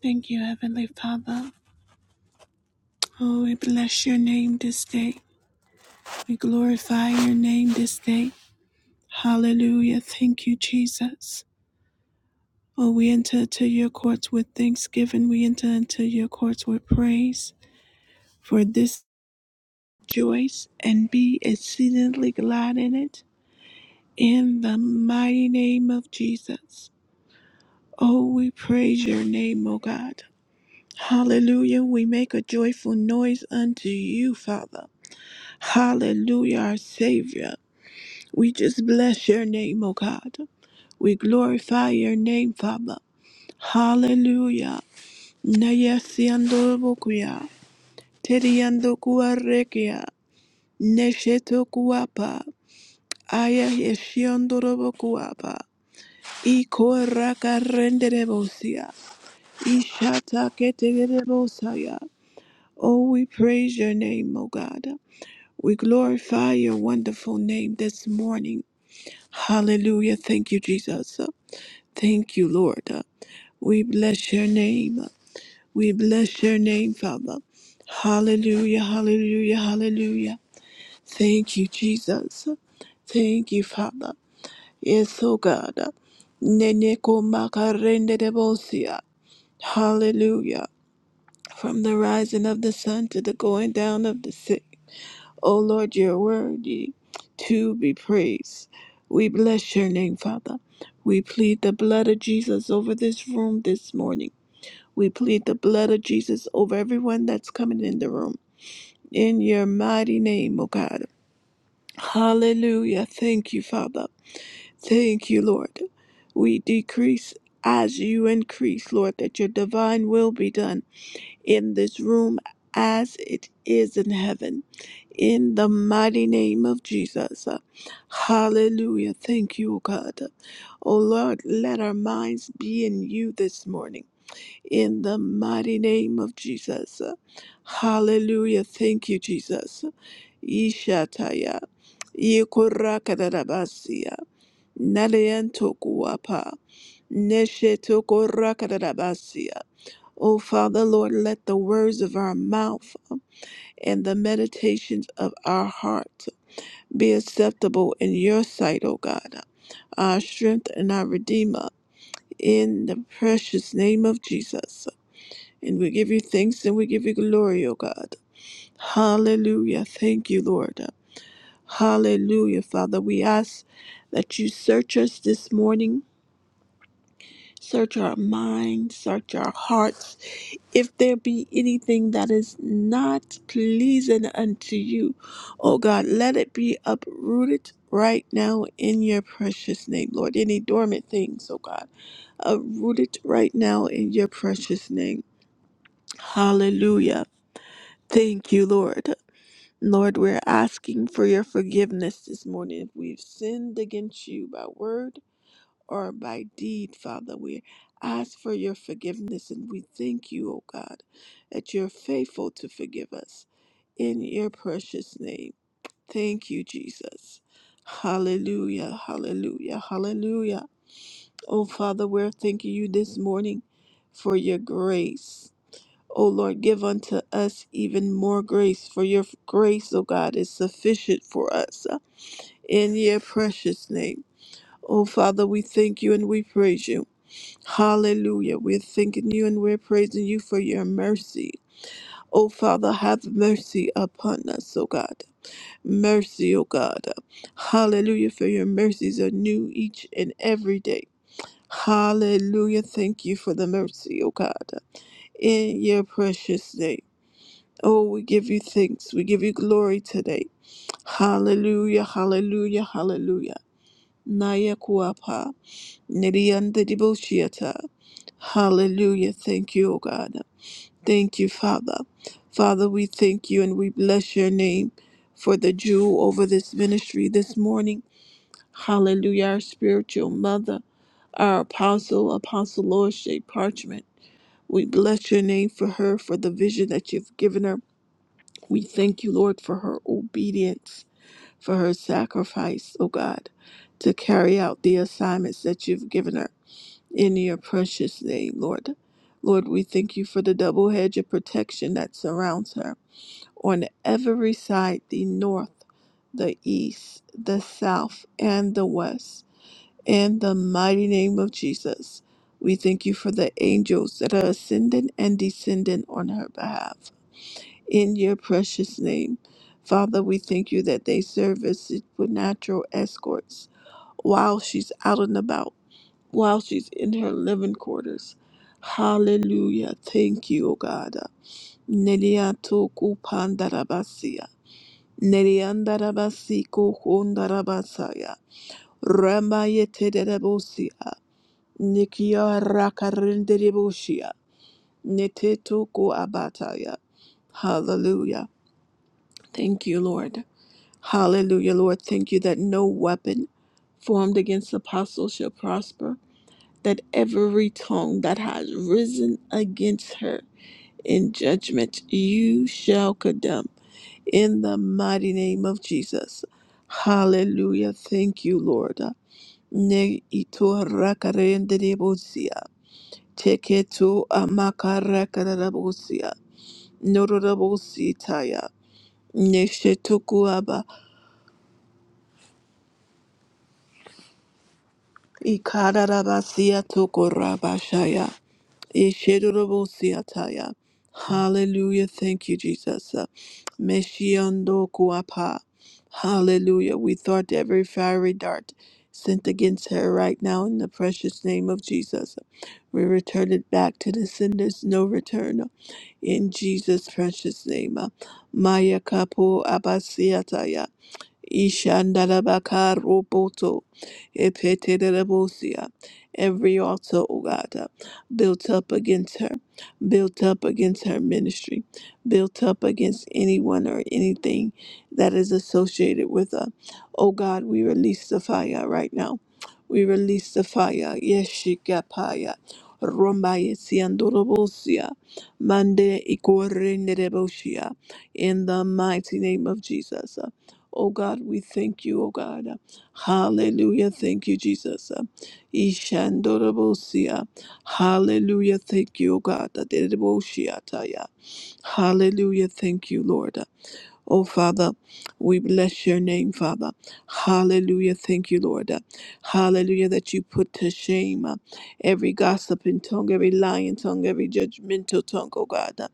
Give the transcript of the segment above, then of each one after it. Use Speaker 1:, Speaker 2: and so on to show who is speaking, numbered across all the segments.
Speaker 1: Thank you, Heavenly Father. Oh, we bless your name this day. We glorify your name this day. Hallelujah. Thank you, Jesus. Oh, we enter into your courts with thanksgiving. We enter into your courts with praise. For this joys and be exceedingly glad in it. In the mighty name of Jesus. Oh, we praise your name, O God. Hallelujah. We make a joyful noise unto you, Father. Hallelujah, our Savior. We just bless your name, O God. We glorify your name, Father. Hallelujah. Nayasiando bokuya. Teriando kuarekia. Nesheto kuapa. Aya yeshiando bokuapa. Iko raka renderebosia. Ishata keterebosaya. Oh, we praise your name, O God. We glorify your wonderful name this morning. Hallelujah. Thank you, Jesus. Uh, Thank you, Lord. Uh, We bless your name. Uh, We bless your name, Father. Hallelujah. Hallelujah. Hallelujah. Thank you, Jesus. Uh, Thank you, Father. Yes, oh God. Neneko makarende debosia. Hallelujah. From the rising of the sun to the going down of the sea. O Lord, you're worthy to be praised. We bless your name, Father. We plead the blood of Jesus over this room this morning. We plead the blood of Jesus over everyone that's coming in the room. In your mighty name, O God. Hallelujah. Thank you, Father. Thank you, Lord. We decrease as you increase, Lord, that your divine will be done in this room as it is in heaven in the mighty name of Jesus. Hallelujah. Thank you, O God. O Lord, let our minds be in you this morning. In the mighty name of Jesus. Hallelujah. Thank you, Jesus. Ishataya. Yikorakadarabasia. Nadayantokuapa. Neshetokorakadarabasia. O Father, Lord, let the words of our mouth and the meditations of our heart be acceptable in your sight, O God, our strength and our Redeemer, in the precious name of Jesus. And we give you thanks and we give you glory, O God. Hallelujah. Thank you, Lord. Hallelujah, Father. We ask that you search us this morning, search our minds, search our hearts. if there be anything that is not pleasing unto you, oh God, let it be uprooted right now in your precious name, Lord. Any dormant things, oh God, uprooted right now in your precious name. Hallelujah. Thank you, Lord. Lord, we're asking for your forgiveness this morning if we've sinned against you by word or by deed, Father. We ask for your forgiveness and we thank you, O God, that you're faithful to forgive us. In your precious name, thank you, Jesus. Hallelujah, hallelujah, hallelujah. Oh, Father, we're thanking you this morning for your grace. O Lord, give unto us even more grace, for your grace, O God, is sufficient for us. In your precious name. Oh, Father, we thank you and we praise you. Hallelujah. We're thanking you and we're praising you for your mercy. Oh, Father, have mercy upon us, oh God. Mercy, oh God. Hallelujah, for your mercies are new each and every day. Hallelujah. Thank you for the mercy, oh God. In your precious name. Oh, we give you thanks. We give you glory today. Hallelujah, hallelujah, hallelujah. Naya kuapa. Nidiyandidiboshiata. Hallelujah. Thank you, O God. Thank you, Father. Father, we thank you and we bless your name for the jewel over this ministry this morning. Hallelujah. Our spiritual mother, our apostle, Apostle Lord Shea Parchment. We bless your name for her, for the vision that you've given her. We thank you, Lord, for her obedience, for her sacrifice, O God, to carry out the assignments that you've given her in your precious name, Lord. Lord, we thank you for the double hedge of protection that surrounds her on every side the north, the east, the south, and the west. In the mighty name of Jesus, we thank you for the angels that are ascending and descending on her behalf. In your precious name, Father, we thank you that they serve as supernatural escorts while she's out and about while she's in her living quarters. Hallelujah. Thank you, O God. Neliatoku pandarabasia. Neliandarabasiko hondarabasaya. Ramayetedebosia. Nikia rakarinderibosia. Netetoku abataya. Hallelujah. Thank you, Lord. Hallelujah, Lord. Thank you that no weapon formed against the apostle shall prosper that every tongue that has risen against her in judgment you shall condemn in the mighty name of Jesus. Hallelujah. Thank you, Lord. Ne ito rakarendebosia. Teketo amakarakabosia. Norobositaya. Neshetokuaba. Ikarabasia tokorabashaya. Ishidorobosiataya. Hallelujah. Thank you, Jesus. Uh, Meshiandokuapa. Hallelujah. We thought every fiery dart sent against her right now in the precious name of Jesus. We return it back to the senders, no return. In Jesus' precious name. Maya Kapu Ishandalabaka roboto epetelebosia. Every altar, O God, uh, built up against her, built up against her ministry, built up against anyone or anything that is associated with her. O God, we release the fire right now. We release the fire. Yeshikapaya. Rombaya siandorobosia. Mande ikorenderebosia. In the mighty name of Jesus. uh, Oh God, we thank you, oh God. Hallelujah. Thank you, Jesus. Ishandorobosia. Hallelujah. Thank you, oh God. Aderoboshiataya. Hallelujah. Thank you, Lord. Oh, Father, we bless your name, Father. Hallelujah. Thank you, Lord. Hallelujah, that you put to shame uh, every gossiping tongue, every lying tongue, every judgmental tongue, oh God. Uh,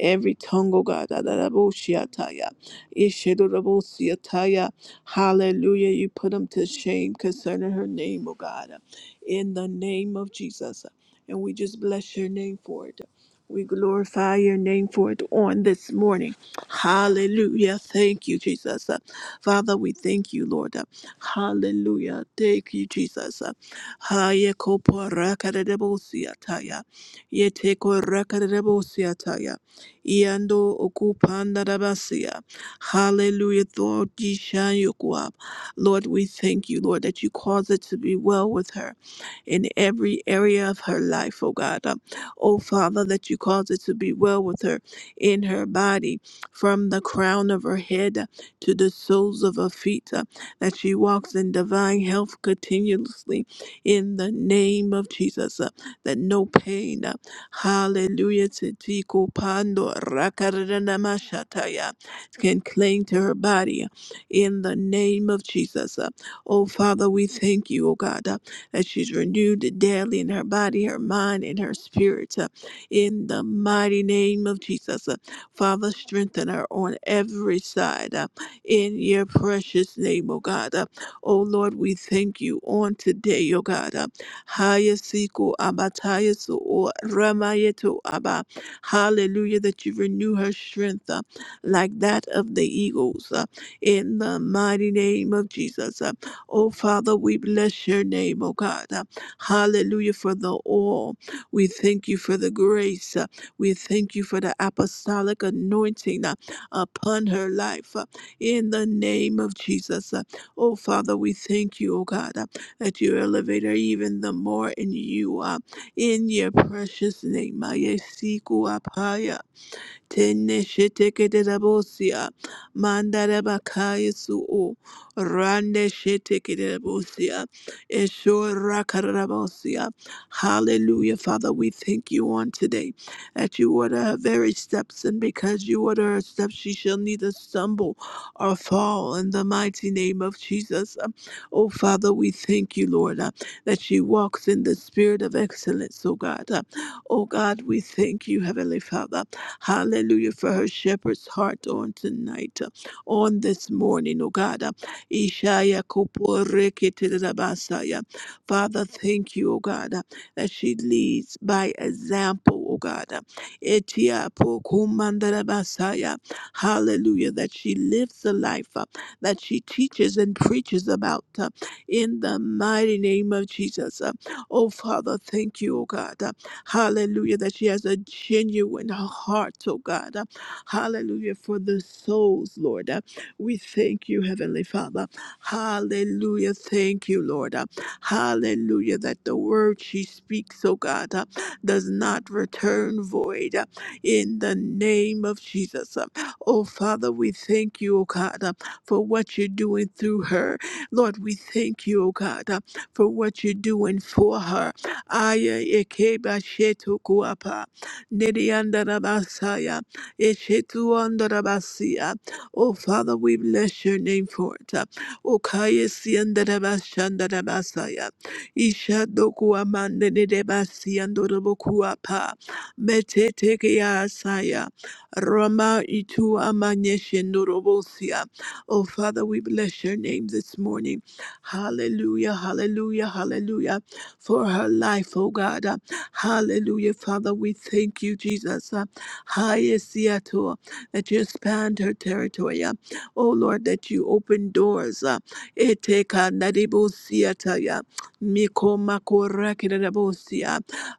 Speaker 1: Every tongue, oh God. Adaraboshiataya, Ishidorabosiataya. Hallelujah, you put them to shame concerning her name, oh God. Uh, In the name of Jesus. Uh, And we just bless your name for it. We glorify your name for it on this morning. Hallelujah. Thank you, Jesus. Uh, Father, we thank you, Lord. Uh, Hallelujah. Thank you, Jesus. Uh, Haye kopo rakadadebosia taya. Yete ko rakadadebosia taya. Iando okupanda dabasia. Hallelujah. Lord, ye shine your guap. Lord, we thank you, Lord, that you cause it to be well with her in every area of her life, oh God. Uh, Oh Father, that you cause it to be well with her in her body from the crown of her head to the soles of her feet, uh, that she walks in divine health continuously in the name of Jesus, uh, that no pain, uh, hallelujah, titiko pando rakaranamashataya, can cling to her body uh, in the name of Jesus. uh. Oh, Father, we thank you, oh God, uh, that she's renewed daily in her body, her mind, and her spirit uh, in the mighty name of Jesus. uh, Father, strengthen her on every side uh, in your precious name, oh God. Uh, oh Lord, we thank you on today, oh God. Uh, Hayasiku abatayasu o ramayetu aba. Hallelujah, that you renew her strength uh, like that of the eagles uh, in the mighty name of Jesus. Uh, oh Father, we bless your name, oh God. Uh, hallelujah for the all. We thank you for the grace. uh, we thank you for the apostolic anointing uh, upon her life uh, in the name of Jesus. Uh, Oh, Father, we thank you, oh God, uh, that you elevate her even the more in you, uh, in your precious name. Mayesiku apaya. Tene sheteke de rabosia. Mandare bakaya su'u. Rande sheteke de rabosia. Esho rakarabosia. Hallelujah, Father. We thank you on today that you order her very steps, and because you order her steps, she shall neither stumble or fall in the mighty name of Jesus. Um, Oh, Father, we thank you, Lord, uh, that she walks in the spirit of excellence, oh God. Uh, Oh God, we thank you, Heavenly Father. Hallelujah for her shepherd's heart on tonight, uh, on this morning, oh God. Uh, Ishaya koporeketerabasaya. Father, thank you, oh God, uh, that she leads by example, oh God. Uh, Etia pokumandarabasaya. Hallelujah, that she lives the life uh, that she teaches and preaches about uh, in the mighty name of Jesus. Uh, Oh, Father, thank you, oh God. uh, Hallelujah, that she has a genuine heart, oh God. Uh, Hallelujah, for the souls, Lord. Uh, We thank you, Heavenly Father. Hallelujah, thank you, Lord. Uh, Hallelujah, that the word she speaks, oh God, uh, does not return void uh, in the name of Jesus. Uh, Oh Father, we thank you, oh God, uh, for what you're doing through her. Lord, we thank you, oh God, uh, for what you're doing for her. Aya ekeba shetu kuapa. Nidiandarabasaya. Eshetu andarabasia. Oh, Father, we bless your name for it. O kaya siandarabashandarabasaya. Isha doku amanda nedebasiando rabokuapa. nedebasiandorobokuapa. Metetekea saya. Rama itu amanyeshendorobosia. Oh, Father, we bless your name this morning. Hallelujah, hallelujah, hallelujah for her life, oh God. Uh, Hallelujah, Father. We thank you, Jesus. Uh, Highest Seattle, that you expand her territory. Uh, Oh Lord, that you open doors. Uh, Eteka Nadibo Seattle, yeah.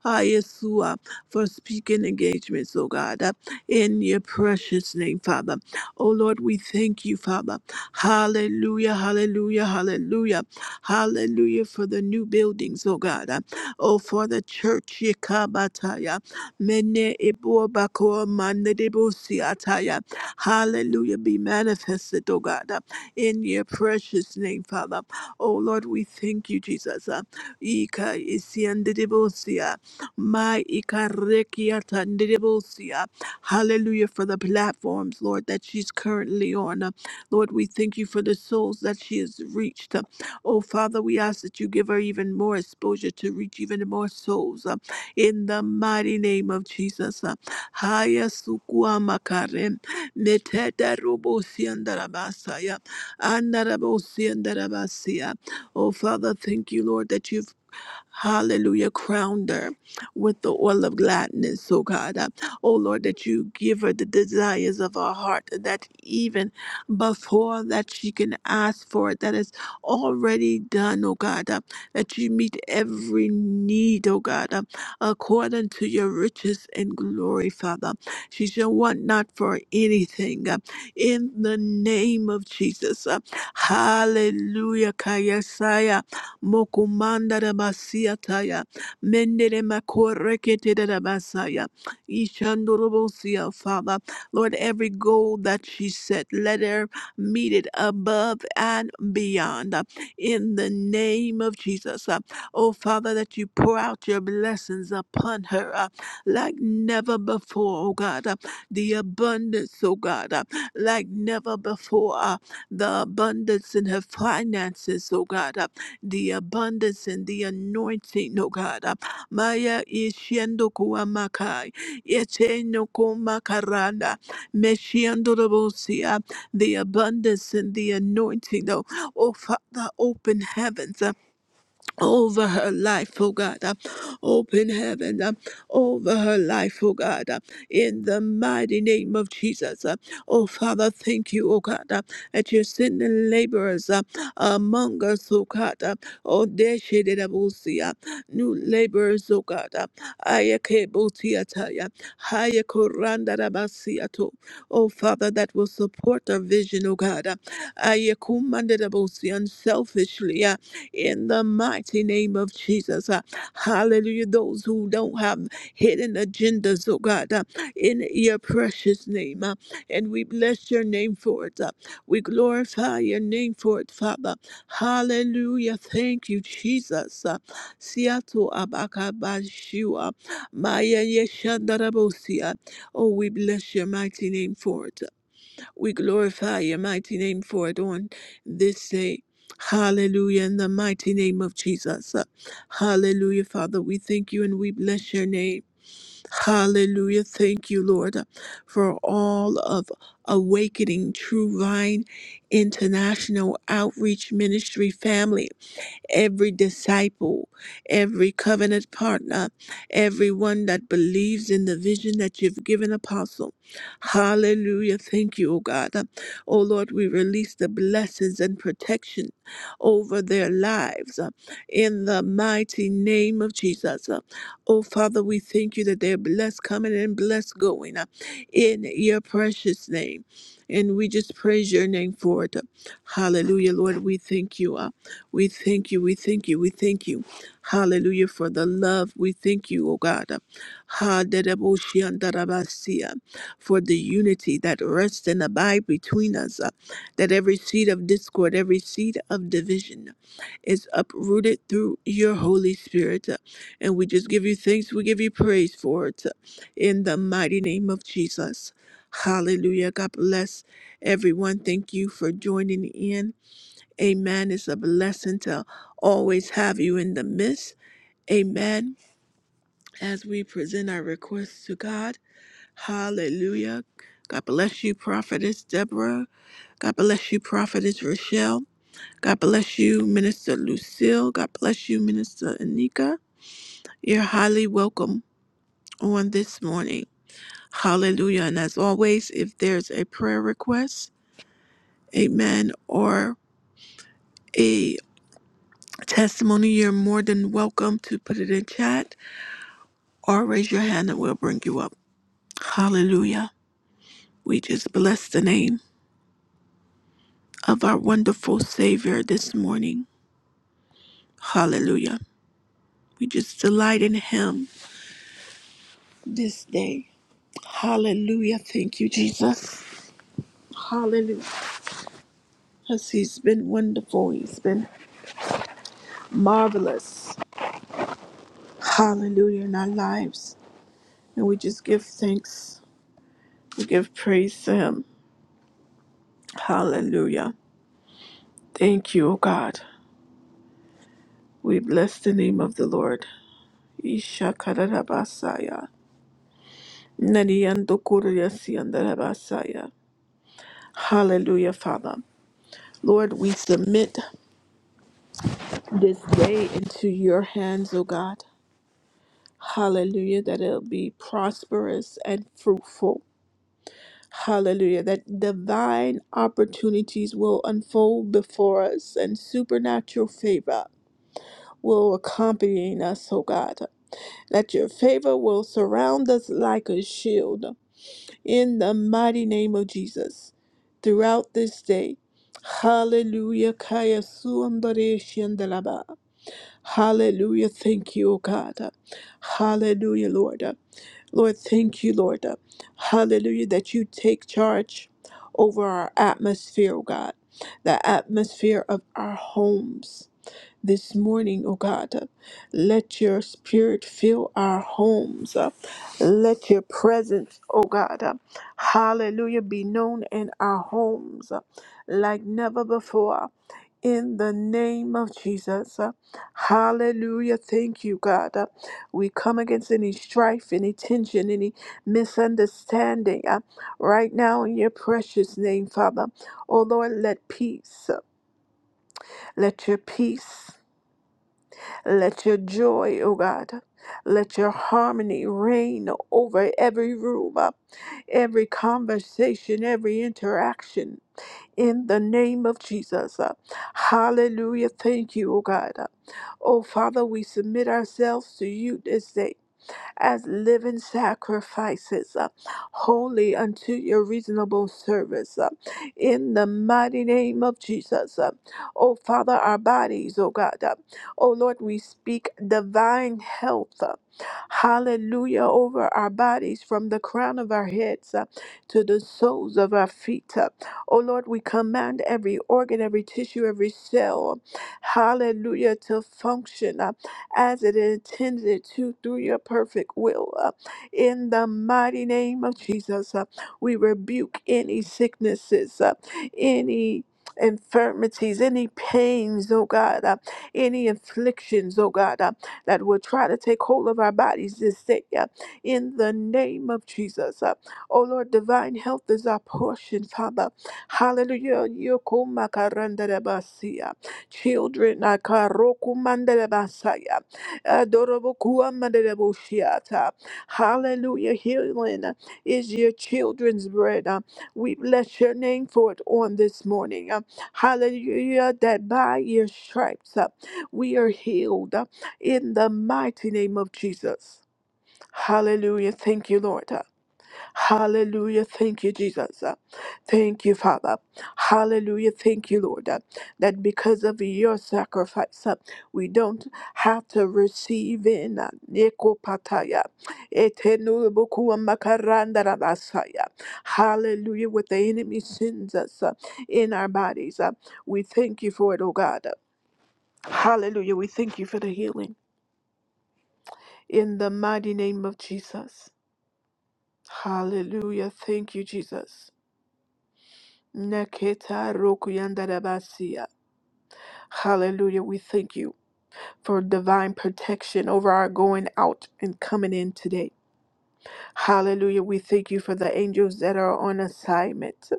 Speaker 1: Ah, Yeshua, for speaking engagements, oh God, uh, in your precious name, Father. Oh Lord, we thank you, Father. Hallelujah, hallelujah, hallelujah. Hallelujah for the new buildings, oh God. Uh, Oh, for the church, Yekabataya. Mene ibuabako manedibusiataya. Hallelujah. Be manifested, oh God, uh, in your precious name, Father. Oh Lord, we thank you, Jesus. Uh, Ika isiandidibusia. My ikarekiatandidibusia. Hallelujah for the platforms, Lord, that she's currently on. Uh, Lord, we thank you for the souls that she has reached. Oh, Father, we ask that you give her even more exposure to reach even more souls uh, in the mighty name of Jesus. uh. Haya sukua makare, meteta robo siandarabasaya, andarabo siandarabasia. Oh, Father, thank you, Lord, that you've Hallelujah. Crowned her with the oil of gladness, oh God. Uh, Oh Lord, that you give her the desires of her heart, that even before that she can ask for it, that is already done, oh God. Uh, That you meet every need, oh God, uh, according to your riches and glory, Father. She shall want not for anything. uh, In the name of Jesus. Uh, Hallelujah. Kayasaya. Mokumanda Rabasiataya, Mendere Makorekete Rabasaya, Ishandurubosia, Father. Lord, every goal that she set, let her meet it above and beyond. uh, In the name of Jesus. Uh, Oh, Father, that you pour out your blessings upon her uh, like never before, oh God. Uh, The abundance, oh God, uh, like never before. uh, The abundance in her finances, oh God. Uh, the abundance and the anointing, oh God. Uh, Maya ishiendo kuamakai, yeteno kumakaranda, meshiendo rabosia, the abundance and the anointing, oh, oh Father, open heavens. uh, over her life, oh God. Uh, Open heaven uh, over her life, oh God. uh, In the mighty name of Jesus. Uh, Oh Father, thank you, oh God, uh, that you're sending laborers uh, among us, oh God. uh, Oh, Deshidirabusia, new laborers, oh God. uh, Ayakebutiataya, Hayakurandarabasia, Oh Father, that will support our vision, oh God. uh, Ayakumandarabusia, Unselfishly. yeah, in the mighty name of Jesus. Uh, Hallelujah. Those who don't have hidden agendas, oh God, uh, in your precious name. uh, And we bless your name for it. uh, We glorify your name for it, Father. Hallelujah. Thank you, Jesus. Uh, Siato abakabashua, maya yeshandarabosia. Oh, we bless your mighty name for it. We glorify your mighty name for it on this day. Hallelujah, in the mighty name of Jesus. Hallelujah, Father. We thank you and we bless your name. Hallelujah. Thank you, Lord, for all of Awakening True Vine International Outreach Ministry family every disciple, every covenant partner, everyone that believes in the vision that you've given, Apostle. Hallelujah. Thank you, O God. O Lord, we release the blessings and protection over their lives uh, in the mighty name of Jesus. Uh, Oh, Father, we thank you that they're blessed coming and blessed going uh, in your precious name. And we just praise your name for it. Hallelujah, Lord. We thank you. uh, we thank you. We thank you. We thank you. Hallelujah for the love. We thank you, O God. Ha, da, da, bo, shi, an, da, da, ba, si, uh, For the unity that rests and abide between us. uh, That every seed of discord, every seed of division is uprooted through your Holy Spirit. uh, And we just give you thanks. We give you praise for it. uh, In the mighty name of Jesus. Hallelujah. God bless everyone. Thank you for joining in. Amen. It's a blessing to always have you in the midst. Amen. As we present our requests to God, hallelujah. God bless you, Prophetess Deborah. God bless you, Prophetess Rochelle. God bless you, Minister Lucille. God bless you, Minister Anika. You're highly welcome on this morning. Hallelujah. And as always, if there's a prayer request, amen, or a testimony, you're more than welcome to put it in chat or raise your hand and we'll bring you up. Hallelujah. We just bless the name of our wonderful Savior this morning. Hallelujah. We just delight in Him this day. Hallelujah. Thank you, Jesus. Hallelujah. Because He's been wonderful, He's been marvelous. Hallelujah in our lives. And we just give thanks, we give praise to Him. Hallelujah. Thank you, O God. We bless the name of the Lord. Ishakarabasaya. Nadiando Kuriyasiandarabasaya. Hallelujah, Father. Lord, we submit this day into your hands, O God. Hallelujah, that it'll be prosperous and fruitful. Hallelujah, that divine opportunities will unfold before us and supernatural favor will accompany us, O God. That your favor will surround us like a shield. in the mighty name of Jesus throughout this day. Hallelujah. Kaya suandare shandalaba. Hallelujah. Thank you, O God. Hallelujah, Lord. Lord, thank you, Lord. Hallelujah, that you take charge over our atmosphere, O God, the atmosphere of our homes this morning, oh God. Uh, Let your spirit fill our homes. Uh, Let your presence, oh God, uh, hallelujah, be known in our homes uh, like never before. In the name of Jesus. Uh, Hallelujah. Thank you, God. Uh, We come against any strife, any tension, any misunderstanding uh, right now in your precious name, Father. Oh Lord, let peace, uh, let your peace. Let your joy, O God, let your harmony reign over every room, uh, every conversation, every interaction. In the name of Jesus. uh, Hallelujah. Thank you, O God. Uh, Oh, Father, we submit ourselves to you this day as living sacrifices, uh, holy unto your reasonable service. uh, in the mighty name of Jesus. Uh, oh, Father, our bodies, oh God. uh, oh, Lord, we speak divine health. uh, Hallelujah over our bodies from the crown of our heads uh, to the soles of our feet. uh. Oh Lord, we command every organ, every tissue, every cell, hallelujah, to function. uh, as it is intended to through your perfect will. Uh, in the mighty name of Jesus, uh, we rebuke any sicknesses, uh, any infirmities, any pains, oh God, uh, any afflictions, oh God, uh, that will try to take hold of our bodies this day. uh, in the name of Jesus. Uh, oh Lord, divine health is our portion, Father. Hallelujah. Yokumakarandarabasi, uh, Children, uh, karokumandarabasaya. Adorable Kuamandelebo Shiata. Hallelujah. Healing is your children's bread. Uh, We bless your name for it on this morning. Uh, Hallelujah. That by your stripes uh, we are healed uh, in the mighty name of Jesus. Hallelujah. Thank you, Lord. Uh, Hallelujah. Thank you, Jesus. Uh, Thank you, Father. Hallelujah. Thank you, Lord, uh, that because of your sacrifice, uh, we don't have to receive in uh, Nekopataya. Etenubukuwa makarandara basaya. Hallelujah. What the enemy sends us uh, in our bodies. uh, We thank you for it, oh God. Hallelujah. We thank you for the healing. In the mighty name of Jesus. Hallelujah. Thank you, Jesus. Naketa rokuyandarabasia. Hallelujah. We thank you for divine protection over our going out and coming in today. Hallelujah. We thank you for the angels that are on assignment.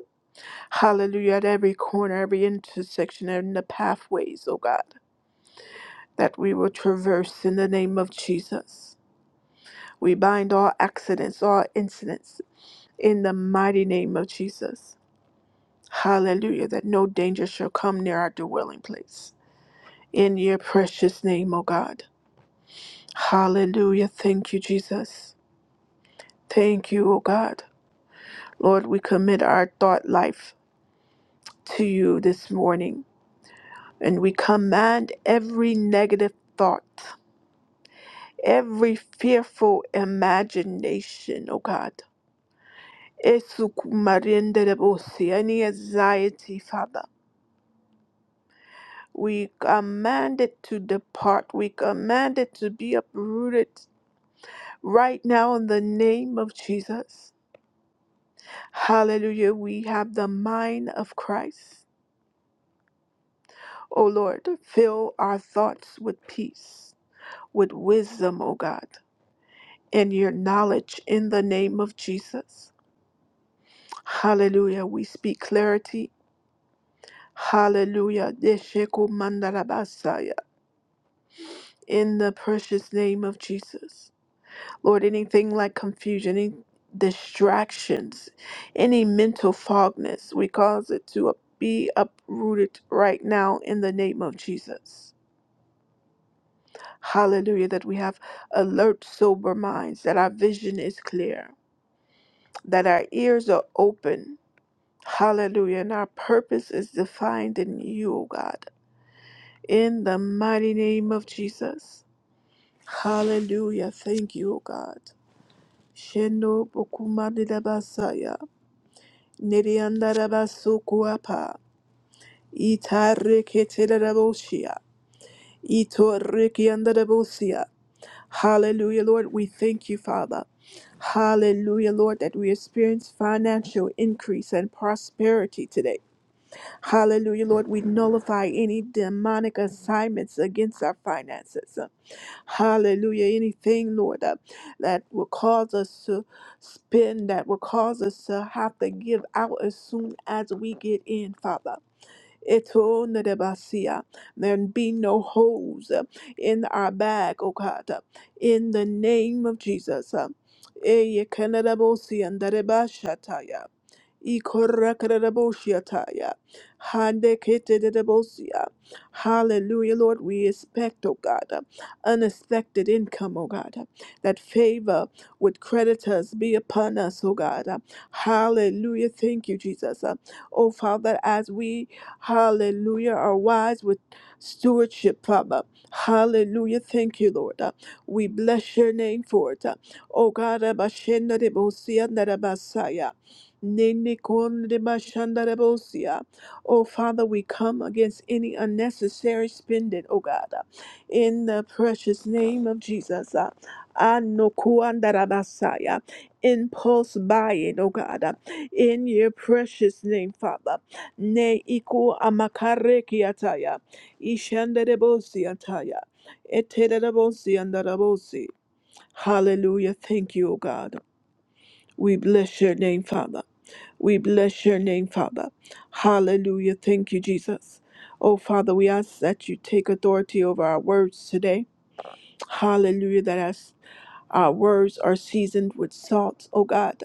Speaker 1: Hallelujah. At every corner, every intersection, and the pathways, oh God, that we will traverse in the name of Jesus. We bind all accidents, all incidents in the mighty name of Jesus. Hallelujah. That no danger shall come near our dwelling place. in your precious name, O God. Hallelujah. Thank you, Jesus. Thank you, O God. Lord, we commit our thought life to you this morning and we command every negative thought, every fearful imagination, O God. Esukumarinderebosi, Any anxiety, Father, we command it to depart. We command it to be uprooted right now in the name of Jesus. Hallelujah. We have the mind of Christ. O Lord, fill our thoughts with peace, with wisdom, O God, and your knowledge in the name of Jesus. Hallelujah. We speak clarity. Hallelujah. Desheku mandarabasaya. In the precious name of Jesus. Lord, anything like confusion, any distractions, any mental fogness, we cause it to be uprooted right now in the name of Jesus. Hallelujah, that we have alert, sober minds, that our vision is clear, that our ears are open. Hallelujah, and our purpose is defined in you, O God. In the mighty name of Jesus. Hallelujah. Thank you, O God. Shendo bokumadidabasaya, neriandarabasukuapa, itareketereboshia, itorikiandarabosia. Hallelujah, Lord. We thank you, Father. Hallelujah, Lord, that we experience financial increase and prosperity today. Hallelujah, Lord, we nullify any demonic assignments against our finances. Hallelujah, anything, Lord, uh, that will cause us to spend, that will cause us to have to give out as soon as we get in, Father. Etonedebasia. There be no holes uh, in our bag, O God, uh, in the name of Jesus. uh. Eyekenedebosia ndarebashataya. Ikorakaraboshiataya. Handeketedebosia. Hallelujah, Lord. We expect, oh God, uh, unexpected income, oh God, uh, that favor with creditors be upon us, oh God. uh. Hallelujah. Thank you, Jesus. uh. Oh Father, as we Hallelujah. Are wise with stewardship, Father. Hallelujah. Thank you, Lord. Uh, We bless your name for it. Uh, Oh God, Abashenda de Bosia Narabasaya. Nene kon de bashanda de bosia. Oh Father, we come against any unnecessary spending, oh God, uh, in the precious name of Jesus. Uh, Ano kuanda rabasaya. Impulse buying, oh God, uh, in your precious name, Father. Ne iku amakareki ataya. Ishandarebosi ataya. Eterebosi andarabosi. Hallelujah. Thank you, O God. We bless your name, Father. We bless your name, Father. Hallelujah. Thank you, Jesus. Oh, Father, we ask that you take authority over our words today. Hallelujah. That as our words are seasoned with salt, O God,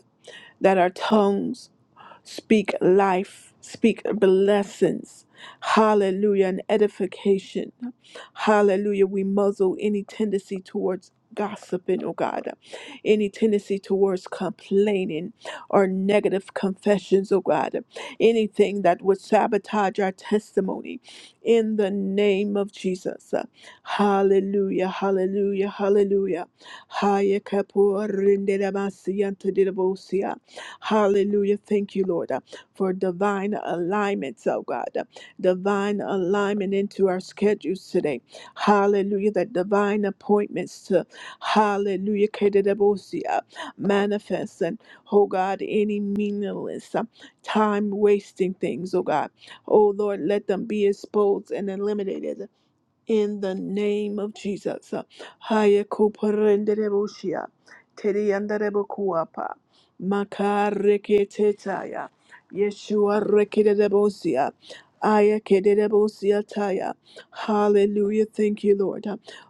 Speaker 1: that our tongues Speak life, speak blessings, hallelujah, and edification. Hallelujah. We muzzle any tendency towards gossiping, oh God, any tendency towards complaining or negative confessions, oh God, anything that would sabotage our testimony in the name of Jesus. Hallelujah, hallelujah, hallelujah. Haya kapo rindera masiya ntodira bosia. Hallelujah. Thank you, Lord, for divine alignments, oh God, divine alignment into our schedules today Hallelujah. That divine appointments to hallelujah. Kedebosia manifest and oh God, any meaningless uh, time wasting things, oh God. Oh Lord, let them be exposed and eliminated in the name of Jesus. Haya kuparendereboshia, terianderebokuapa, makareketetaya, Yeshua rekedebosia, aya kedebosia taya. Hallelujah. Thank you, Lord.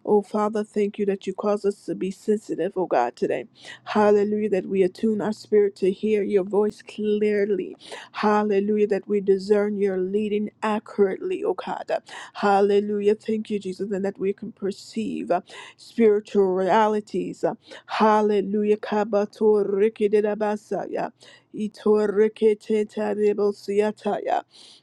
Speaker 1: Oh, Father, thank you that you cause us to be sensitive, oh God, today. Hallelujah, that we attune our spirit to hear your voice clearly. Hallelujah, that we discern your leading accurately, oh God. Hallelujah. Thank you, Jesus, and that we can perceive uh, spiritual realities. uh, Hallelujah. Kabatorikididabasaya, itoriketetaribosiataya,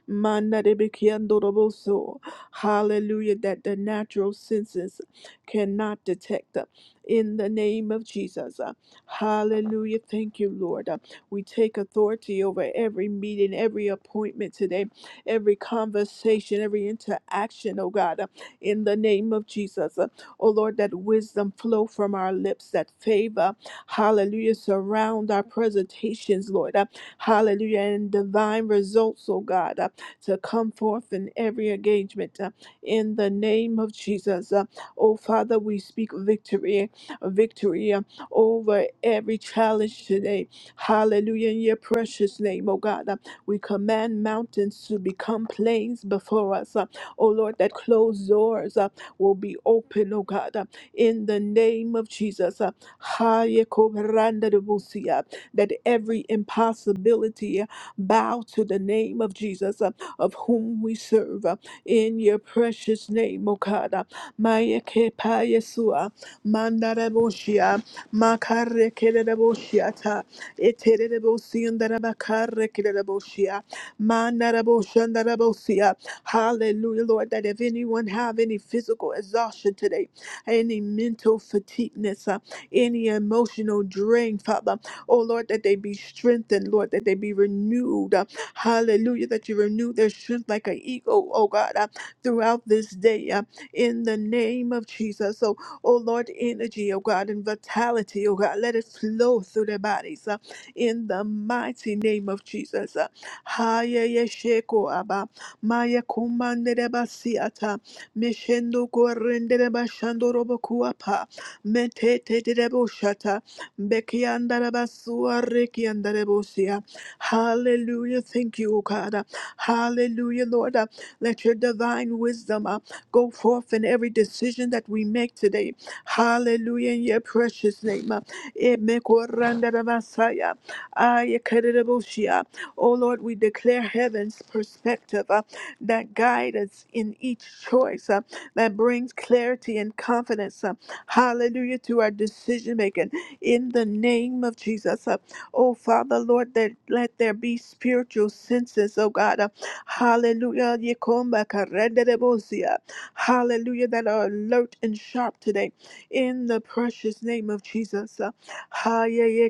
Speaker 1: mandarebikiandoroboso. Hallelujah. That the natural senses cannot detect uh, in the name of Jesus. uh, Hallelujah. Thank you, Lord. Uh, We take authority over every meeting, every appointment today every conversation, every interaction, oh God, uh, in the name of Jesus. Uh, Oh Lord, that wisdom flow from our lips, that favor, hallelujah, surround our presentations, Lord, uh, hallelujah, and divine results, oh God, uh, to come forth in every engagement uh, in the name of Jesus. Uh, Oh Father, we speak victory, victory uh, over every challenge today. Hallelujah, in your precious name, oh God. Uh, we command mountains to become plains before us. Uh, oh Lord, that closed doors uh, will be open, oh God, uh, in the name of Jesus. Uh, Haye kobranda de busia, that every impossibility uh, bow to the name of Jesus, uh, of whom we serve, uh, in your precious name, O God. Uh, Maye kepa Yesua, mandara boshia, makare kere de boshiata. Etererebosia, mandaraboshandarabosea. Hallelujah, Lord, that if anyone have any physical exhaustion today, any mental fatigueness, uh, any emotional drain, Father, oh Lord, that they be strengthened, Lord, that they be renewed. uh, hallelujah, that you renew their strength like an eagle, oh God, uh, throughout this day, uh, in the name of Jesus. So, oh Lord, energy, oh God, and vitality, oh God, let it flow through their bodies. uh, in the mighty name of Jesus. Haya yesheko aba maya kumandere basiata meshendo gorendere bashando robo kuapa metete derebo shata bekiandara basua rekiandare bosia. Hallelujah. Thank you, O God. Hallelujah, Lord. Let your divine wisdom uh, go forth in every decision that we make today. Hallelujah, in your precious name. uh, Emekorandaramasaya. Ah, yekereboshia. Oh Lord, we declare heaven's perspective uh, that guides us in each choice, uh, that brings clarity and confidence. uh, hallelujah to our decision making in the name of Jesus. uh, oh Father, Lord, that let there be spiritual senses, oh God. Uh, hallelujah. yekomba karenderebosia. Hallelujah, that are alert and sharp today in the precious name of Jesus. uh, ha, yeah, yeah,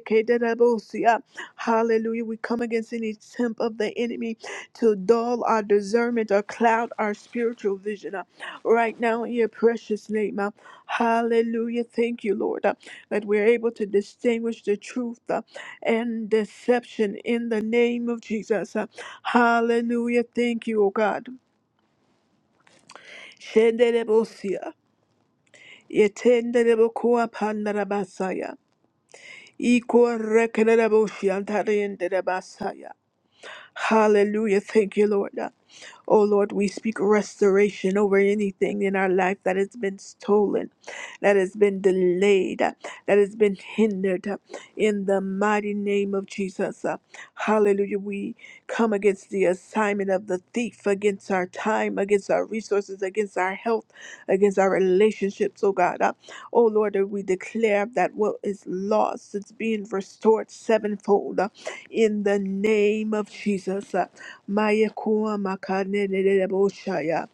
Speaker 1: Hallelujah. We come against any attempt of the enemy to dull our discernment or cloud our spiritual vision. uh, Right now, in your precious name. uh, Hallelujah. Thank you, Lord, uh, that we're able to distinguish the truth uh, and deception in the name of Jesus. uh, Hallelujah. Thank you, O God. Shenderebosia, yetenderebokoa pandarabasaya, ikorekenerebosiantareenderebasaya. Hallelujah. Thank you, Lord. Oh Lord, we speak restoration over anything in our life that has been stolen, that has been delayed, that has been hindered in the mighty name of Jesus. uh, Hallelujah. We come against the assignment of the thief, against our time, against our resources, against our health, against our relationships, oh God. Uh, Oh Lord, that we declare that what is lost is being restored sevenfold uh, in the name of Jesus. uh, Mayekua makane nereboshaya.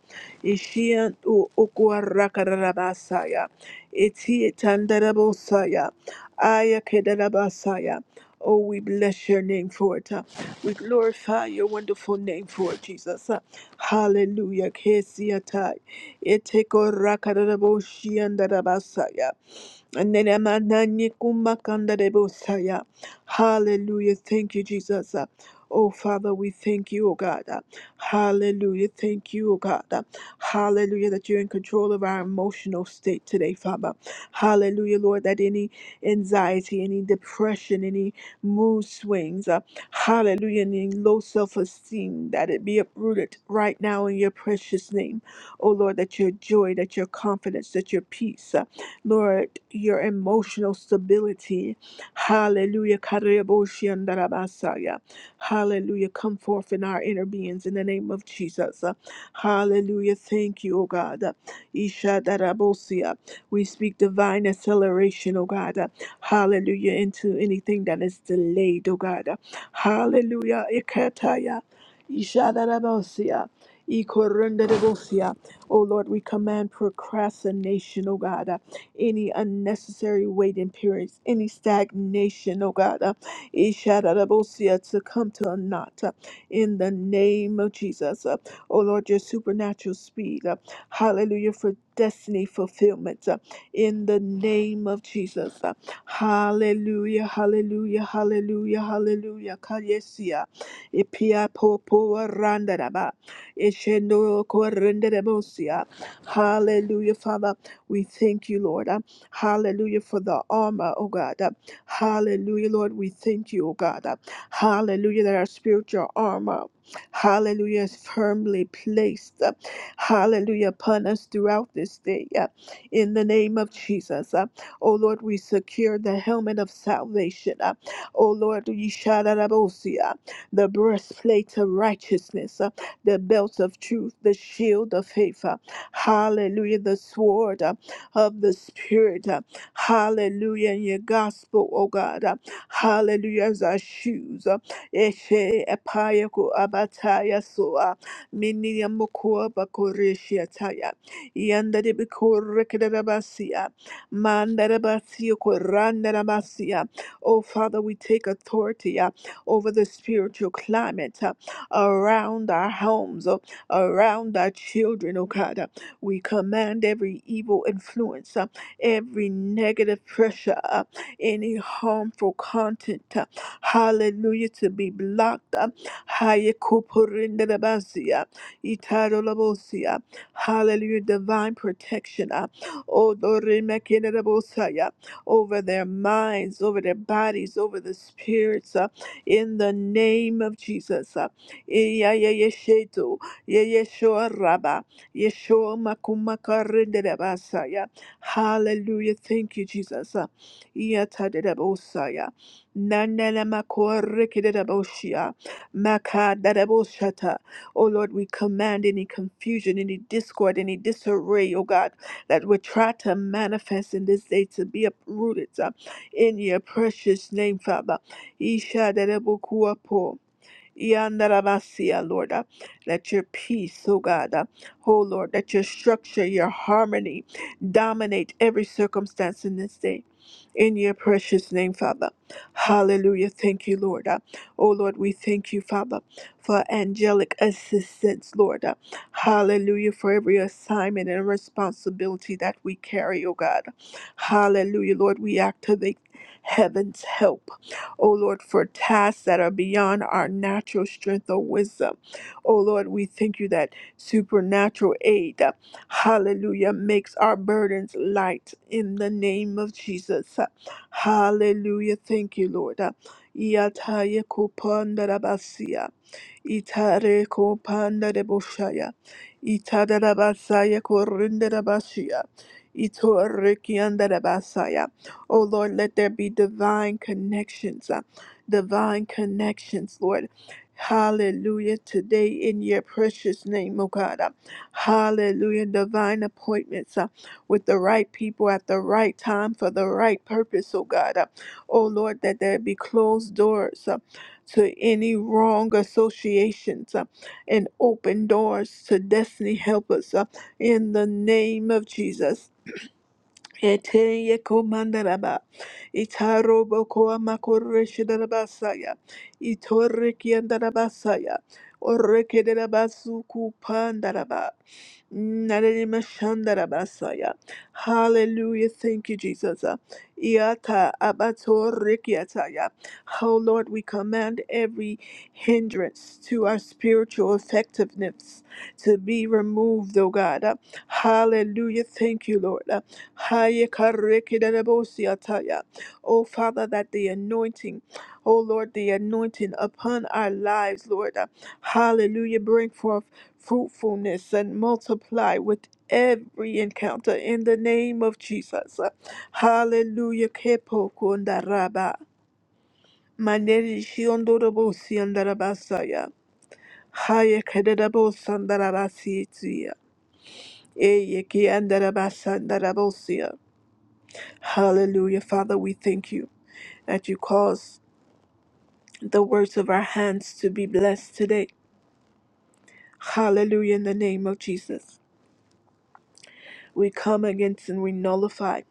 Speaker 1: Ishian u ukuarakarabasaya. Iti tandarabosaya. Ayakedarabasaya. Oh, we bless your name for it. uh. We glorify your wonderful name for it, Jesus. uh. Hallelujah. Kesiatai. Ete korakaraboshiandarabasaya. Nenemananikumbakandarebosaya. Hallelujah. Thank you, Jesus. Oh, Father, we thank you, oh God. Hallelujah. Thank you, oh God. Hallelujah, that you're in control of our emotional state today, Father. Hallelujah, Lord, that any anxiety, any depression, any mood swings, uh, hallelujah, and any low self esteem, that it be uprooted right now in your precious name. Oh, Lord, that your joy, that your confidence, that your peace. uh, Lord, your emotional stability. Hallelujah. Kareboshiandarabasaya. Hallelujah. Come forth in our inner beings in the name of Jesus. Hallelujah. Thank you, O God. Isha Ishadarabosia. We speak divine acceleration, O God. Hallelujah. Into anything that is delayed, O God. Hallelujah. Ikataya. Isha Ishadarabosia. Ikorundarabosia. O Lord, we command procrastination, O God any unnecessary waiting periods, any stagnation, oh God, uh, Ishadarabosia, to come to a knot uh, in the name of Jesus. Uh, oh Lord, your supernatural speed, uh, hallelujah, for destiny fulfillment uh, in the name of Jesus. Uh, hallelujah, hallelujah, hallelujah, hallelujah. Kayesia, Ipia popo randaraba, Ishendo korenderebosia. Hallelujah, Father. We thank you, Lord. uh, Hallelujah for the armor, oh God. uh, Hallelujah, Lord. We thank you, oh God. uh, Hallelujah that our spiritual armor, hallelujah, is firmly placed, uh, hallelujah, upon us throughout this day. uh, In the name of Jesus, uh, oh Lord, we secure the helmet of salvation. uh, Oh Lord, we shout the breastplate of righteousness, uh, the belt of truth, the shield of faith. uh, Hallelujah, the sword. uh, of the Spirit. uh, Hallelujah. In your gospel, oh God. uh, Hallelujah. As our shoes. uh, Eshe epaya abataya soa. Mini ya mokua bakoreshi ataya. Yanda de bikorekerabasia. Mandarabasia korandarabasia. Oh Father, we take authority uh, over the spiritual climate uh, around our homes, uh, around our children, oh God. We command every evil influence, uh, every negative pressure, uh, any harmful content, uh, hallelujah, to be blocked. uh, Hayakupurindadabasiya, Itarolabosia, Hallelujah, divine protection uh, Odorimekidabosaya, over their minds, over their bodies, over the spirits, uh, in the name of Jesus. uh, Iyayayeshetu, Yeyeshua Rabba. Yeshua makumakarindedebasaya. Hallelujah. Thank you, Jesus. Yatadedebosaya. Nanelemakorikidedeboshia. Makadedeboshata. Oh Lord, we command any confusion, any discord, any disarray, oh God, that would try to manifest in this day to be uprooted uh, in your precious name, Father. Ishadedebokuapo. Yandaramasia, Lord, uh, let your peace, oh God, uh, oh Lord, let your structure, your harmony dominate every circumstance in this day. In your precious name, Father. Hallelujah. Thank you, Lord. Uh, oh Lord, we thank you, Father, for angelic assistance, Lord. Uh, hallelujah, for every assignment and responsibility that we carry, oh God. Hallelujah, Lord, we activate heaven's help. O Lord, for tasks that are beyond our natural strength or wisdom. O Lord, we thank you that supernatural aid, uh, hallelujah, makes our burdens light in the name of Jesus. Uh, Hallelujah. Thank you, Lord. Uh, Yataya kupandarabasia. Itare ko panda de boshaya. Itada da basaya ko rinde da bashia. Itore ki anda da basaya. Oh Lord, let there be divine connections. uh, divine connections, Lord. Hallelujah. Today in your precious name, oh God. uh, Hallelujah. Divine appointments uh, with the right people at the right time for the right purpose, oh God. uh, Oh Lord, that there be closed doors. uh, to any wrong associations uh, and open doors to destiny helpers uh, in the name of Jesus. Eteye komandaraba, itarobo koa makoreshi darabasaya, itoreki andarabasaya, oreke darabasu kupandaraba, narema shandarabasaya. Hallelujah, thank you, Jesus. Iata abatoreki ataya. Oh Lord, we command every hindrance to our spiritual effectiveness to be removed, oh God. Hallelujah, thank you, Lord. Hayekarikidabosiataya. Oh, Father, that the anointing, oh Lord, the anointing upon our lives, Lord, uh, hallelujah, bring forth fruitfulness and multiply with every encounter in the name of Jesus. Uh, Hallelujah. Kepokundaraba. Maneri shiondorobosiandarabasaya. Eyekiandarabasandarabosea. Hallelujah. Father, we thank you that you cause the words of our hands to be blessed today. Hallelujah. In the name of Jesus, we come against and we nullify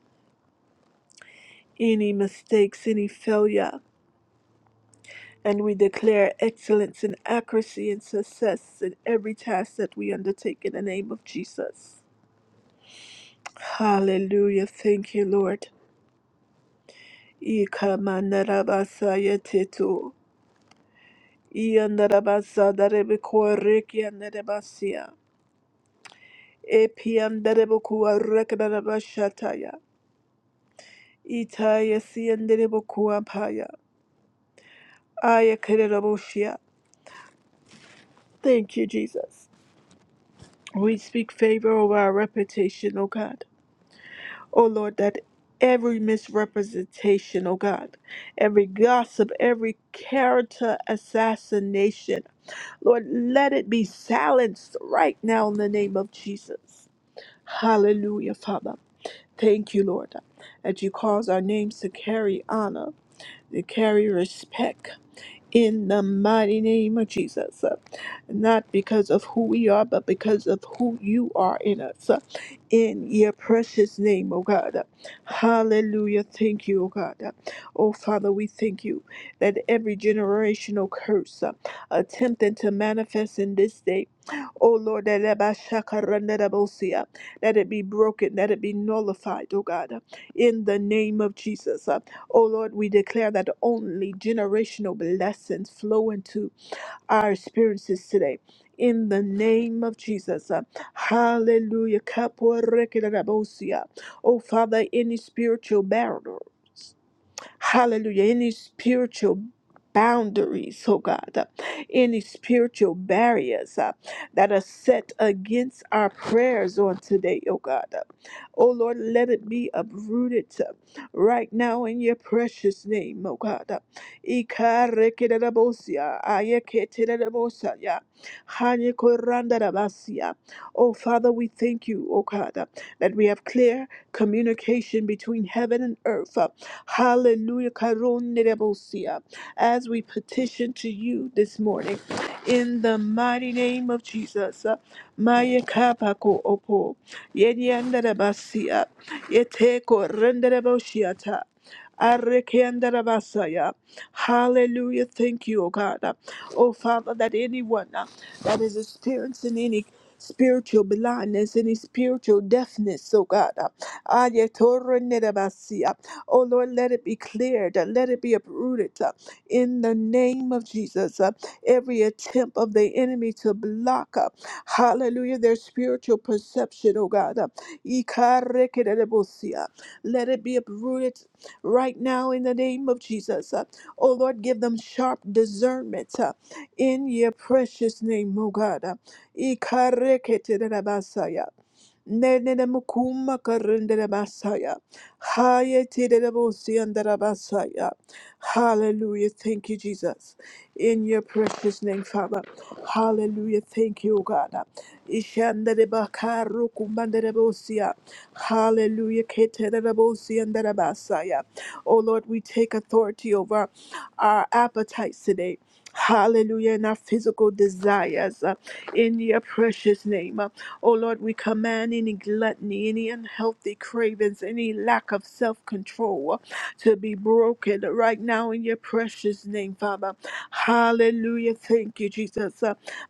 Speaker 1: any mistakes, any failure, and we declare excellence and accuracy and success in every task that we undertake in the name of Jesus. Hallelujah. Thank you, Lord. Ikamanarabasayetetu. Iyanarabasadarabekorekianarabasia. Epianderebokua rekanabashataya. Itaya sianderebokua paya. Ayakereroboshia. Thank you, Jesus. We speak favor over our reputation, O God. O Lord, that every misrepresentation, O God, every gossip, every character assassination, Lord, let it be silenced right now in the name of Jesus. Hallelujah, Father. Thank you, Lord, that you cause our names to carry honor. to carry respect in the mighty name of Jesus. uh, Not because of who we are, but because of who you are in us. uh, In your precious name, oh God. uh, Hallelujah. Thank you, oh God. uh, Oh Father, we thank you that every generational curse uh, attempting to manifest in this day, oh Lord, that it by shaka that it be broken, that it be nullified, oh God, uh, in the name of Jesus. Uh, O Lord, we declare that only generational blessings flow into our experiences today. In the name of Jesus. Uh, Hallelujah. Kaporekedarabosia. Oh Father, any spiritual barrier. Hallelujah. Any spiritual boundaries, oh God, uh, any spiritual barriers uh, that are set against our prayers on today, oh God. uh, oh Lord, let it be uprooted uh, right now in your precious name, oh God. uh, Ikarekererabosia, ayeketererabosaya, hanyekorandarabasia. Oh Father, we thank you, oh God, uh, that we have clear communication between heaven and earth. Uh, Hallelujah. Karonderebosia. As we petition to you this morning, in the mighty name of Jesus. Uh, Maya kapako opo. Yenyanderebasia. Yeteko rendereboshiata. Arekeandarabasaya. Hallelujah. Thank you, O God. Uh, Oh Father, that anyone uh, that is experiencing any spiritual blindness, any spiritual deafness, oh God. Ayetoronedabasi. Oh Lord, let it be cleared. Let it be uprooted uh, in the name of Jesus. Uh, Every attempt of the enemy to block up, hallelujah, their spiritual perception, oh God. Uh, Ikarekedebosi, uh, Let it be uprooted right now in the name of Jesus. Uh, Oh Lord, give them sharp discernment uh, in your precious name, oh God. Uh, Ikarekedebasaya. Nenene mukuma karendere basaya. Haye tidere bosi andere basaya. Hallelujah. Thank you, Jesus. In your precious name, Father. Hallelujah. Thank you, God. Ishandere bakaru kumbandere bosia. Hallelujah. Ketere bosi andere basaya. Oh Lord, we take authority over our appetites today. Hallelujah, and our physical desires uh, in your precious name. Uh, oh Lord, we command any gluttony, any unhealthy cravings, any lack of self control to be broken right now in your precious name, Father. Hallelujah. Thank you, you, Jesus.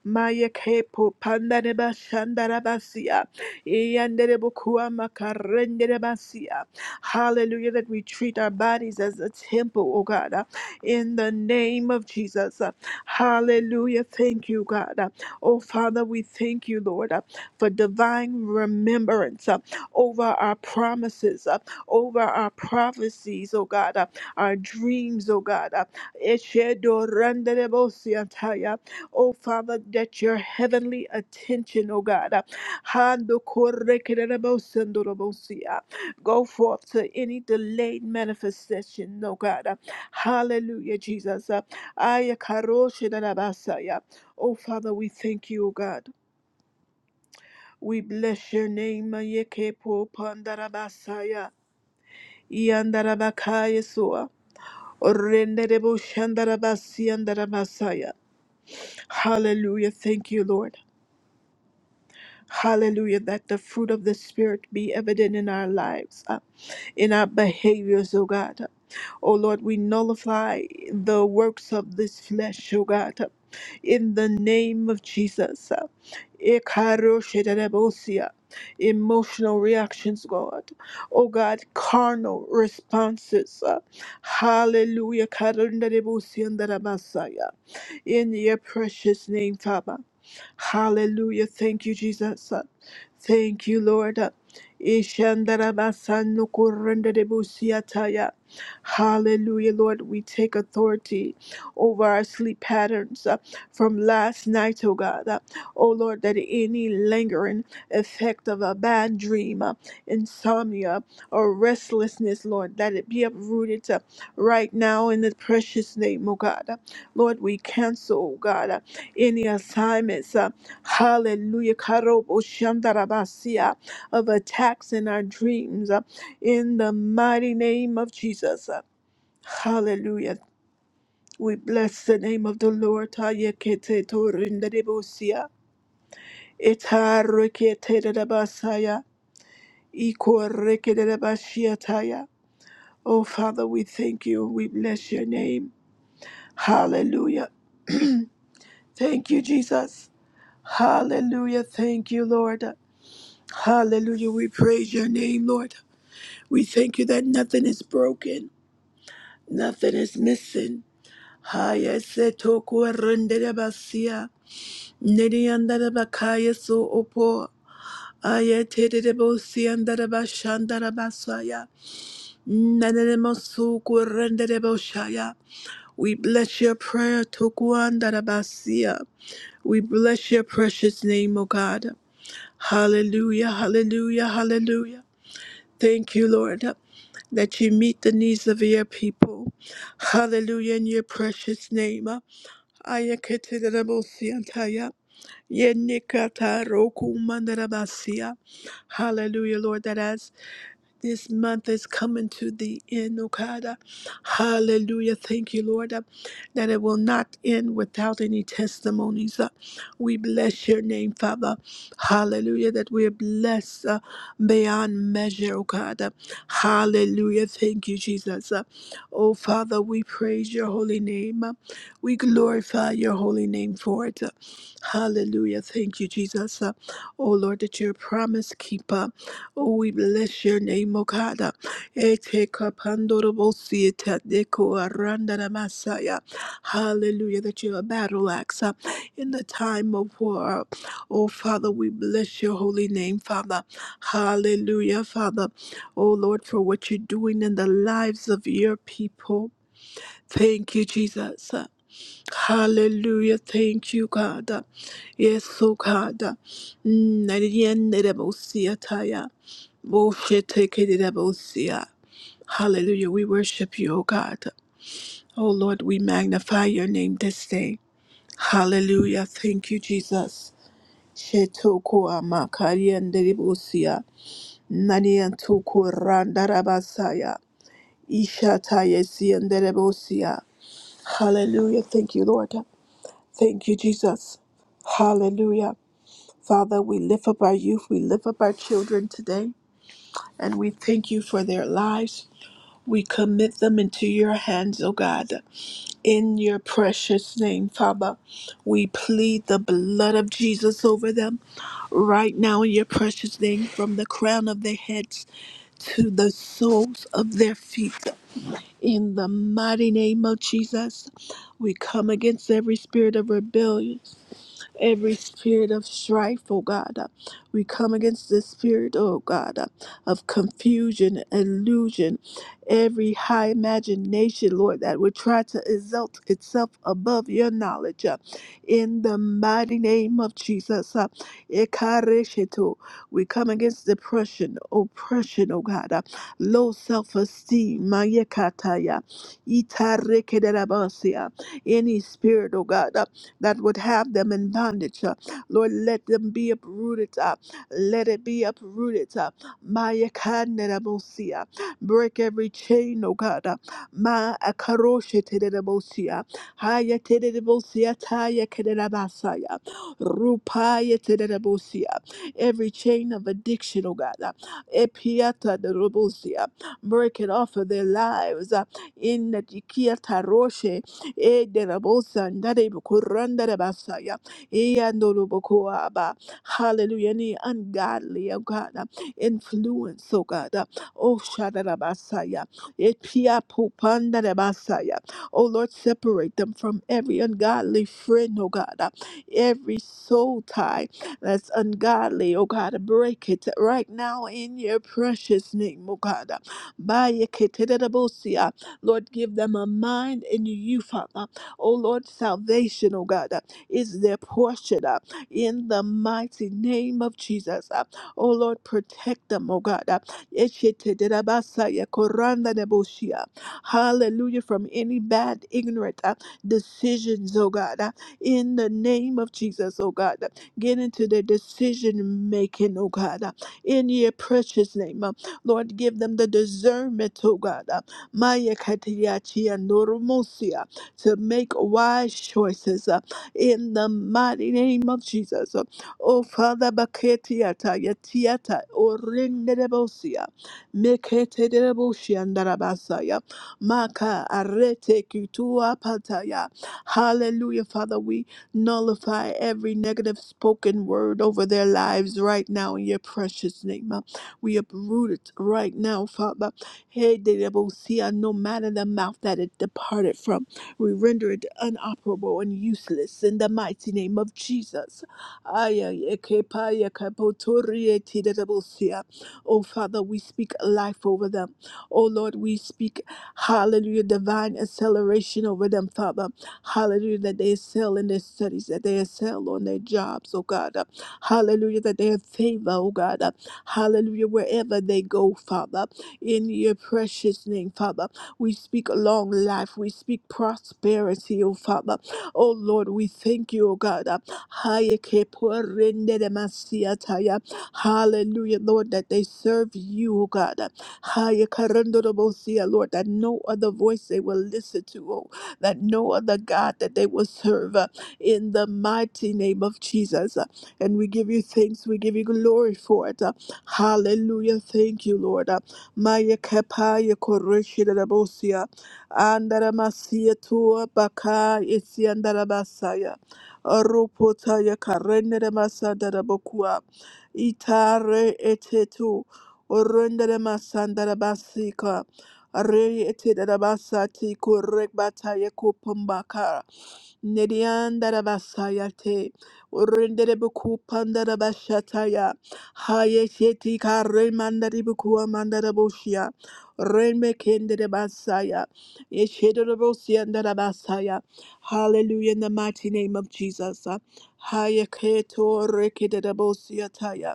Speaker 1: Maya kepo pandareba shandarabasia. Iyanderebukua makarenderebasia. Hallelujah, that we treat our bodies as a temple, oh God, uh, in the name of Jesus. Uh, Hallelujah, thank you, God. Uh, Oh Father, we thank you, Lord, uh, for divine remembrance uh, over our promises, uh, over our prophecies, oh God, uh, our dreams, oh God. uh, Eshedoranderebosia ataya. Oh, Father, that your heavenly attention, oh God, uh, Hando korekerebo sendorobosi, uh, go forth to any delayed manifestation, oh God. uh, Hallelujah, Jesus. uh, ayakaroshenarabasa, yeah. Oh, Father, we thank you, oh God. We bless your name, Yekepo Pandarabasaya, Yandarabakayasua, Renderebo Shandarabasi Yandarabasaya. Hallelujah. Thank you, Lord. Hallelujah. That the fruit of the Spirit be evident in our lives, uh, in our behaviors, oh God. Oh Lord, we nullify the works of this flesh, oh God. In the name of Jesus. uh, Ikaroshedebosia, Emotional reactions, God. Oh God, carnal responses. uh, Hallelujah. Karundadebosia and Darabasaya. In your precious name, Father. Hallelujah. Thank you, Jesus. Thank you, Lord. Ishandarabasanukurendedibusiataya. Hallelujah, Lord. We take authority over our sleep patterns uh, from last night, oh God. Uh, Oh Lord, that any lingering effect of a bad dream, uh, insomnia, or restlessness, Lord, that it be uprooted uh, right now in the precious name, oh God. Uh, Lord, we cancel, oh God any assignments, uh, hallelujah, karobo shandarabasia, of attacks in our dreams, uh, in the mighty name of Jesus. uh, hallelujah. We bless the name of the Lord. Hayekete torinderebosia, etareketerabasaya, ikorekerabashiataya. Oh, Father, we thank you. We bless your name. Hallelujah. thank you, Jesus. Hallelujah. Thank you, Lord. Hallelujah. We praise your name, Lord. We thank you that nothing is broken, nothing is missing. Haya se toku arendere basia, neri andere bakaya so opo. Aya tedere bosi andere bashandere basaya, nanere mosu kurendere boshaya. We bless your prayer, toku andere basia. We bless your precious name, O God. Hallelujah, hallelujah, hallelujah. Thank you, Lord, that you meet the needs of your people. Hallelujah in your precious name. Ayaketidarabosiantaya, yenikatarokumandarabasia. Hallelujah, Lord, that as this month is coming to the end, oh God. Uh, Hallelujah. Thank you, Lord, uh, that it will not end without any testimonies. Uh, We bless your name, Father. Hallelujah. That we are blessed uh, beyond measure, oh God. Uh, Hallelujah. Thank you, Jesus. Uh, Oh, Father, we praise your holy name. Uh, We glorify your holy name for it. Uh, Hallelujah. Thank you, Jesus. Uh, Oh, Lord, that you're a promise keeper. Oh, we bless your name, O God. Ete kapandorobosi ete deko aranda na masaya. Hallelujah, that you're a battle axe uh, in the time of war. Oh, Father, we bless your holy name, Father. Hallelujah, Father. Oh, Lord, for what you're doing in the lives of your people. Thank you, Jesus. Hallelujah. Thank you, God. Yes, oh God. Mm, nariyenderebosi ataya bullshit tikity Hallelujah. We worship you, O God. O Lord, we magnify your name this day. Hallelujah. Thank you, Jesus. Shetokua makarianderibusia. Naniantuku randarabasaya. Hallelujah. Thank you, Lord. Thank you, Jesus. Hallelujah. Father, we lift up our youth, we lift up our children today, and we thank you for their lives. We commit them into your hands, O God. In your precious name, Father, we plead the blood of Jesus over them right now in your precious name, from the crown of their heads to the soles of their feet. In the mighty name of Jesus, we come against every spirit of rebellion every spirit of strife, oh God. Uh, We come against the spirit, oh God, uh, of confusion, illusion, every high imagination, Lord, that would try to exalt itself above your knowledge. uh, In the mighty name of Jesus, uh, Ekareshetu. we come against depression, oppression, oh God, uh, low self esteem, Mayekataya, Itarekederabasia, any spirit, oh God. uh, that would have them in bondage. uh, Lord, let them be uprooted. uh, Let it be uprooted. uh, Maya Kanerabosia. Break every chain, O God. uh, Ma Akarosheterebosia. Haya Terebosia Taya Kenerabasaya. Rupaya Terebosia. Every chain of addiction, O God. uh, Epiata Nerebosia. Break it off of their lives. uh, In the Tikiata E de la bosa ndare bukuranda de basaya Edelabosandadebokorandadabasaya. Eandolobokoaba. Hallelujah. Any ungodly, oh God, uh, influence, oh God. uh, Oh, Shadabasaya. basaya Oh, Lord, separate them from every ungodly friend, oh God. uh, Every soul tie that's ungodly, oh God. Break it right now in your precious name, oh God. uh, Bayeketedabosia. Lord, give them a mind in you, Father. Oh Lord, salvation, oh God, uh, is their portion uh, in the mighty name of Jesus. uh. Oh Lord, protect them, oh God. uh. Esheteterabasaya koranda deboshia. Hallelujah, from any bad, ignorant uh, decisions, oh God. uh, In the name of Jesus, oh God. uh. Get into their decision making, oh God. uh, In your precious name. uh. Lord, give them the discernment, oh God. uh, Maya Katiyachia noromosia to make wise choices uh, in the mighty name of Jesus. Oh, Father, Baketiata, Yatiata, Orindebosia, Meketebosia, Darabasaya, Maka, Arete, Kitua, Pataya. Hallelujah, Father, we nullify every negative spoken word over their lives right now in your precious name. Uh, We uproot it right now, Father. Hey, de- de- bo- see, uh, no matter the mouth that it departed from, we render it unoperable and useless in the mighty name of Jesus. Ay, ay, eh, ke- pa- ya- ka- bo- to- ri- eh, ti- de- de- bo- see, uh, Oh, Father, we speak life over them. Oh, Lord, we speak, hallelujah, divine acceleration over them, Father. Hallelujah, that they excel in their studies, that they excel on their jobs, oh God. Hallelujah, that they have favor, oh God. Hallelujah, wherever they go, Father in your precious name, Father. We speak long life. We speak prosperity, oh Father. Oh Lord, we thank you, oh God. Hayekeporenedemasiataya. Hallelujah, Lord, that they serve you, oh God. Hayekarandodobosia, Lord, that no other voice they will listen to, oh, that no other God that they will serve uh, in the mighty name of Jesus. And we give you thanks, we give you glory for it. Hallelujah. Thank you, Lord. Maya Kapaya Koreshi Rabosia, Andaramasia Tua Baka Isiandarabasaya, Rupotaya Karendere Masandarabokua, Itare Etetu, Orendere Masandarabasika, Re Etedarabasati Korekbataya Kupumbaka. Nediandarabasayate, Urenderebukupandarabashataya, Hayesheti Karemandaribuku Amandarabushia, Remekenderebasaya, Yeshedorobosiandarabasaya. Hallelujah, in the mighty name of Jesus. Hayaketo Rekedabosiataya,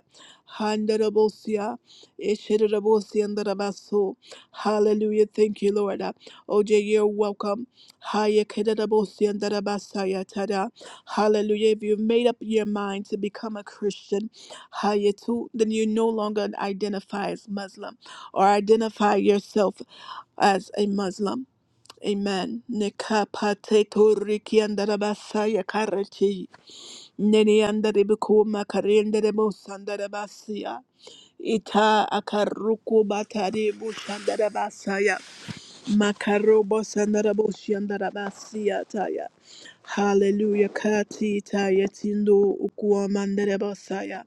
Speaker 1: Handarabosia, Yeshedorobosiandarabaso. Hallelujah, thank you, Lord. OJ, you're welcome. Hayekedabosiandarabasayatara. Hallelujah. If you've made up your mind to become a Christian, hayetu, then you no longer identify as Muslim or identify yourself as a Muslim. Amen. Nekapatetorikiandarabasayakarachi. Neniandaribikumakariandarabosandarabasia. Ita akaruku batari bushandarabasaya. Makarobo sandarabo shiandarabasiataya. Hallelujah. Kati taya tindo ukuamandarabasaya.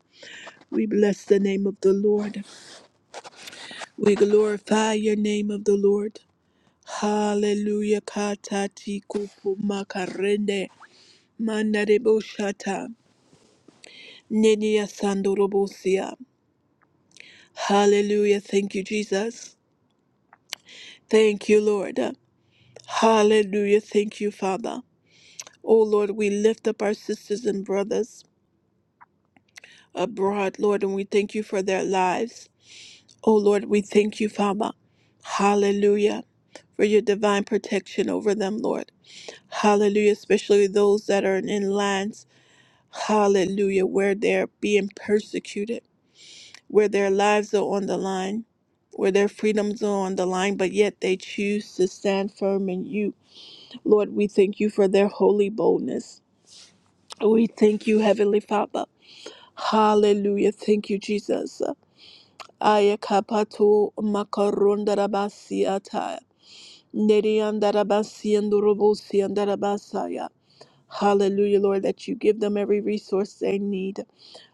Speaker 1: We bless the name of the Lord. We glorify your name of the Lord. Hallelujah. Katati kupu makarende mandarebo shata. Nidia sandorobosia. Hallelujah. Thank you, Jesus. Thank you, Lord. Hallelujah. Thank you, Father. Oh Lord, we lift up our sisters and brothers abroad, Lord, and we thank you for their lives. Oh Lord, we thank you, Father. Hallelujah. For your divine protection over them, Lord. Hallelujah. Especially those that are in lands, hallelujah, where they're being persecuted, where their lives are on the line, where their freedoms are on the line, but yet they choose to stand firm in you. Lord, we thank you for their holy boldness. We thank you, Heavenly Father. Hallelujah. Thank you, Jesus. Ayakapato makarondarabasi ata. Neriandarabasi andorobosi andarabasaya. Hallelujah, Lord, that you give them every resource they need.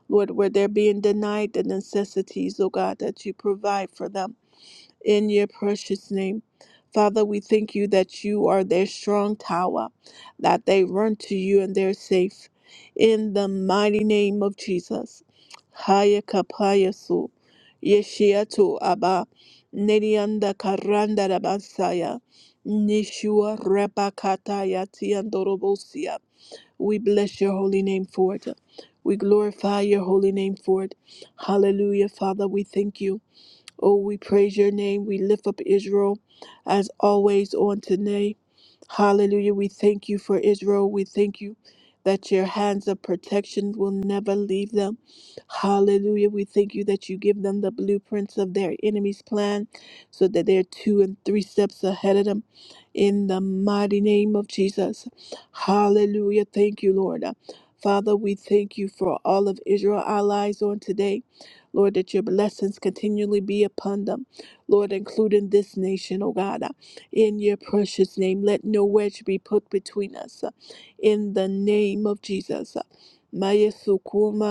Speaker 1: Lord, where they're being denied the necessities, oh God, that you provide for them in your precious name. Father, we thank you that you are their strong tower, that they run to you and they're safe. In the mighty name of Jesus. Haya kapaya su, yeshiatu abba, nerianda karanda rabasaya, nishua repakataya tiandorobosia. We bless your holy name for it. We glorify your holy name for it. Hallelujah, Father, we thank you. Oh, we praise your name. We lift up Israel as always on today. Hallelujah. We thank you for Israel. We thank you that your hands of protection will never leave them. Hallelujah. We thank you that you give them the blueprints of their enemy's plan so that they're two and three steps ahead of them in the mighty name of Jesus. Hallelujah. Thank you, Lord. Father, we thank you for all of Israel allies on today. Lord, that your blessings continually be upon them, Lord, including this nation, oh God. Uh, In your precious name, let no wedge be put between us. uh, In the name of Jesus. Uh, Mayesu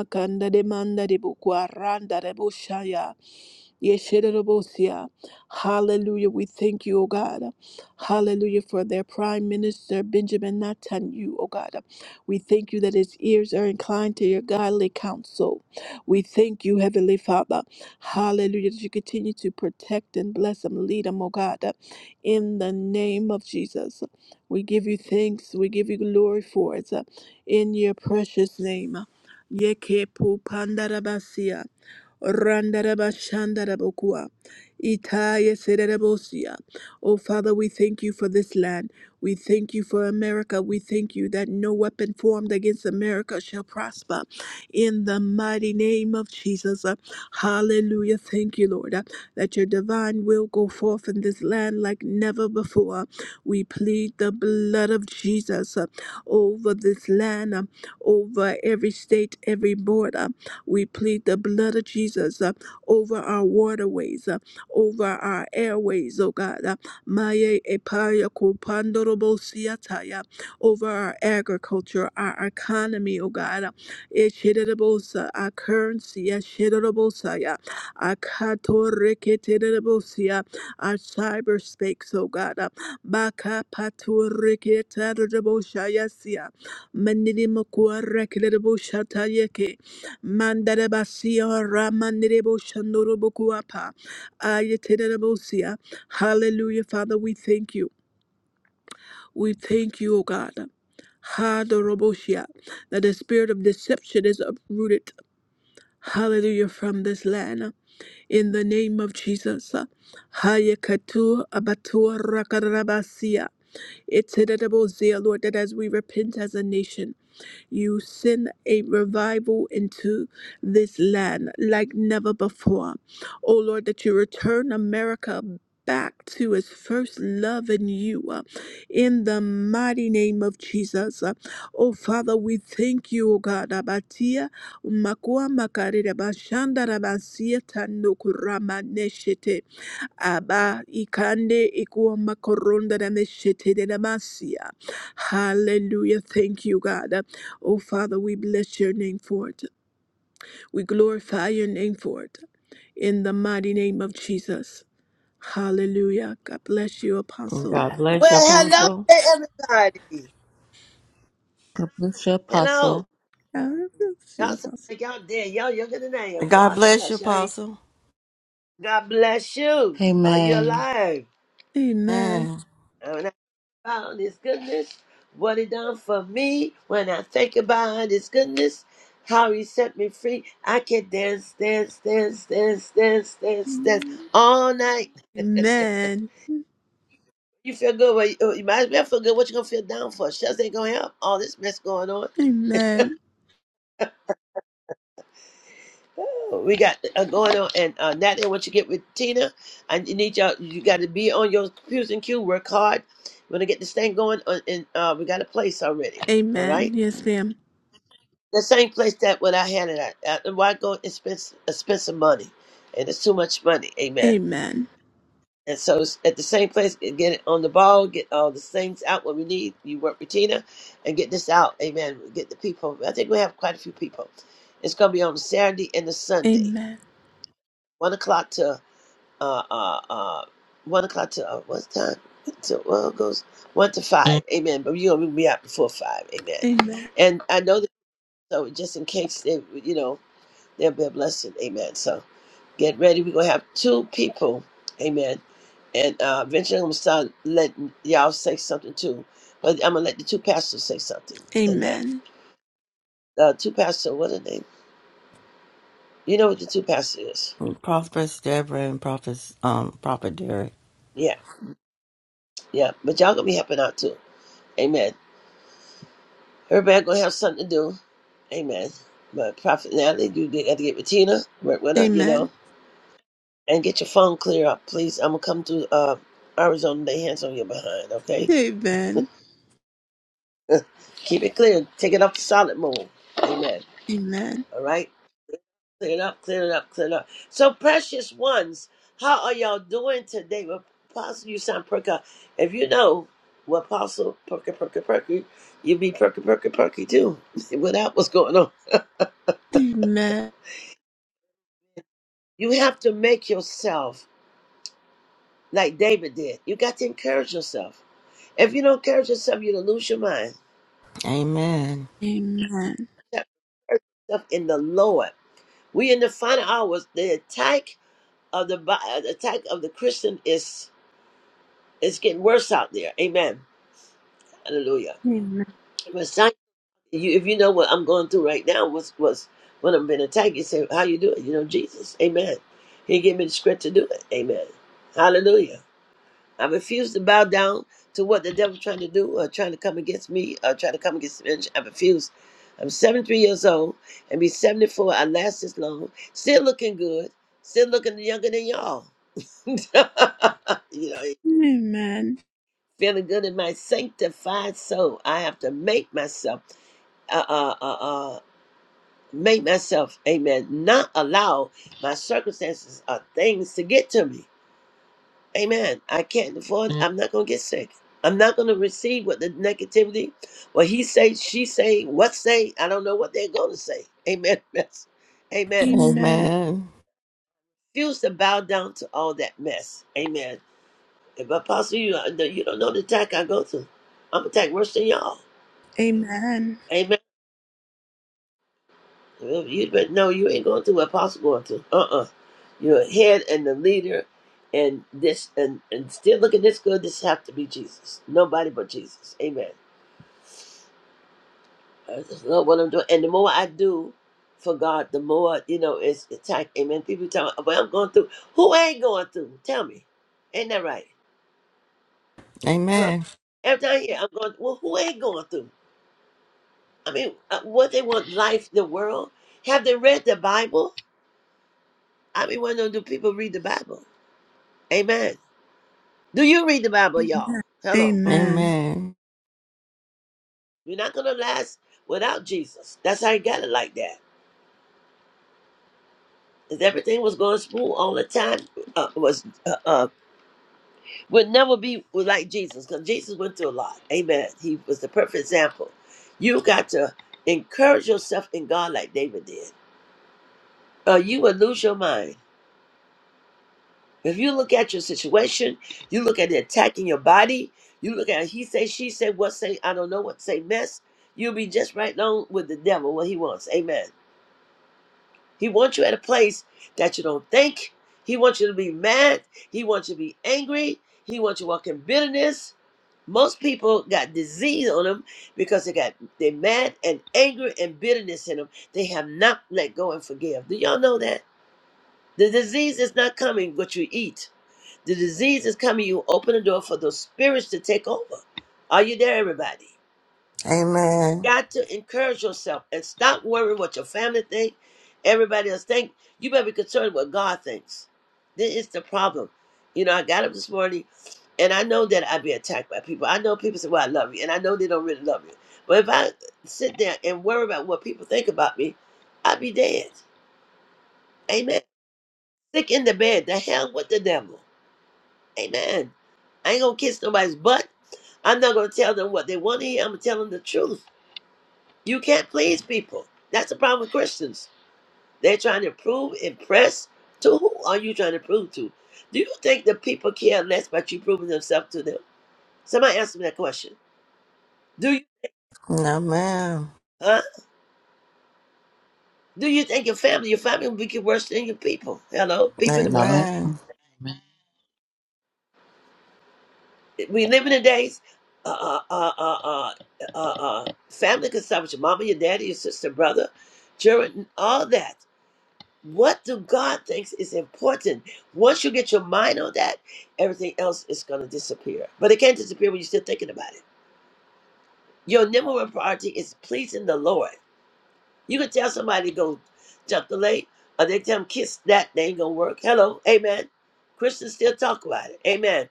Speaker 1: kanda demanda de buku aranda de bushaya. Yeshidorobosia. Hallelujah. We thank you, O God. Hallelujah for their Prime Minister, Benjamin Netanyahu, O God. We thank you that his ears are inclined to your godly counsel. We thank you, Heavenly Father. Hallelujah. That you continue to protect and bless them, lead them, O God. In the name of Jesus. We give you thanks. We give you glory for it. uh, In your precious name. Yeke pu Randaraba shandarabokua. Itaya sererebosia. Oh, Father, we thank you for this land. We thank you for America. We thank you that no weapon formed against America shall prosper. In the mighty name of Jesus. Uh, Hallelujah. Thank you, Lord, uh, that your divine will go forth in this land like never before. We plead the blood of Jesus uh, over this land, uh, over every state, every border. We plead the blood of Jesus uh, over our waterways, uh, over our airways, oh God. uh, Maye epaya kupandorobo siataya, Over our agriculture, our economy, oh God. uh, Eshedebosa, Our currency, eshedebosa, our katoreketedebosia, our cyberspace, oh God. uh, Baka patureketadeboshaya sia, Manilimakuarekedeboshatayeke, Mandarabasia Ramanderebo Shandorobokuapa Ayatedabosia. Hallelujah, Father, we thank you. We thank you, O God. Hadorobosia, that the spirit of deception is uprooted. Hallelujah, from this land. In the name of Jesus. Hayakatu Abatua Rakarabasia. It's Lord, that as we repent as a nation. You send a revival into this land like never before. Oh Lord, that you return America back to its first love in you uh, in the mighty name of Jesus. Uh, Oh Father, we thank you, O God. Abatia makua makarira bashanda rabasia tanokurama neshete. Abba ikande ikuomba koronda na meshete de namasia. Hallelujah. Thank you, God. Oh, Father, we bless your name for it. We glorify your name for it. In the mighty name of Jesus. Hallelujah. God bless you,
Speaker 2: And
Speaker 1: Apostle.
Speaker 2: God bless
Speaker 3: Well,
Speaker 2: you,
Speaker 3: hello
Speaker 2: Apostle.
Speaker 3: to everybody.
Speaker 4: God bless you,
Speaker 3: Hello.
Speaker 4: Apostle.
Speaker 1: God bless
Speaker 3: Y'all
Speaker 1: you,
Speaker 3: sound
Speaker 1: Apostle.
Speaker 3: like y'all dead. Y'all younger than I
Speaker 2: And
Speaker 3: am.
Speaker 2: God
Speaker 3: God
Speaker 2: bless you,
Speaker 3: shush. Y'all ain't...
Speaker 2: Apostle.
Speaker 3: God bless you. Are you
Speaker 4: Amen.
Speaker 3: alive?
Speaker 1: Amen.
Speaker 2: And
Speaker 3: And When I found his goodness, what he done for me, when I think about his goodness, how he set me free, I can dance, dance, dance, dance, dance, dance, dance all night.
Speaker 1: Amen.
Speaker 3: You feel good. Well, you, you might as well feel good. What you gonna feel down for? Shucks ain't gonna help. All this mess going on.
Speaker 1: Amen.
Speaker 3: We got uh, going on, and uh, Natalie, once you get with Tina, I need y'all. You got to be on your Q's and Q. Work hard. We're gonna get this thing going, on, and uh, we got a place already. All
Speaker 1: Amen.
Speaker 3: right,
Speaker 1: Yes, ma'am.
Speaker 3: the same place that when I had it at. Uh, why go and spend s- uh, spend some money? And it's too much money. Amen.
Speaker 1: Amen.
Speaker 3: And so it's at the same place, and get it on the ball, get all the things out what we need. You work with Tina, and get this out. Amen. Get the people. I think we have quite a few people. It's gonna be on Saturday and the Sunday,
Speaker 1: Amen.
Speaker 3: one o'clock to uh, uh, uh, one o'clock to uh, what time? To well, it goes one to five. Amen. But you're gonna be out before five. Amen.
Speaker 1: Amen.
Speaker 3: And I know that so just in case they, you know, they'll be a blessing. Amen. So get ready. We're gonna have two people. Amen. And uh, eventually I'm gonna start letting y'all say something too. But I'm gonna let the two pastors say something. Amen.
Speaker 1: Amen.
Speaker 3: Uh, two pastor, what are they? You know what the two pastor is?
Speaker 2: Prophetess Deborah and Prophet, um, Prophet Derek.
Speaker 3: Yeah, yeah. But y'all gonna be helping out too. Amen. Everybody gonna have something to do. Amen. But Prophet Natalie, you did got to get with Tina, work with her, you
Speaker 1: Amen.
Speaker 3: know, and get your phone clear up, please. I'm gonna come to uh, Arizona and lay hands on your behind, okay?
Speaker 1: Amen.
Speaker 3: Keep it clear. Take it off the solid moon. Amen.
Speaker 1: Amen.
Speaker 3: All right? Clear it up, clear it up, clear it up. So, precious ones, how are y'all doing today? Well, Apostle, you sound perka. If you know what Apostle perky perky perky, you be perky perky perky too. Without what's going on.
Speaker 1: Amen.
Speaker 3: You have to make yourself like David did. You got to encourage yourself. If you don't encourage yourself, you're gonna lose your mind.
Speaker 2: Amen.
Speaker 1: Amen.
Speaker 3: You have to encourage yourself in the Lord. We in the final hours. The attack of the bi- uh, the attack of the Christian is is getting worse out there. Amen. Hallelujah.
Speaker 1: Amen.
Speaker 3: But some- you, if you know what I'm going through right now, was was when I'm being attacked, you say, "How you do it?" You know, Jesus. Amen. He gave me the script to do it. Amen. Hallelujah. I refuse to bow down to what the devil's trying to do or trying to come against me or trying to come against the ministry. I refuse. I'm 73 years old and be 74. I last this long. Still looking good. Still looking younger than y'all. you know,
Speaker 1: Amen.
Speaker 3: feeling good in my sanctified soul. I have to make myself, uh, uh, uh, uh, make myself, amen, not allow my circumstances or things to get to me. Amen. I can't afford. Mm. I'm not gonna get sick. I'm not gonna receive what the negativity, what he say, she say, what say. I don't know what they're gonna say. Amen. Mess. Amen.
Speaker 1: Amen.
Speaker 2: Amen.
Speaker 3: Refuse to bow down to all that mess. Amen. If Apostle, you you don't know the attack I go through. I'm attacked worse than y'all.
Speaker 1: Amen.
Speaker 3: Amen. Well, You but no, you ain't going through what Apostle going through. Uh uh-uh. uh. you are head and the leader, and this and and still looking this good. This have to be Jesus. Nobody but Jesus. Amen. That's not what I'm doing. And the more I do for God, the more, you know, it's attack. Amen. People tell me, well, I'm going through. Who ain't going through? Tell me. Ain't that right? Hello?
Speaker 2: Amen.
Speaker 3: Every time here, I'm going, well, who ain't going through? I mean, uh, what they want, life, the world? Have they read the Bible? I mean, why don't do people read the Bible? Amen. Do you read the Bible, y'all? Hello.
Speaker 1: Amen.
Speaker 2: Amen. Amen.
Speaker 3: You're not going to last without Jesus. That's how you got it like that. 'Cause Everything was going smooth all the time. Uh, was uh, uh, would never be like Jesus because Jesus went through a lot. Amen. He was the perfect example. You got to encourage yourself in God like David did. Uh, you will lose your mind. If you look at your situation, you look at the attack in your body, you look at he say, she say, what say, I don't know what say, mess, you'll be just right along with the devil, what he wants. Amen. He wants you at a place that you don't think. He wants you to be mad. He wants you to be angry. He wants you to walk in bitterness. Most people got disease on them because they got they mad and anger and bitterness in them. They have not let go and forgive. Do y'all know that? The disease is not coming what you eat. The disease is coming. You open the door for those spirits to take over. Are you there, everybody?
Speaker 2: Amen.
Speaker 3: got to encourage yourself and stop worrying what your family think, everybody else think. You better be concerned what God thinks. This is the problem. You know, I got up this morning and I know that I'd be attacked by people. I know people say, Well, I love you, and I know they don't really love you. But if I sit there and worry about what people think about me, I'd be dead. Amen. Sick in the bed, the hell with the devil. Amen. I ain't gonna kiss nobody's butt. I'm not gonna tell them what they want to hear. I'm gonna tell them the truth. You can't please people. That's the problem with Christians. They're trying to prove, impress. To who are you trying to prove to? Do you think the people care less about you proving themselves to them? Somebody answer me that question. Do you,
Speaker 2: Amen.
Speaker 3: huh? Do you think your family, your family will be worse than your people? Hello, people in the
Speaker 4: No,
Speaker 3: world.
Speaker 4: ma'am. Amen.
Speaker 3: We live in the days, uh, uh, uh, uh, uh, uh, uh, family can start with your mama, your daddy, your sister, brother, children, all that. what do God thinks is important? Once you get your mind on that, everything else is going to disappear. But it can't disappear when you're still thinking about it. Your number one priority is pleasing the Lord. You can tell somebody to go jump the lake, or they tell them kiss that, they ain't going to work. Hello, amen. Christians still talk about it, amen.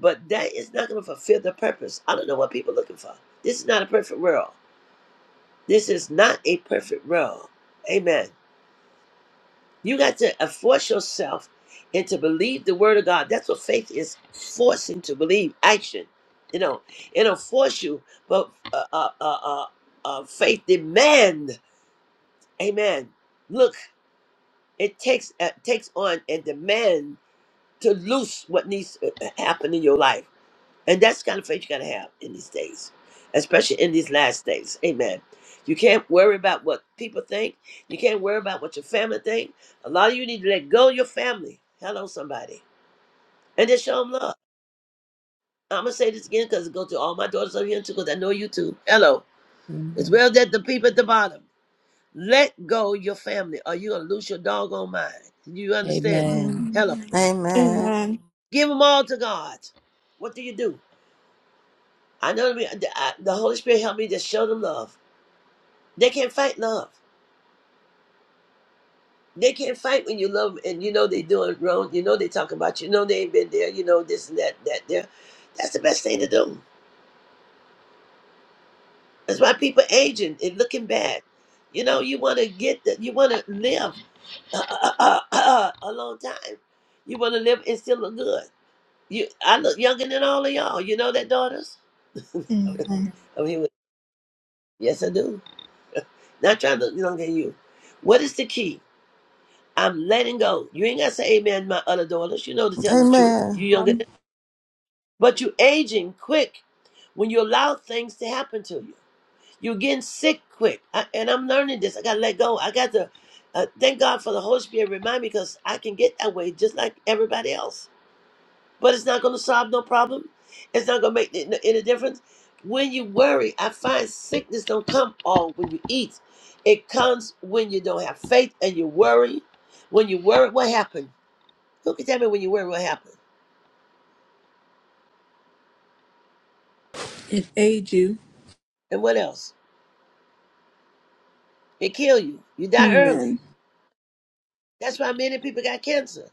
Speaker 3: But that is not going to fulfill the purpose. I don't know what people are looking for. This is not a perfect world. This is not a perfect world, amen. You got to uh, force yourself and to believe the word of God. That's what faith is forcing to believe action. You know, it'll force you, but uh, uh, uh, uh, uh, faith demand. Amen. Look, it takes uh, takes on and demand to loose what needs to uh, happen in your life. And that's the kind of faith you gotta have in these days, especially in these last days. Amen. You can't worry about what people think. You can't worry about what your family think. A lot of you need to let go of your family. Hello, somebody, and just show them love. I'm gonna say this again because it goes to all my daughters over here too, because I know you too. Hello, as
Speaker 4: Amen.
Speaker 3: well as that the people at the bottom. Let go your family, or you gonna lose your doggone mind. You understand that?
Speaker 4: Amen.
Speaker 3: Hello,
Speaker 1: Amen.
Speaker 2: Amen. Amen.
Speaker 1: Amen.
Speaker 3: give them all to God. What do you do? I know that we- I- the Holy Spirit helped me to show them love They can't fight love. They can't fight when you love 'em and you know they doing wrong. You know they talking about you. You know they ain't been there. You know this and that, that there. That's the best thing to do. That's why people aging and looking bad. You know you want to get that. You want to live uh, uh, uh, uh, a long time. You want to live and still look good. You, I look younger than all of y'all. You know that, daughters.
Speaker 1: Amen.
Speaker 3: I mean, yes, I do. Not trying to look younger than you. What is the key? I'm letting go. You ain't got to say amen, my other daughters. You know the telling
Speaker 2: Amen.
Speaker 3: the truth.
Speaker 2: Amen.
Speaker 3: You younger than, but you aging quick when you allow things to happen to you. You're getting sick quick, I, and I'm learning this. I got to let go. I got to uh, thank God for the Holy Spirit remind me because I can get that way just like everybody else. But it's not going to solve no problem. It's not going to make n- any difference. When you worry, I find sickness don't come all when you eat. It comes when you don't have faith and you worry. When you worry, what happened? Who can tell me when you worry what happened?
Speaker 1: It aid you.
Speaker 3: And what else? It kill you. You die early.
Speaker 1: Amen.
Speaker 3: That's why many people got cancer.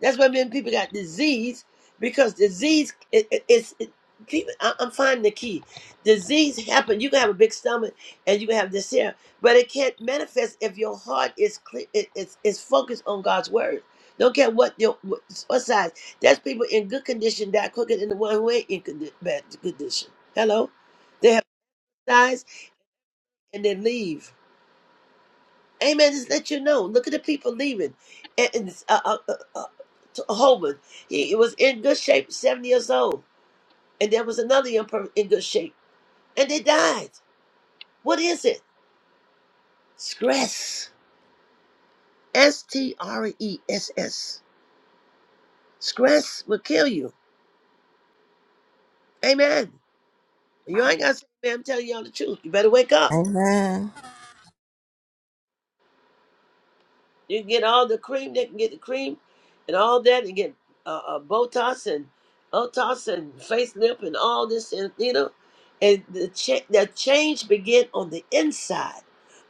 Speaker 3: That's why many people got disease because disease is it, it, it, people. I, I'm finding the key. Disease happen. You can have a big stomach and you can have this here, but it can't manifest if your heart is clear. It, it's it's focused on God's word. Don't care what your what, what size. That's people in good condition die quicker than the one who ain't in condi- bad condition. Hello, they have size and they leave. Amen. Just let you know. Look at the people leaving. And, and uh, uh, uh, uh, T- Holman, he, he was in good shape, seventy years old, and there was another young person in good shape, and they died. What is it? Stress. S T R E S S. Stress will kill you. Amen. You ain't got to say, man, I'm telling y'all the truth. You better wake up.
Speaker 2: Amen.
Speaker 3: You can get all the cream. They can get the cream and all that. And get uh, uh, Botox and Botox and facelift and all this, and you know. And the, cha- the change begin on the inside.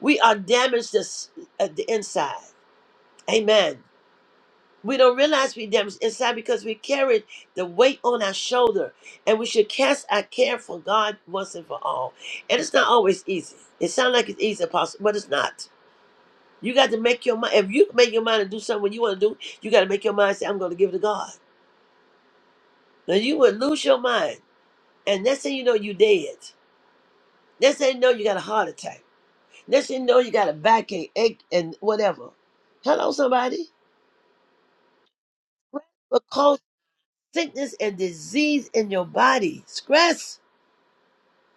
Speaker 3: We are damaged this, at the inside. Amen. We don't realize we damaged inside because we carry the weight on our shoulder, and we should cast our care for God once and for all. And it's not always easy. It sounds like it's easy, apostle, but it's not. You got to make your mind. If you make your mind to do something you want to do, you got to make your mind say, "I'm going to give it to God." Now you would lose your mind, and next thing you know, you dead. Next thing you know, you got a heart attack. Next thing you know, you got a backache, ache, and whatever. Hello, somebody. Because sickness and disease in your body, stress,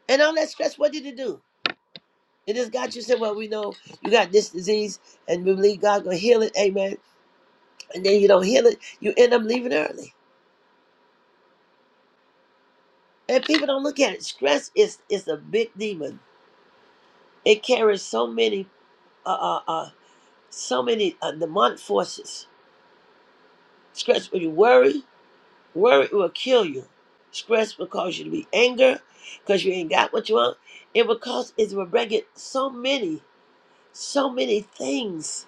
Speaker 3: and all that stress. What did it do? It just got you said, "Well, we know you got this disease, and we believe God's going to heal it." Amen. And then you don't heal it, you end up leaving early. And people don't look at it. Stress is is a big demon. It carries so many uh uh, uh so many uh, demonic forces. Stress when you worry, worry will kill you. Stress will cause you to be anger because you ain't got what you want. It will cause it will bring it so many, so many things.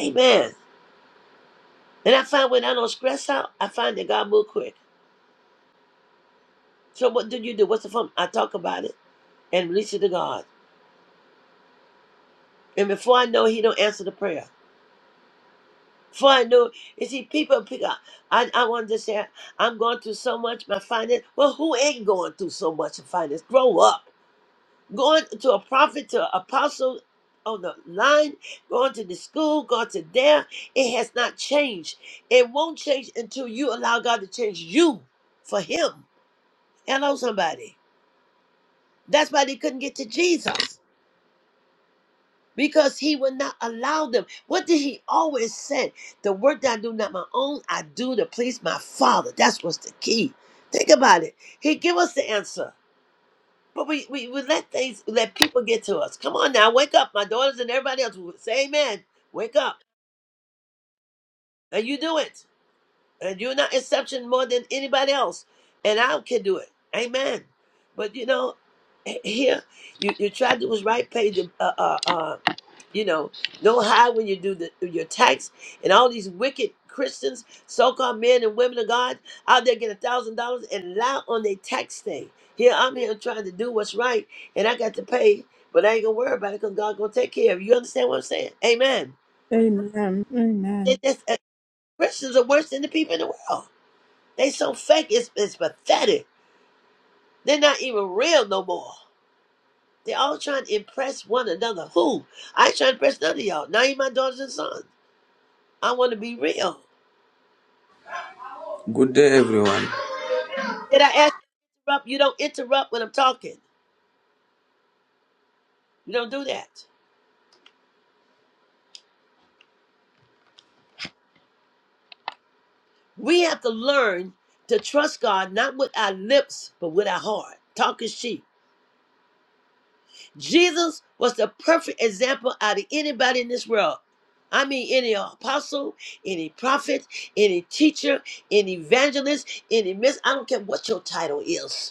Speaker 3: Amen. And I find when I don't stress out, I find that God move quick. So what do you do? What's the fun? I talk about it and release it to God. And before I know, it, He don't answer the prayer. For I know, you see, people pick up. I, I want to say, I'm going through so much, my finance. Well, who ain't going through so much in finance? Grow up. Going to a prophet, to an apostle on the line, going to the school, going to there. It has not changed. It won't change until you allow God to change you for Him. Hello, somebody. That's why they couldn't get to Jesus. because he would not allow them. What did he always say? The work that I do not my own, I do to please my father. That's what's the key. Think about it. He give us the answer. But we, we, we let things let people get to us. Come on now, wake up. My daughters and everybody else will say amen. Wake up. And you do it. And you're not exception more than anybody else. And I can do it. Amen. But you know, here you, you tried to do what's right, Paige. Uh, uh, uh, you know, don't hide when you do the, your tax. And all these wicked Christians, so-called men and women of God, out there getting a thousand dollars and lie on their tax thing. Here I'm here trying to do what's right, and I got to pay, but I ain't gonna worry about it because God gonna take care of it. You understand what I'm saying? Amen.
Speaker 1: Amen.
Speaker 3: They-
Speaker 1: Amen.
Speaker 3: that's- uh, Christians are worse than the people in the world. They so fake, it's, it's pathetic. They're not even real no more. They all trying to impress one another. Who? I ain't trying to impress none of y'all. Not even my daughters and sons. I want to be real.
Speaker 5: Good day, everyone.
Speaker 3: Did I ask you to interrupt? You don't interrupt when I'm talking. You don't do that. We have to learn to trust God not with our lips, but with our heart. Talk is cheap. Jesus was the perfect example out of anybody in this world. I mean, any apostle, any prophet, any teacher, any evangelist, any miss. I don't care what your title is.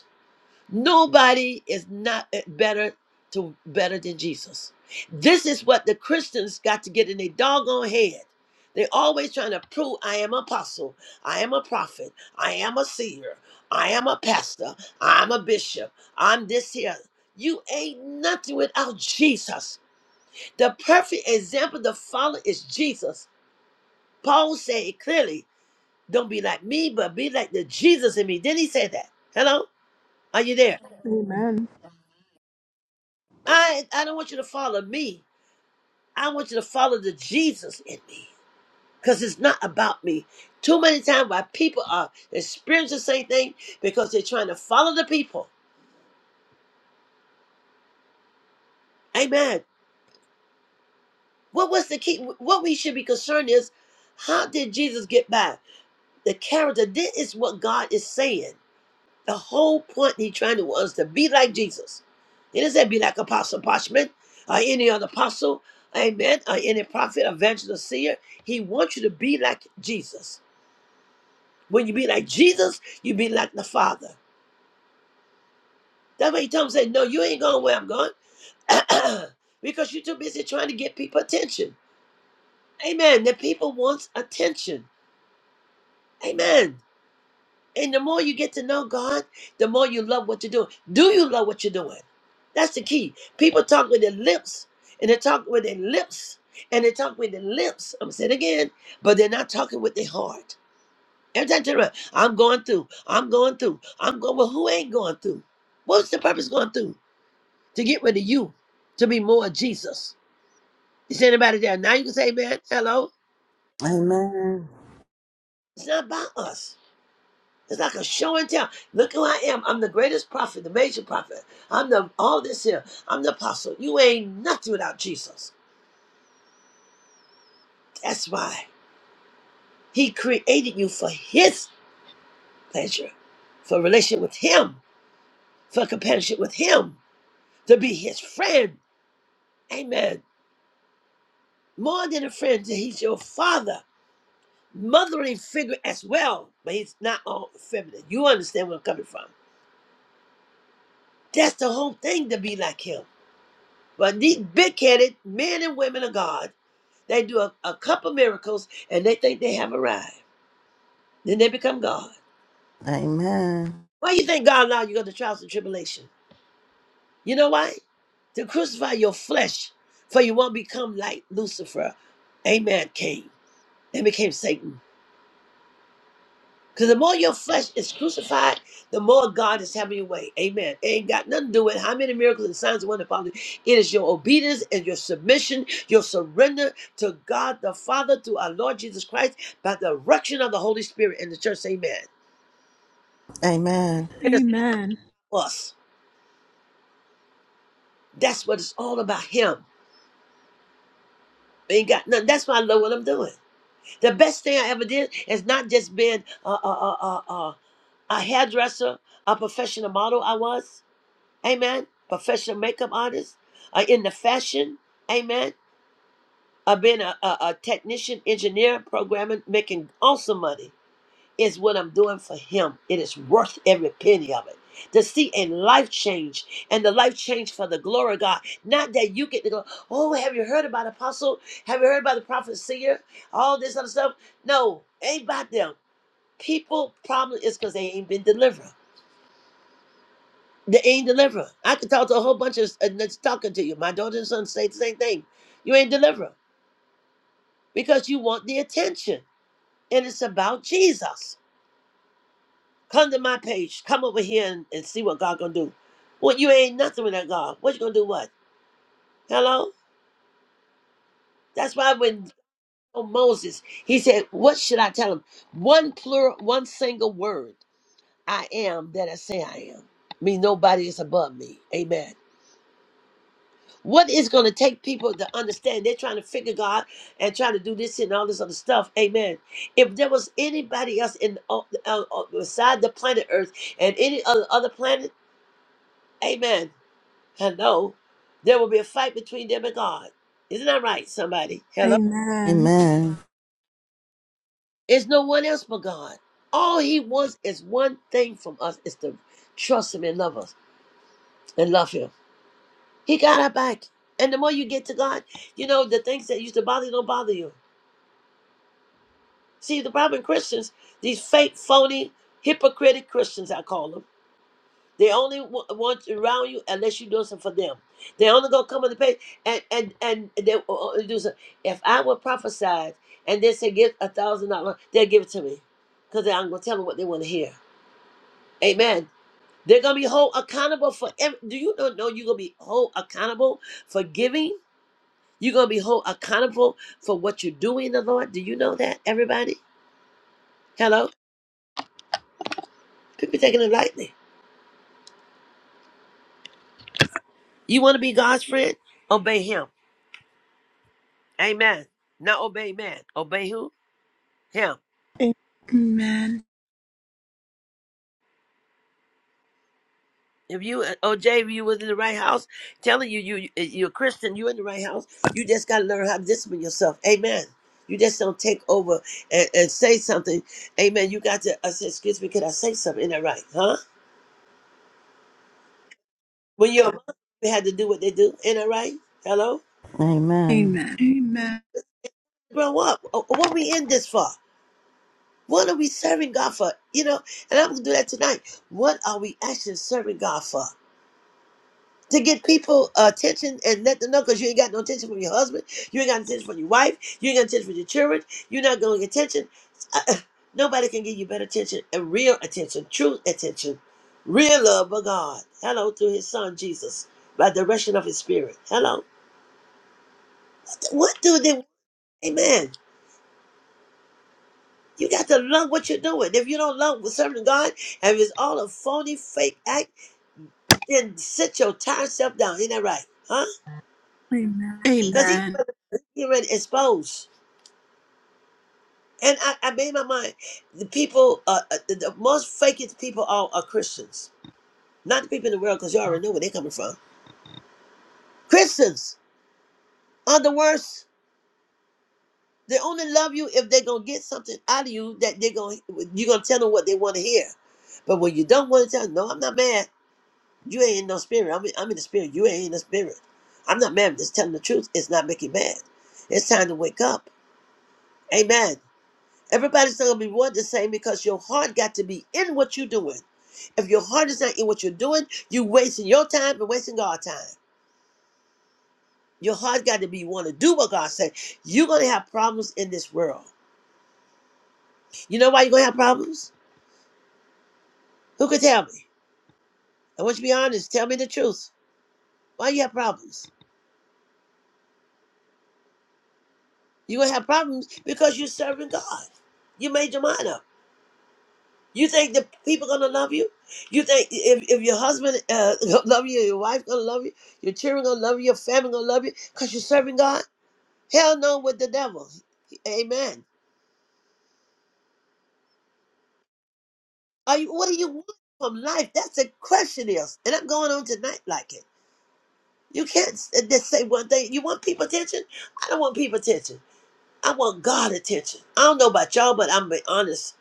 Speaker 3: Nobody is not eh, better to better than Jesus. This is what the Christians got to get in their doggone head. They always trying to prove I am apostle, I am a prophet, I am a seer, I am a pastor, I'm a bishop, I'm this here. You ain't nothing without Jesus. The perfect example to follow is Jesus. Paul said it clearly, don't be like me, but be like the Jesus in me. Didn't he say that? Hello? Are you there?
Speaker 1: Amen.
Speaker 3: I I don't want you to follow me. I want you to follow the Jesus in me. Because it's not about me. Too many times why people are experiencing the same thing because they're trying to follow the people. Amen. What was the key? What we should be concerned is how did Jesus get by? The character, this is what God is saying. The whole point he trying to was to be like Jesus. He didn't say be like Apostle Parchment or any other apostle, amen, or any prophet, evangelist, seer. He wants you to be like Jesus. When you be like Jesus, you be like the Father. That's why he told him, say, no, you ain't going where I'm going because you're too busy trying to get people attention. Amen. The people wants attention. Amen. And the more you get to know God, the more you love what you're doing. Do you love what you're doing? That's the key. People talk with their lips, and they talk with their lips, and they talk with their lips. I'm saying it again, but they're not talking with their heart. Every time I turn around, I'm going through, I'm going through, I'm going. Well, who ain't going through? What's the purpose of going through? To get rid of you, to be more of Jesus. Is anybody there? Now you can say, man, hello.
Speaker 2: Amen. Amen.
Speaker 3: It's not about us. It's like a show and tell. Look who I am. I'm the greatest prophet, the major prophet. I'm the all this here. I'm the apostle. You ain't nothing without Jesus. That's why He created you for His pleasure, for relationship with Him, for companionship with Him, to be His friend. Amen. More than a friend, He's your father, motherly figure as well. But He's not all feminine. You understand where I'm coming from? That's the whole thing to be like Him. But these big headed men and women of God, they do a, a couple miracles and they think they have arrived. Then they become God.
Speaker 2: Amen.
Speaker 3: Why you think God allowed you to go to trials and tribulation? You know why? To crucify your flesh, for you won't become like Lucifer. Amen. Came and became Satan. Because the more your flesh is crucified, the more God is having your way. Amen. It ain't got nothing to do with how many miracles and signs and wonders follow. you. It is your obedience and your submission, your surrender to God the Father through our Lord Jesus Christ by the direction of the Holy Spirit in the church. Amen. It is
Speaker 1: Amen.
Speaker 3: us. That's what it's all about. Him. It Ain't got nothing. That's why I love what I'm doing. The best thing I ever did is not just being a, a, a, a, a, a hairdresser, a professional model. I was. Amen. Professional makeup artists are in the fashion. Amen. I've been a, a, a technician, engineer, programming, making awesome money. Is what I'm doing for him. It is worth every penny of it. To see a life change and the life change for the glory of God. Not that you get to go, oh, have you heard about apostle? Have you heard about the prophet seer? All this other stuff. No, ain't about them. People problem is because they ain't been delivered. They ain't deliver. I could talk to a whole bunch of uh, that's talking to you. My daughter and son say the same thing. You ain't deliver because you want the attention, and it's about Jesus. Come to my page. Come over here and, and see what God gonna do. What you ain't nothing without God. What you gonna do? What? Hello. That's why when oh, Moses he said, "What should I tell him?" One plural, one single word. I am that I say I am. Mean nobody is above me. Amen. What is going to take people to understand? They're trying to figure God and trying to do this and all this other stuff. Amen. If there was anybody else in uh, uh, uh, beside the planet Earth and any other other planet, Amen. Hello, there will be a fight between them and God. Isn't that right? Somebody, hello.
Speaker 1: Amen.
Speaker 3: It's no one else but God. All He wants is one thing from us: is to trust Him and love us and love Him. He got our back. And the more you get to God, you know the things that used to bother you don't bother you. See, the problem with Christians, these fake, phony, hypocritic Christians, I call them. They only wa- want you around you unless you do something for them. They only gonna come on the page and and and they will only do something. If I were prophesied and they say give a thousand dollars, they'll give it to me, cause I'm gonna tell them what they want to hear. Amen. They're gonna be whole accountable for. Every, do you not know you're gonna be whole accountable for giving? You're gonna be whole accountable for what you do in the Lord. Do you know that, everybody? Hello. People taking it lightly. You want to be God's friend? Obey Him. Amen. Not obey man. Obey who? Him.
Speaker 1: A- Amen.
Speaker 3: If you, OJ, if you was in the right house, telling you, you, you're a Christian, you in the right house, you just got to learn how to discipline yourself. Amen. You just don't take over and, and say something. Amen. You got to, I said, excuse me, could I say something? Ain't that right? Huh? When you're a mom, you had to do what they do. Ain't that right? Hello?
Speaker 2: Amen.
Speaker 1: Amen. Amen.
Speaker 3: Grow up. Oh, What we in this for? What are we serving God for? You know, and I'm going to do that tonight. What are we actually serving God for? to get people attention and let them know because you ain't got no attention from your husband, you ain't got attention from your wife, you ain't got attention from your children, you're not going to get attention. Uh, Nobody can give you better attention and real attention, true attention, real love of God. Hello, through His Son Jesus, by the direction of His Spirit. Hello, what do they? Amen. You got to love what you're doing. If you don't love serving God, and if it's all a phony, fake act, then sit your tired self down. Ain't that right? Huh? Because he,
Speaker 1: Amen.
Speaker 3: he already exposed. And I, I made my mind. The people, uh, uh, the, the most fakest people are, are Christians. Not the people in the world, because you already know where they're coming from. Christians are the worst. They only love you if they're gonna get something out of you that they're gonna you're gonna tell them what they want to hear. But when you don't want to tell them, no, I'm not mad. You ain't in no spirit. I'm in, I'm in the spirit. You ain't in the spirit. I'm not mad. I'm just telling the truth. It's not making you mad. It's time to wake up. Amen. Everybody's not gonna be one the same because your heart got to be in what you're doing. If your heart is not in what you're doing, you are wasting your time and wasting God's time. Your heart got to be one to do what God said. You're gonna have problems in this world. You know why you're gonna have problems? Who can tell me? I want you to be honest. Tell me the truth. Why you have problems? You're gonna have problems because you're serving God. You made your mind up. You think the people gonna love you? You think if, if your husband uh, gonna love you, your wife gonna love you, your children gonna love you, your family gonna love you, cause you're serving God? Hell no, with the devil. Amen. Are you? What do you want from life? That's the question is, and I'm going on tonight like it. You can't s- uh, just say one thing. You want people attention? I don't want people attention. I want God attention. I don't know about y'all, but I'm be honest.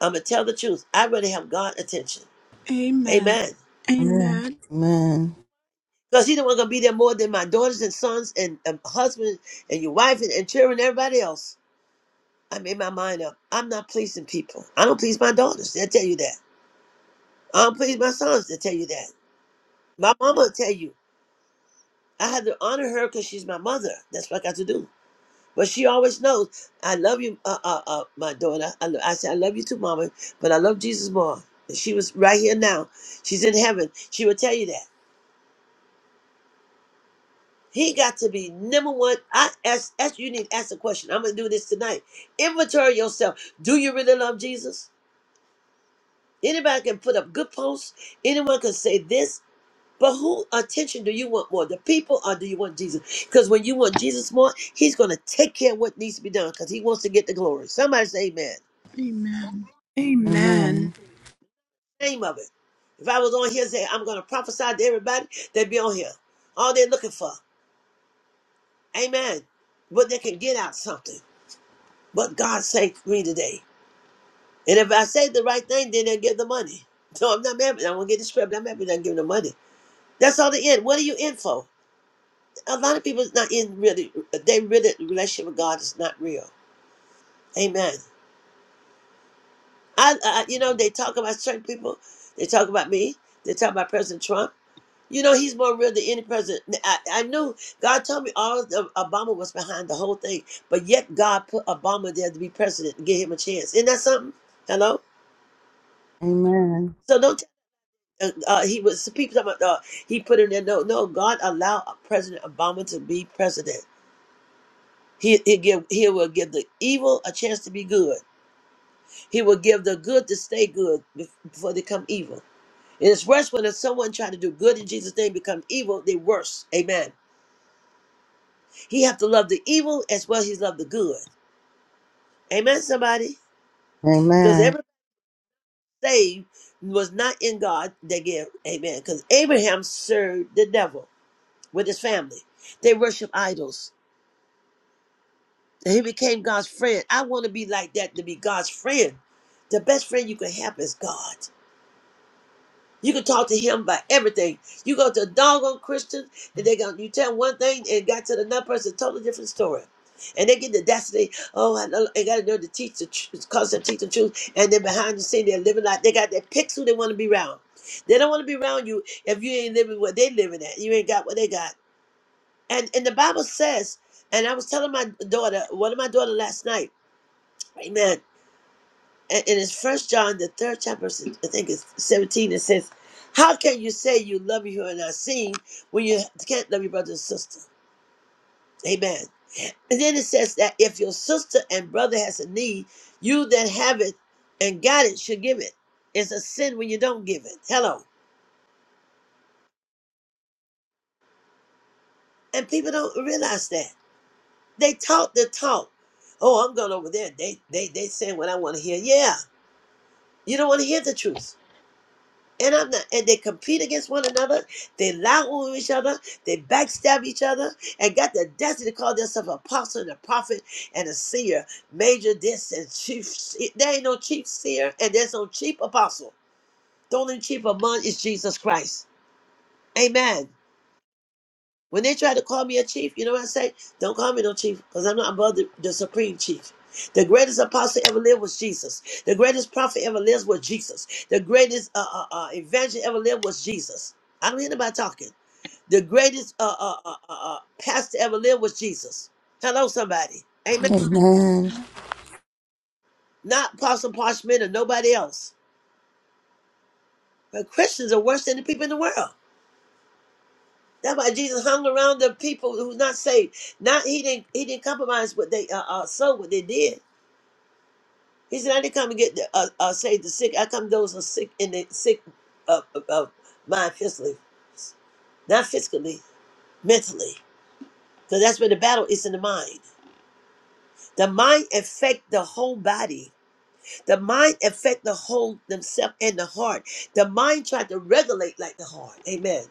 Speaker 3: I'm gonna tell the truth. I really have God attention.
Speaker 1: Amen.
Speaker 3: Amen.
Speaker 1: Amen. Amen.
Speaker 3: Because he the one gonna be there more than my daughters and sons and, and husband and your wife and, and children, and everybody else. I made my mind up. I'm not pleasing people. I don't please my daughters. They'll tell you that. I don't please my sons. They'll tell you that. My mama will tell you. I had to honor her because she's my mother. That's what I got to do. But she always knows. I love you, uh, uh, uh, my daughter. I, lo- I said I love you too, mama. But I love Jesus more. And she was right here now. She's in heaven. She would tell you that. He got to be number one. I ask, ask you need to ask a question. I'm gonna do this tonight. Inventory yourself. Do you really love Jesus? Anybody can put up good posts. Anyone can say this. But who attention do you want more? The people or do you want Jesus? Because when you want Jesus more, he's gonna take care of what needs to be done because he wants to get the glory. Somebody say amen.
Speaker 1: Amen.
Speaker 2: Amen. Amen.
Speaker 1: Amen.
Speaker 3: Name of it. If I was on here and say I'm gonna prophesy to everybody, they'd be on here. All they're looking for. Amen. But they can get out something. But God saved me today. And if I say the right thing, then they'll give the money. So I'm not mad, but I won't get the script. I'm happy not giving the money. That's all the end. What are you in for? A lot of people is not in really. They really relationship with God is not real. Amen. I, I you know they talk about certain people. They talk about me. They talk about President Trump. You know he's more real than any president. I, I knew God told me all of the, Obama was behind the whole thing, but yet God put Obama there to be president and give him a chance. Isn't that something? Hello.
Speaker 2: Amen.
Speaker 3: So don't uh, uh, he was the people talking about uh, he put in there. No, no, God allowed President Obama to be president. He he give he will give the evil a chance to be good. He will give the good to stay good bef- before they come evil. And it's worse when there's someone trying to do good in Jesus' name become evil. They worse. Amen. He have to love the evil as well as he love the good. Amen. Somebody, because
Speaker 2: Amen.
Speaker 3: everybody saved was not in God. They give. Amen. Because Abraham served the devil with his family. They worship idols. And he became God's friend. I want to be like that to be God's friend. The best friend you can have is God. You can talk to him about everything. You go to a doggone Christian, and they go, you tell one thing, and got to the another person, totally different story. And they get the destiny. Oh, I, know, I got to know the teach the tr- concept, teach the truth. And then behind the scene, they're living like they got their picks who they want to be around. They don't want to be around you if you ain't living what they living at. You ain't got what they got. And and the Bible says, and I was telling my daughter, one of my daughter last night, Amen and it is First John, the third chapter, I think it's seventeen. It says, "How can you say you love your who are not seen when you can't love your brother and sister?" Amen. And then it says that if your sister and brother has a need, you that have it and got it should give it. It's a sin when you don't give it. Hello. And people don't realize that. They talk the talk. Oh, I'm going over there. They they they saying what I want to hear. Yeah. You don't want to hear the truth. And I'm not, and they compete against one another. They lie on each other. They backstab each other, and got the destiny to call themselves apostle and a prophet and a seer, major this and chief. se- There ain't no chief seer, and there's no chief apostle. The only chief among is Jesus Christ. Amen. When they try to call me a chief, you know what I say? Don't call me no chief, because I'm not above the, the supreme chief. The greatest apostle ever lived was Jesus. The greatest prophet ever lived was Jesus. The greatest uh, uh, uh, evangelist ever lived was Jesus. I don't hear nobody talking. The greatest uh, uh, uh, uh, uh, pastor ever lived was Jesus. Hello, somebody. Amen.
Speaker 2: Amen.
Speaker 3: Not Apostle Parchment or nobody else. But Christians are worse than the people in the world. That's why Jesus hung around the people who's not saved. Not he didn't he didn't compromise what they uh, uh so what they did. He said, I didn't come to get the, uh, uh, save the sick. I come those who are sick in the sick of uh, uh, uh, mind physically, not physically, mentally. Because that's where the battle is in the mind. The mind affect the whole body. The mind affect the whole themselves and the heart. The mind tried to regulate like the heart. Amen.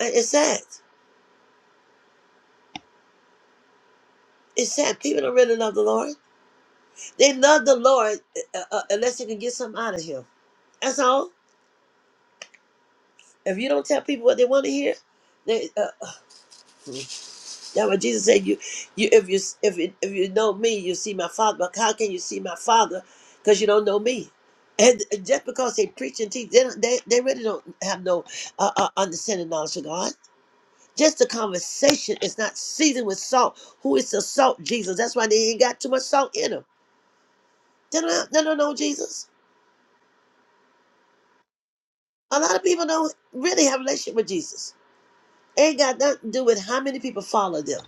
Speaker 3: And It's sad. It's sad. People don't really love the Lord. They love the Lord uh, uh, uh, unless they can get something out of Him. That's all. If you don't tell people what they want to hear, they uh, That's what Jesus said. You, you, if you, if you, if you know me, you see my father. But how can you see my father? Because you don't know me. And just because they preach and teach, they don't, they, they really don't have no uh, uh, understanding knowledge of God. Just the conversation is not seasoned with salt. Who is the salt? Jesus. That's why they ain't got too much salt in them. They don't, they don't know Jesus. A lot of people don't really have a relationship with Jesus. Ain't got nothing to do with how many people follow them.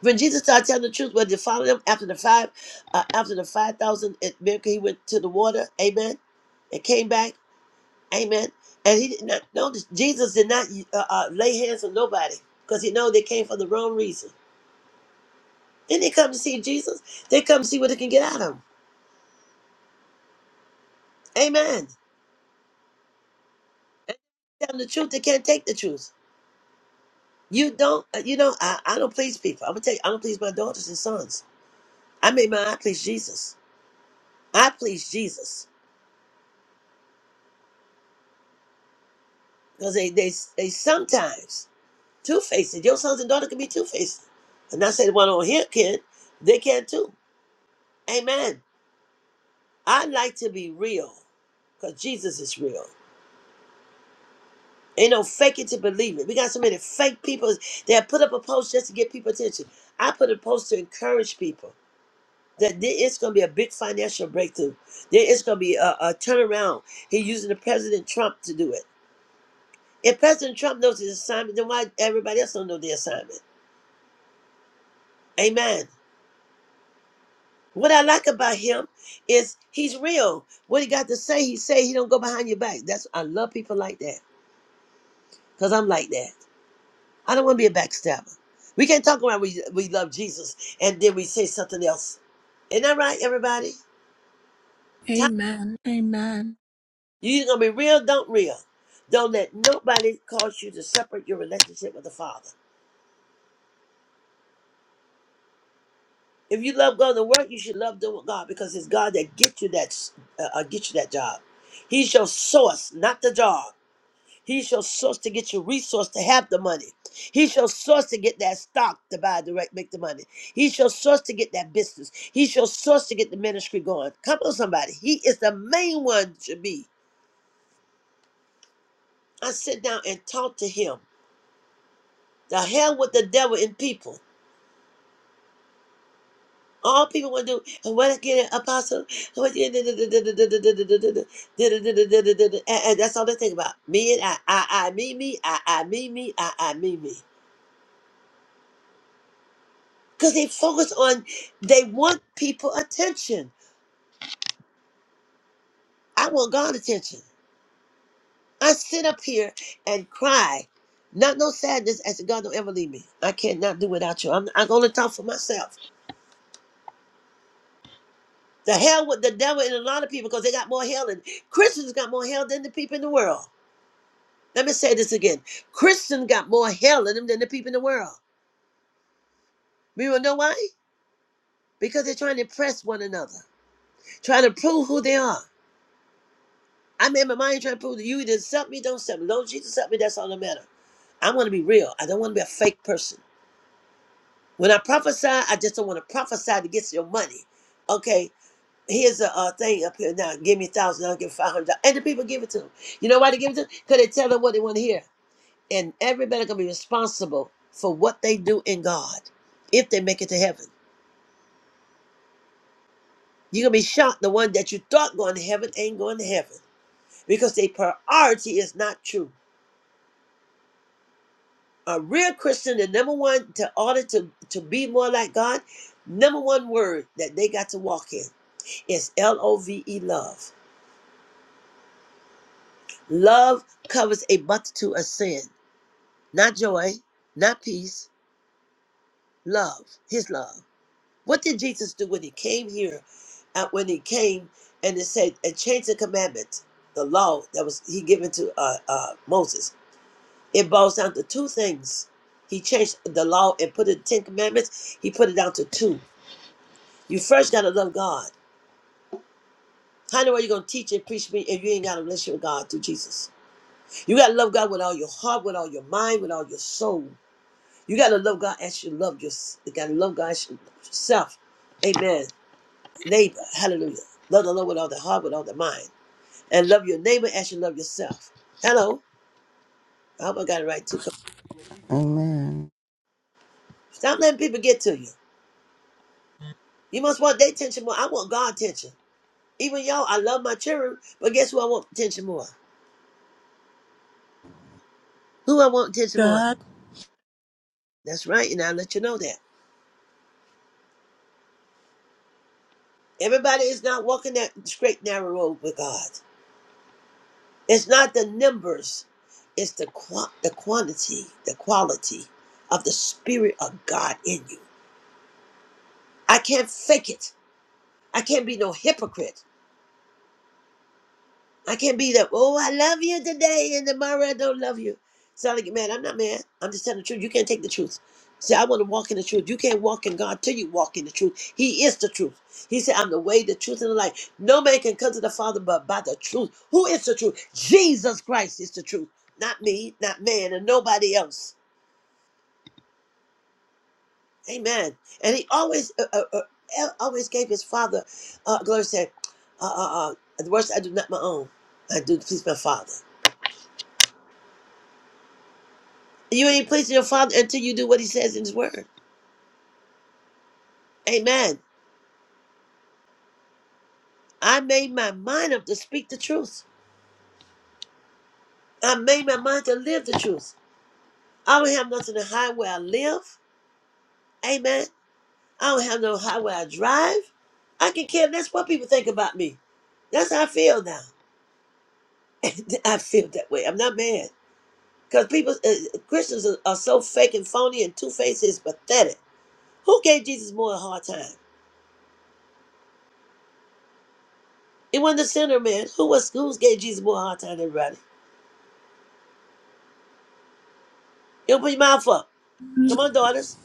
Speaker 3: When Jesus started telling the truth, when they followed him after the five, uh, after the five thousand at miracle, he went to the water, amen, and came back, amen. And he did not notice Jesus did not uh, uh, lay hands on nobody because he know they came for the wrong reason. Then they come to see Jesus. They come to see what they can get out of him, amen. Tell them the truth. They can't take the truth. You don't. uh, You know. I, I don't please people. I'm gonna tell you. I don't please my daughters and sons. I made my. I please Jesus. I please Jesus because they they they sometimes. Two faced. Your sons and daughter can be two faced. And I said one on here can. They can too. Amen. I like to be real. Because Jesus is real. Ain't no fake it to believe it. We got so many fake people that put up a post just to get people attention. I put a post to encourage people that there is going to be a big financial breakthrough. There is going to be a, a turnaround. He using the President Trump to do it. If President Trump knows his assignment, then why everybody else don't know the assignment? Amen. What I like about him is he's real. What he got to say, he say. He don't go behind your back. That's I love people like that because I'm like that. I don't want to be a backstabber. We can't talk about we we love Jesus and then we say something else. Isn't that right, everybody? Time-
Speaker 1: Amen. Amen.
Speaker 3: you either gonna be real, don't real. Don't let nobody cause you to separate your relationship with the Father. If you love going to work, you should love doing God because it's God that get you that uh, uh, get you that job. He's your source, not the job. He shall source to get your resource to have the money. He shall source to get that stock to buy direct, make the money. He shall source to get that business. He shall source to get the ministry going. Come on, somebody. He is the main one to be. I sit down and talk to him. The hell with the devil and people. All people want to do, and what get an apostle, what get and and that's all they think about. Me and I, I, I, me, me, I, I, me, me, I, I, me, me. Because they focus on, they want people attention. I want God attention. I sit up here and cry, not no sadness, as if God don't ever leave me. I cannot do without you. I'm, I'm going to talk for myself. The hell with the devil and a lot of people because they got more hell and Christians got more hell than the people in the world. Let me say this again. Christians got more hell in them than the people in the world. You wanna know why? Because they're trying to impress one another, trying to prove who they are. I'm in my mind trying to prove that you either accept me, don't accept me. Don't Jesus accept me, that's all that matters. I want to be real. I don't want to be a fake person. When I prophesy, I just don't want to prophesy to get your money. Okay, here's a, uh thing up here now. Give me a thousand, I'll give five hundred. And the people give it to them. You know why they give it to them? Because they tell them what they want to hear. And everybody gonna be responsible for what they do in God if they make it to heaven. You're gonna be shocked the one that you thought going to heaven ain't going to heaven because their priority is not true. a real Christian, the number one to order to to be more like God, number one word that they got to walk in is L O V E love. Love covers a multitude of sin, not joy, not peace, love, His love. What did Jesus do when He came here? Uh, when He came and it said and changed the commandment, the law that was He given to uh, uh, Moses. It boils down to two things. He changed the law and put it in Ten Commandments. He put it down to two You first gotta love God. How in the world you gonna teach and preach me if you ain't got a relationship with God through Jesus? You gotta love God with all your heart, with all your mind, with all your soul. You gotta love God as you love yourself. You gotta love God as you love yourself. Amen. Neighbor, hallelujah. Love the Lord with all the heart, with all the mind. And love your neighbor as you love yourself. Hello. I hope I got it right too. Come- on.
Speaker 2: Amen.
Speaker 3: Stop letting people get to you. You must want their attention more. I want God attention. Even y'all, I love my children, but guess who I want attention more? Who I want attention more?
Speaker 1: God
Speaker 3: That's right, and i let you know that. Everybody is not walking that straight narrow road with God. It's not the numbers, it's the qua the quantity, the quality of the spirit of God in you. I can't fake it. I can't be no hypocrite. I can't be that, oh, I love you today and tomorrow I don't love you. Sound get mad. I'm not mad. I'm just telling the truth. You can't take the truth. See, I want to walk in the truth. You can't walk in God till you walk in the truth. He is the truth. He said, I'm the way, the truth, and the life. No man can come to the Father but by the truth. Who is the truth? Jesus Christ is the truth. Not me, not man, and nobody else. Amen. And he always uh, uh, uh, el- always gave his Father, uh, glory said, uh, uh, uh, the worst I do not my own. I do please my Father. You ain't pleasing your father until you do what he says in his word. Amen. I made my mind up to speak the truth. I made my mind to live the truth. I don't have nothing to hide where I live. Amen. I don't have no hide where I drive. I can care less what people think about me. That's how I feel now. I feel that way. I'm not mad. Because people, uh, Christians are, are so fake and phony and two-faced, it's pathetic. Who gave Jesus more a hard time? It wasn't the sinner, man. Who was who gave Jesus more a hard time than everybody? You don't put your mouth up. Come on, daughters.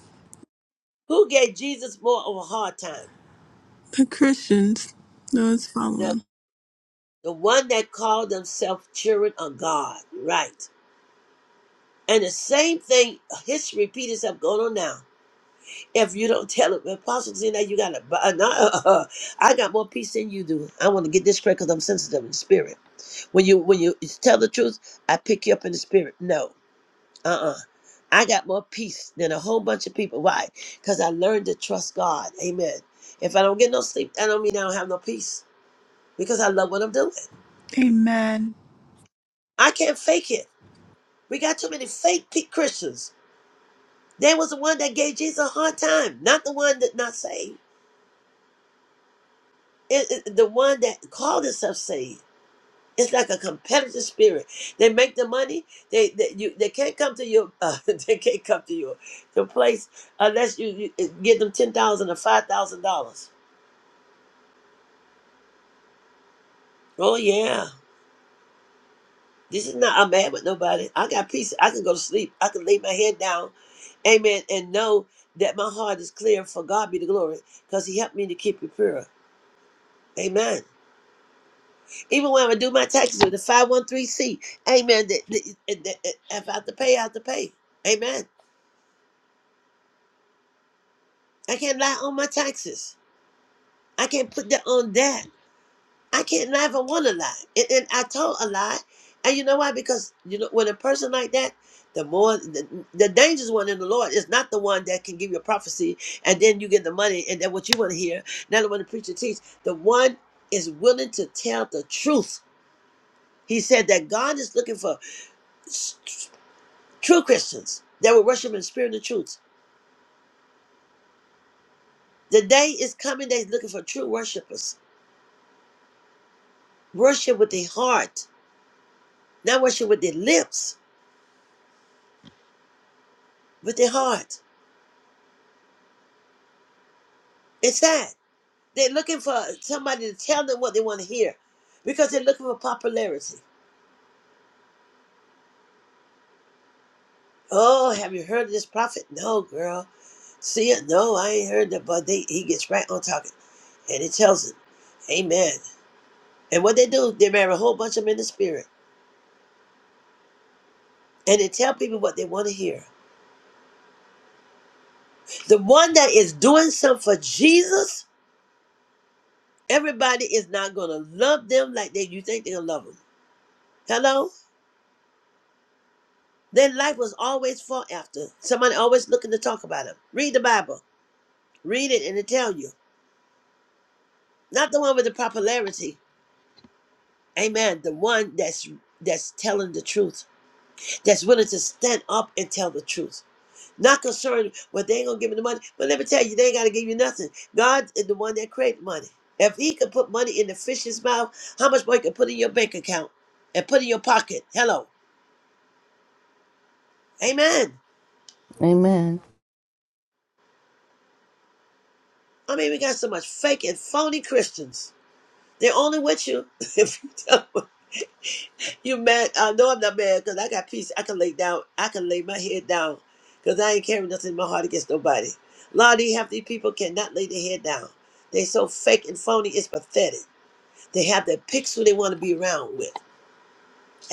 Speaker 3: Who gave Jesus more of a hard time?
Speaker 1: The Christians, those
Speaker 3: The,
Speaker 1: following.
Speaker 3: the one that called themselves children of God. Right. And the same thing, history repeat itself going on now. If you don't tell it, Apostle Zena, you got to, no, uh, uh, uh, I got more peace than you do. I want to get this straight because I'm sensitive in the spirit. When you when you tell the truth, I pick you up in the spirit. No, uh-uh. I got more peace than a whole bunch of people. Why? Because I learned to trust God. Amen. If I don't get no sleep, I don't mean I don't have no peace. because I love what I'm doing.
Speaker 1: Amen.
Speaker 3: I can't fake it. We got too many fake pe- Christians. There was the one that gave Jesus a hard time, not the one that not saved. It, it- the one that called himself saved. It's like a competitive spirit. They make the money. They they, you, they can't come to your uh, they can't come to your your place unless you, you give them ten thousand or five thousand dollars. Oh yeah, This is not I'm mad with nobody. I got peace. I can go to sleep. I can lay my head down. Amen. And know that my heart is clear for God be the glory. Because He helped me to keep it pure. Amen. Even when I do my taxes with the 513C, amen. That, that, that- that- if I have to pay, I have to pay. Amen. I can't lie on my taxes. I can't put that on that. I can't lie if I want to lie. And, and I told a lie. And you know why? Because you know when a person like that, the more the, the dangerous one in the Lord is not the one that can give you a prophecy and then you get the money and then what you want to hear, not the one the preacher teach. The one is willing to tell the truth. He said that God is looking for s- true Christians that will worship in spirit and truth. The day is coming that he's looking for true worshipers. Worship with their heart, not worship with their lips, with their heart. It's sad. They're looking for somebody to tell them what they want to hear because they're looking for popularity. Oh, have you heard of this prophet? No, girl. See it? No, I ain't heard that. But they, he gets right on talking and he tells them, Amen. And what they do, they marry a whole bunch of men in the spirit and they tell people what they want to hear. The one that is doing something for Jesus, everybody is not going to love them like they, you think they're going to love them. Hello? Their life was always fought after. Somebody always looking to talk about them. Read the Bible. Read it and it tell you. Not the one with the popularity. Amen. The one that's that's telling the truth. That's willing to stand up and tell the truth. Not concerned what they ain't gonna give me the money. But let me tell you, they ain't gotta give you nothing. God is the one that created money. If he could put money in the fish's mouth, how much more he could put in your bank account and put in your pocket? Hello. Amen.
Speaker 2: Amen.
Speaker 3: I mean, we got so much fake and phony Christians. They're only with you if you tell them You mad? Uh, no, I'm not mad because I got peace. I can lay down. I can lay my head down because I ain't carrying nothing in my heart against nobody. A lot of these healthy people cannot lay their head down. They so fake and phony. It's pathetic. They have the picks who they want to be around with.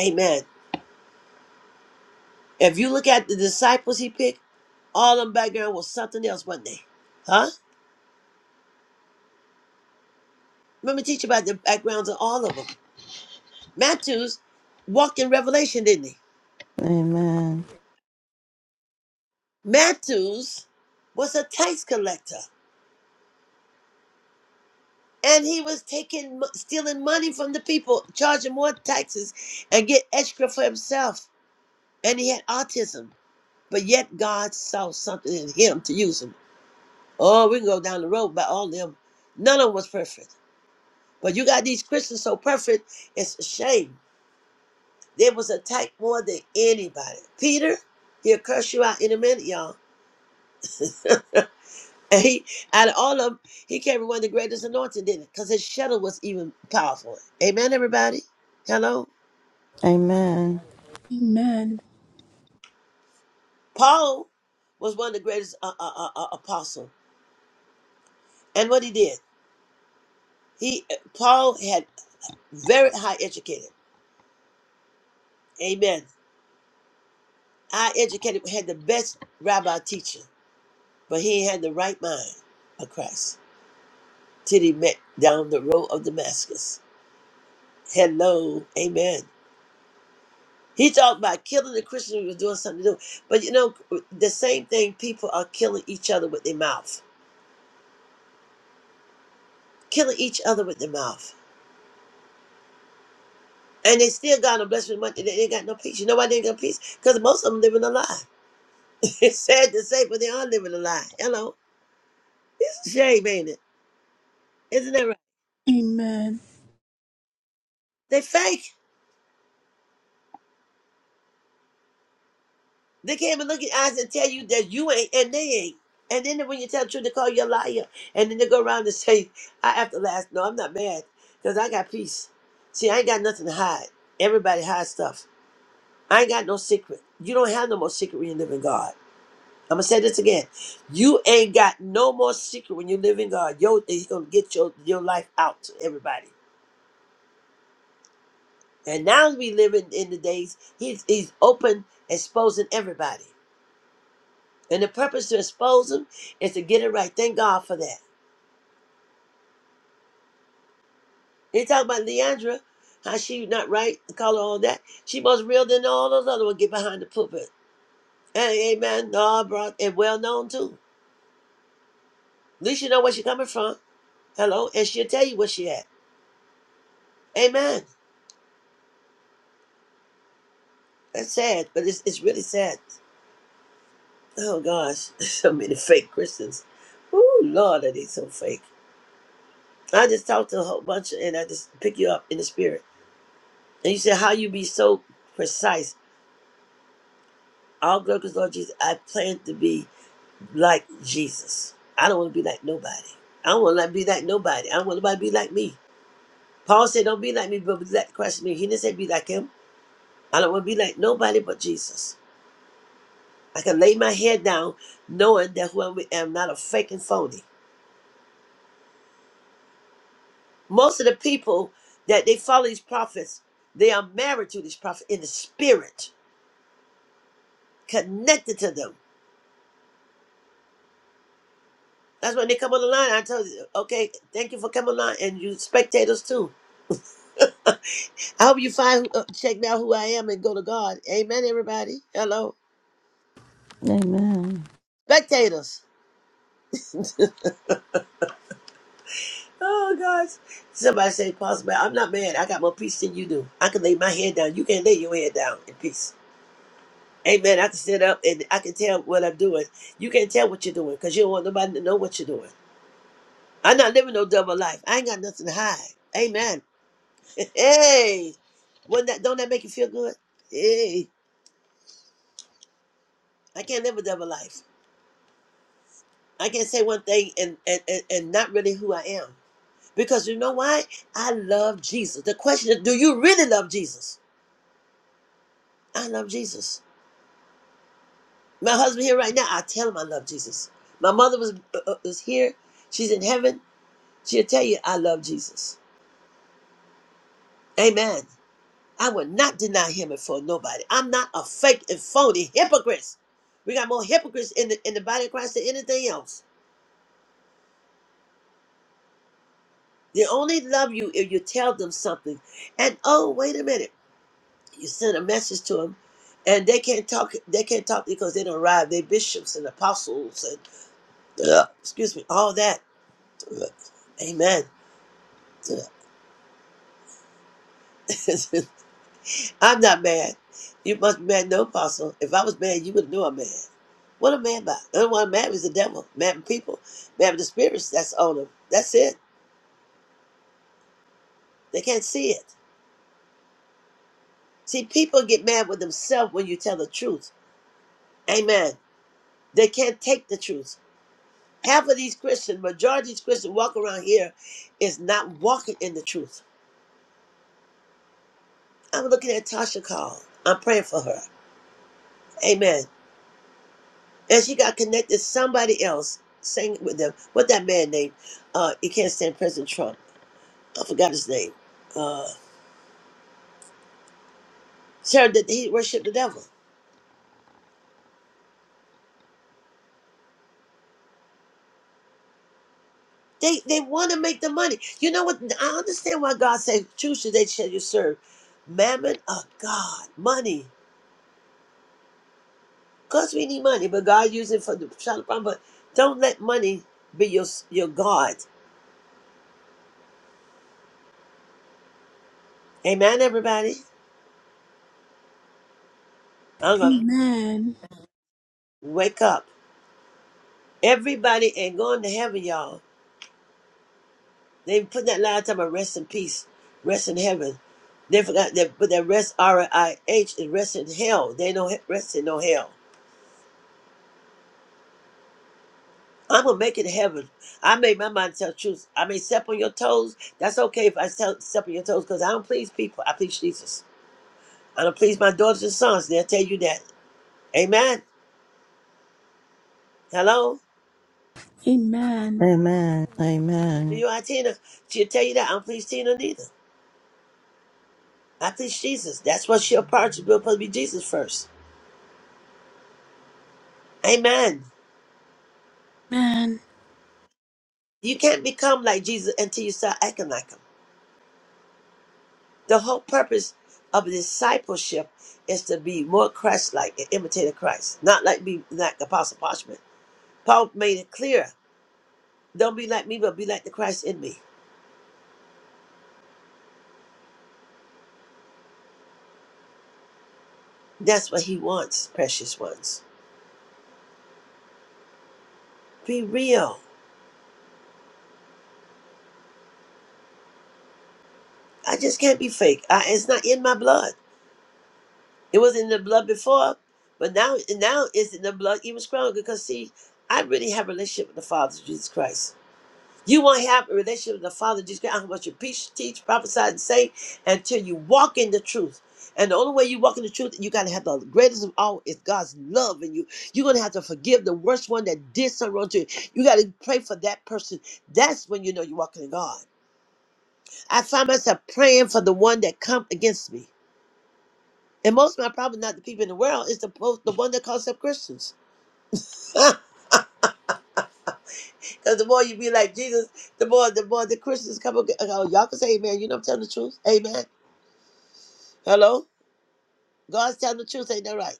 Speaker 3: Amen. If you look at the disciples he picked, all them background was something else, wasn't they? Huh? Remember, teach about the backgrounds of all of them. Matthews walked in revelation, didn't he?
Speaker 2: Amen.
Speaker 3: Matthews was a tax collector. and he was taking stealing money from the people charging more taxes and get extra for himself and he had autism but yet god saw something in him to use him oh we can go down the road by all them none of them was perfect but you got these christians so perfect it's a shame they was attacked more than anybody peter he'll curse you out in a minute y'all and he out of all of them he carried one of the greatest anointing didn't it because his shadow was even powerful amen everybody hello
Speaker 2: Amen.
Speaker 1: Amen.
Speaker 3: Paul was one of the greatest uh, uh, uh, uh, apostles. And what he did, he Paul had very high educated. Amen. High educated had the best rabbi teacher, but he had the right mind of Christ till he met down the road of Damascus. Hello. Amen. He talked about killing the Christians who was doing something to do. But you know, the same thing people are killing each other with their mouth. Killing each other with their mouth. And they still got no blessing much. They ain't got no peace. You know why they ain't got peace? Because most of them living a lie. it's sad to say, but they are living a lie. Hello. It's a shame, ain't it? Isn't that right?
Speaker 1: Amen.
Speaker 3: They fake. They can't even look in your eyes and tell you that you ain't and they ain't. And then when you tell the truth, they call you a liar. And then they go around and say, I have to last. No, I'm not mad. Because I got peace. See, I ain't got nothing to hide. Everybody hides stuff. I ain't got no secret. You don't have no more secret when you live in God. I'm gonna say this again. You ain't got no more secret when you live in God. Yo, he's gonna get your your life out to everybody. And now we live in, in the days he's he's open, exposing everybody. And the purpose to expose them is to get it right. Thank God for that. You talk about Leandra, how she not right, call her all that. She most real than all those other ones get behind the pulpit. Hey, amen. No, bro, and well known too. At least you know where she coming from. Hello, and she'll tell you where she at. Amen. That's sad, but it's, it's really sad. Oh gosh, so many fake Christians. Ooh, Lord, are they so fake? I just talked to a whole bunch, and I just pick you up in the spirit. And you said how you be so precise. All glory to the Lord Jesus. I plan to be like Jesus. I don't want to be like nobody. I don't want to be like nobody. I don't want nobody to be like me. Paul said, "Don't be like me, but be like Christ." in Me. He didn't say be like him. I don't want to be like nobody but Jesus. I can lay my head down, knowing that who I am, I'm not a fake and phony. Most of the people that they follow these prophets, they are married to these prophets in the spirit, connected to them. That's when they come on the line. I tell you, okay, thank you for coming on, and you spectators too. I hope you find uh, check out who I am and go to God. Amen, everybody. Hello,
Speaker 2: Amen.
Speaker 3: spectators. Oh gosh, somebody say, "Pastor, man, I'm not mad. I got more peace than you do. I can lay my head down. You can not lay your head down in peace." Amen. I can sit up and I can tell what I'm doing. You can't tell what you're doing because you don't want nobody to know what you're doing. I'm not living no double life. I ain't got nothing to hide. Amen. Hey, wouldn't that don't that make you feel good? Hey, I can't live a double life. I can't say one thing and and and, and not really who I am because you know why? I love Jesus. The question is, do you really love Jesus? I love Jesus. My husband here right now. I tell him I love Jesus. My mother was uh, uh, is here. She's in heaven. She'll tell you I love Jesus. Amen. I will not deny him it for nobody. I'm not a fake and phony hypocrite. We got more hypocrites in the in the body of Christ than anything else. They only love you if you tell them something. And oh, wait a minute, you send a message to them, and they can't talk. They can't talk because they don't arrive. They bishops and apostles and uh, excuse me, all that. Amen. I'm not mad. You must be mad, no apostle. If I was mad, you would know I'm mad. What am I mad about? The only one I'm mad is the devil, mad with people, mad with the spirits that's on them. That's it. They can't see it. See, people get mad with themselves when you tell the truth. Amen. They can't take the truth. Half of these Christians, majority of these Christians walk around here is not walking in the truth. I'm looking at Tasha Call. I'm praying for her. Amen. And she got connected to somebody else, sang with them. What that man name? Uh, you can't stand President Trump. I forgot his name. Uh, Sarah, did he worshiped the devil? They they want to make the money. You know what? I understand why God said, "Choose today shall you serve." Mammon of God, money. Cause we need money, but God use it for the shot of problem. But don't let money be your your God. Amen, everybody. I'm gonna
Speaker 1: Amen.
Speaker 3: wake up. Everybody ain't going to heaven, y'all. They put that line talking about rest in peace, rest in heaven. They forgot that, but that rest R I H is rest in hell. They don't rest in no hell. I'm gonna make it to heaven. I made my mind tell the truth. I may step on your toes. That's okay if I tell, step on your toes because I don't please people. I please Jesus. I don't please my daughters and sons. They'll tell you that. Amen. Hello.
Speaker 1: Amen.
Speaker 2: Amen. Amen.
Speaker 3: You are Tina. She'll tell you that. I don't please Tina neither. I please Jesus. That's what she'll part. She's supposed to be Jesus first. Amen.
Speaker 1: Amen.
Speaker 3: You can't become like Jesus until you start acting like him. The whole purpose of discipleship is to be more Christ-like and imitate of Christ, not like me, like Apostle Parchment. Paul made it clear: don't be like me, but be like the Christ in me. That's what he wants, precious ones. Be real. I just can't be fake. I, it's not in my blood. It was in the blood before, but now, now it's in the blood even stronger. Because see, I really have a relationship with the Father, Jesus Christ. You won't have a relationship with the Father Jesus Christ, what you to preach, teach, prophesy, and say until you walk in the truth. And the only way you walk in the truth, you gotta have the greatest of all is God's love in you. You're gonna have to forgive the worst one that did something wrong to you. You gotta pray for that person. That's when you know you're walking in God. I find myself praying for the one that come against me. And most of my problem, not the people in the world, is the po- the one that calls up Christians. Because the more you be like Jesus, the more the more the Christians come. ag- Oh, y'all can say Amen. You know I'm telling the truth. Amen. Hello? God's telling the truth, ain't that right?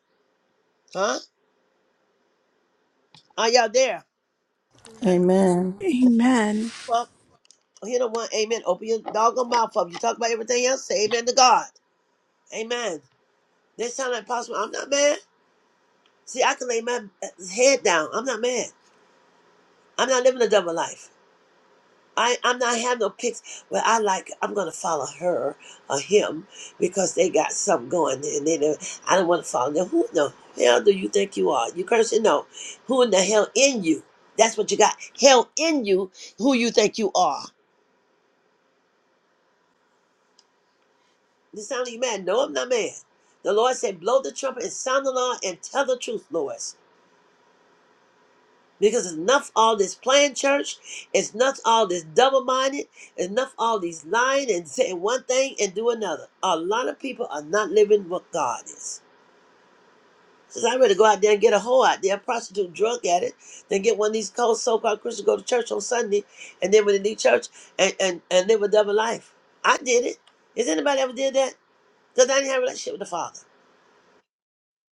Speaker 3: Huh? Are y'all there? I know
Speaker 2: Amen.
Speaker 1: Amen.
Speaker 3: well, you don't want amen. Open your doggone mouth up. You talk about everything else, say amen to God. Amen. They sound like possible. I'm not mad. See, I can lay my uh, head down. I'm not mad. I'm not living a double life. I, I'm not having no pics, but I like I'm gonna follow her or him because they got something going and they don't, I don't want to follow them. Who in the hell do you think you are? You cursing? No. Who in the hell in you? That's what you got. Hell in you. Who you think you are? You sound like you mad? No, I'm not mad. The Lord said, "Blow the trumpet and sound the alarm and tell the truth, Lord." Because it's enough all this playing church, it's enough all this double minded, enough all these lying and saying one thing and do another. A lot of people are not living what God is. Says I'd rather go out there and get a hoe out there, prostitute, drunk at it, than get one of these cold so called Christians go to church on Sunday and then when they leave church and, and, and live a double life. I did it. Has anybody ever did that? Because I didn't have a relationship with the Father.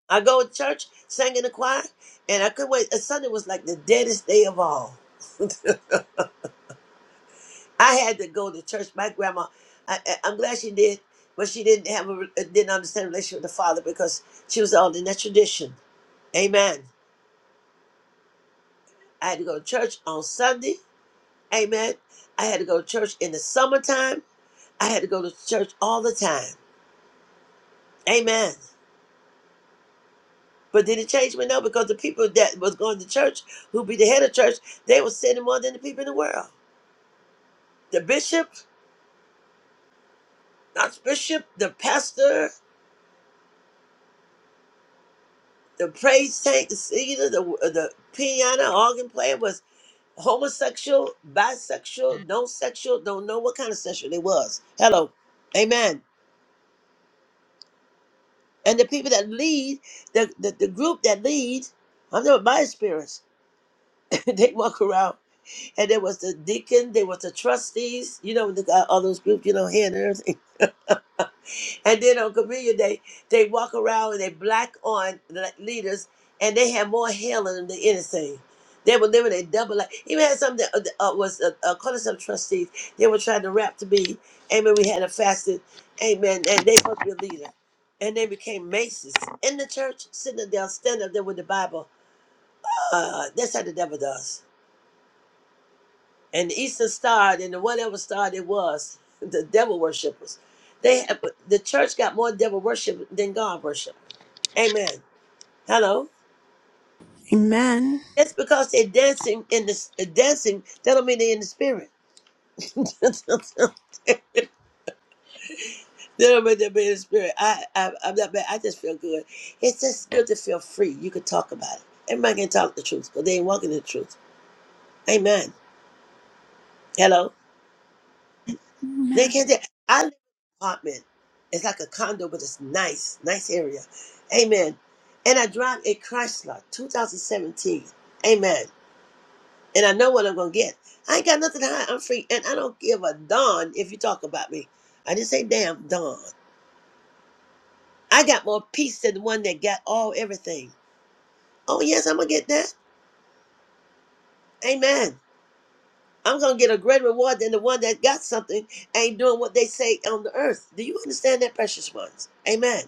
Speaker 3: I go to church, sang in the choir, and I couldn't wait. Sunday was like the deadest day of all. I had to go to church. My grandma, I, I- I'm glad she did, but she didn't have a, re- uh, didn't understand the relationship with the Father because she was all in that tradition. Amen. I had to go to church on Sunday. Amen. I had to go to church in the summertime. I had to go to church all the time. Amen. But did it change me? No, because the people that was going to church, who be the head of church, they were sinning more than the people in the world. The bishop, not bishop, the pastor, the praise tank, the singer, the uh, the piano, organ player was homosexual, bisexual, no sexual, don't know what kind of sexual they was. Hello. Amen. And the people that lead, the, the, the group that lead, I'm not my experience. they walk around and there was the deacon, there was the trustees, you know, the, uh, all those groups, you know, here and there. And then on Communion Day, they walk around and they black on le- leaders, and they have more hell in them than anything. They were living a double life. Even had some that uh, uh, was uh, uh, calling some trustees. They were trying to rap to me. Amen. We had a fasted. Amen. And they supposed to be a leader, and they became masons in the church, sitting up there, standing up there with the Bible. Uh, that's how the devil does. And the Eastern Star and the whatever star it was, the devil worshippers. They have, the church got more devil worship than God worship. Amen. Hello.
Speaker 1: Amen.
Speaker 3: Just because they're dancing in the uh, dancing, that don't mean they're in the spirit. that don't mean they're in the spirit. I, I I'm not bad. I just feel good. It's just good to feel free. You can talk about it. Everybody can talk the truth, but they ain't walking in the truth. Amen. Hello. They
Speaker 1: Amen.
Speaker 3: can't. They, I live in an apartment. It's like a condo, but it's nice, nice area. Amen. And I drive a Chrysler 2017. Amen. and I know what I'm gonna get. I ain't got nothing to hide. I'm free, and I don't give a darn if you talk about me. I didn't say damn darn. I got more peace than the one that got all everything. Oh yes, I'm gonna get that. Amen. I'm gonna get a greater reward than the one that got something ain't doing what they say on the earth. Do you understand that, precious ones? Amen.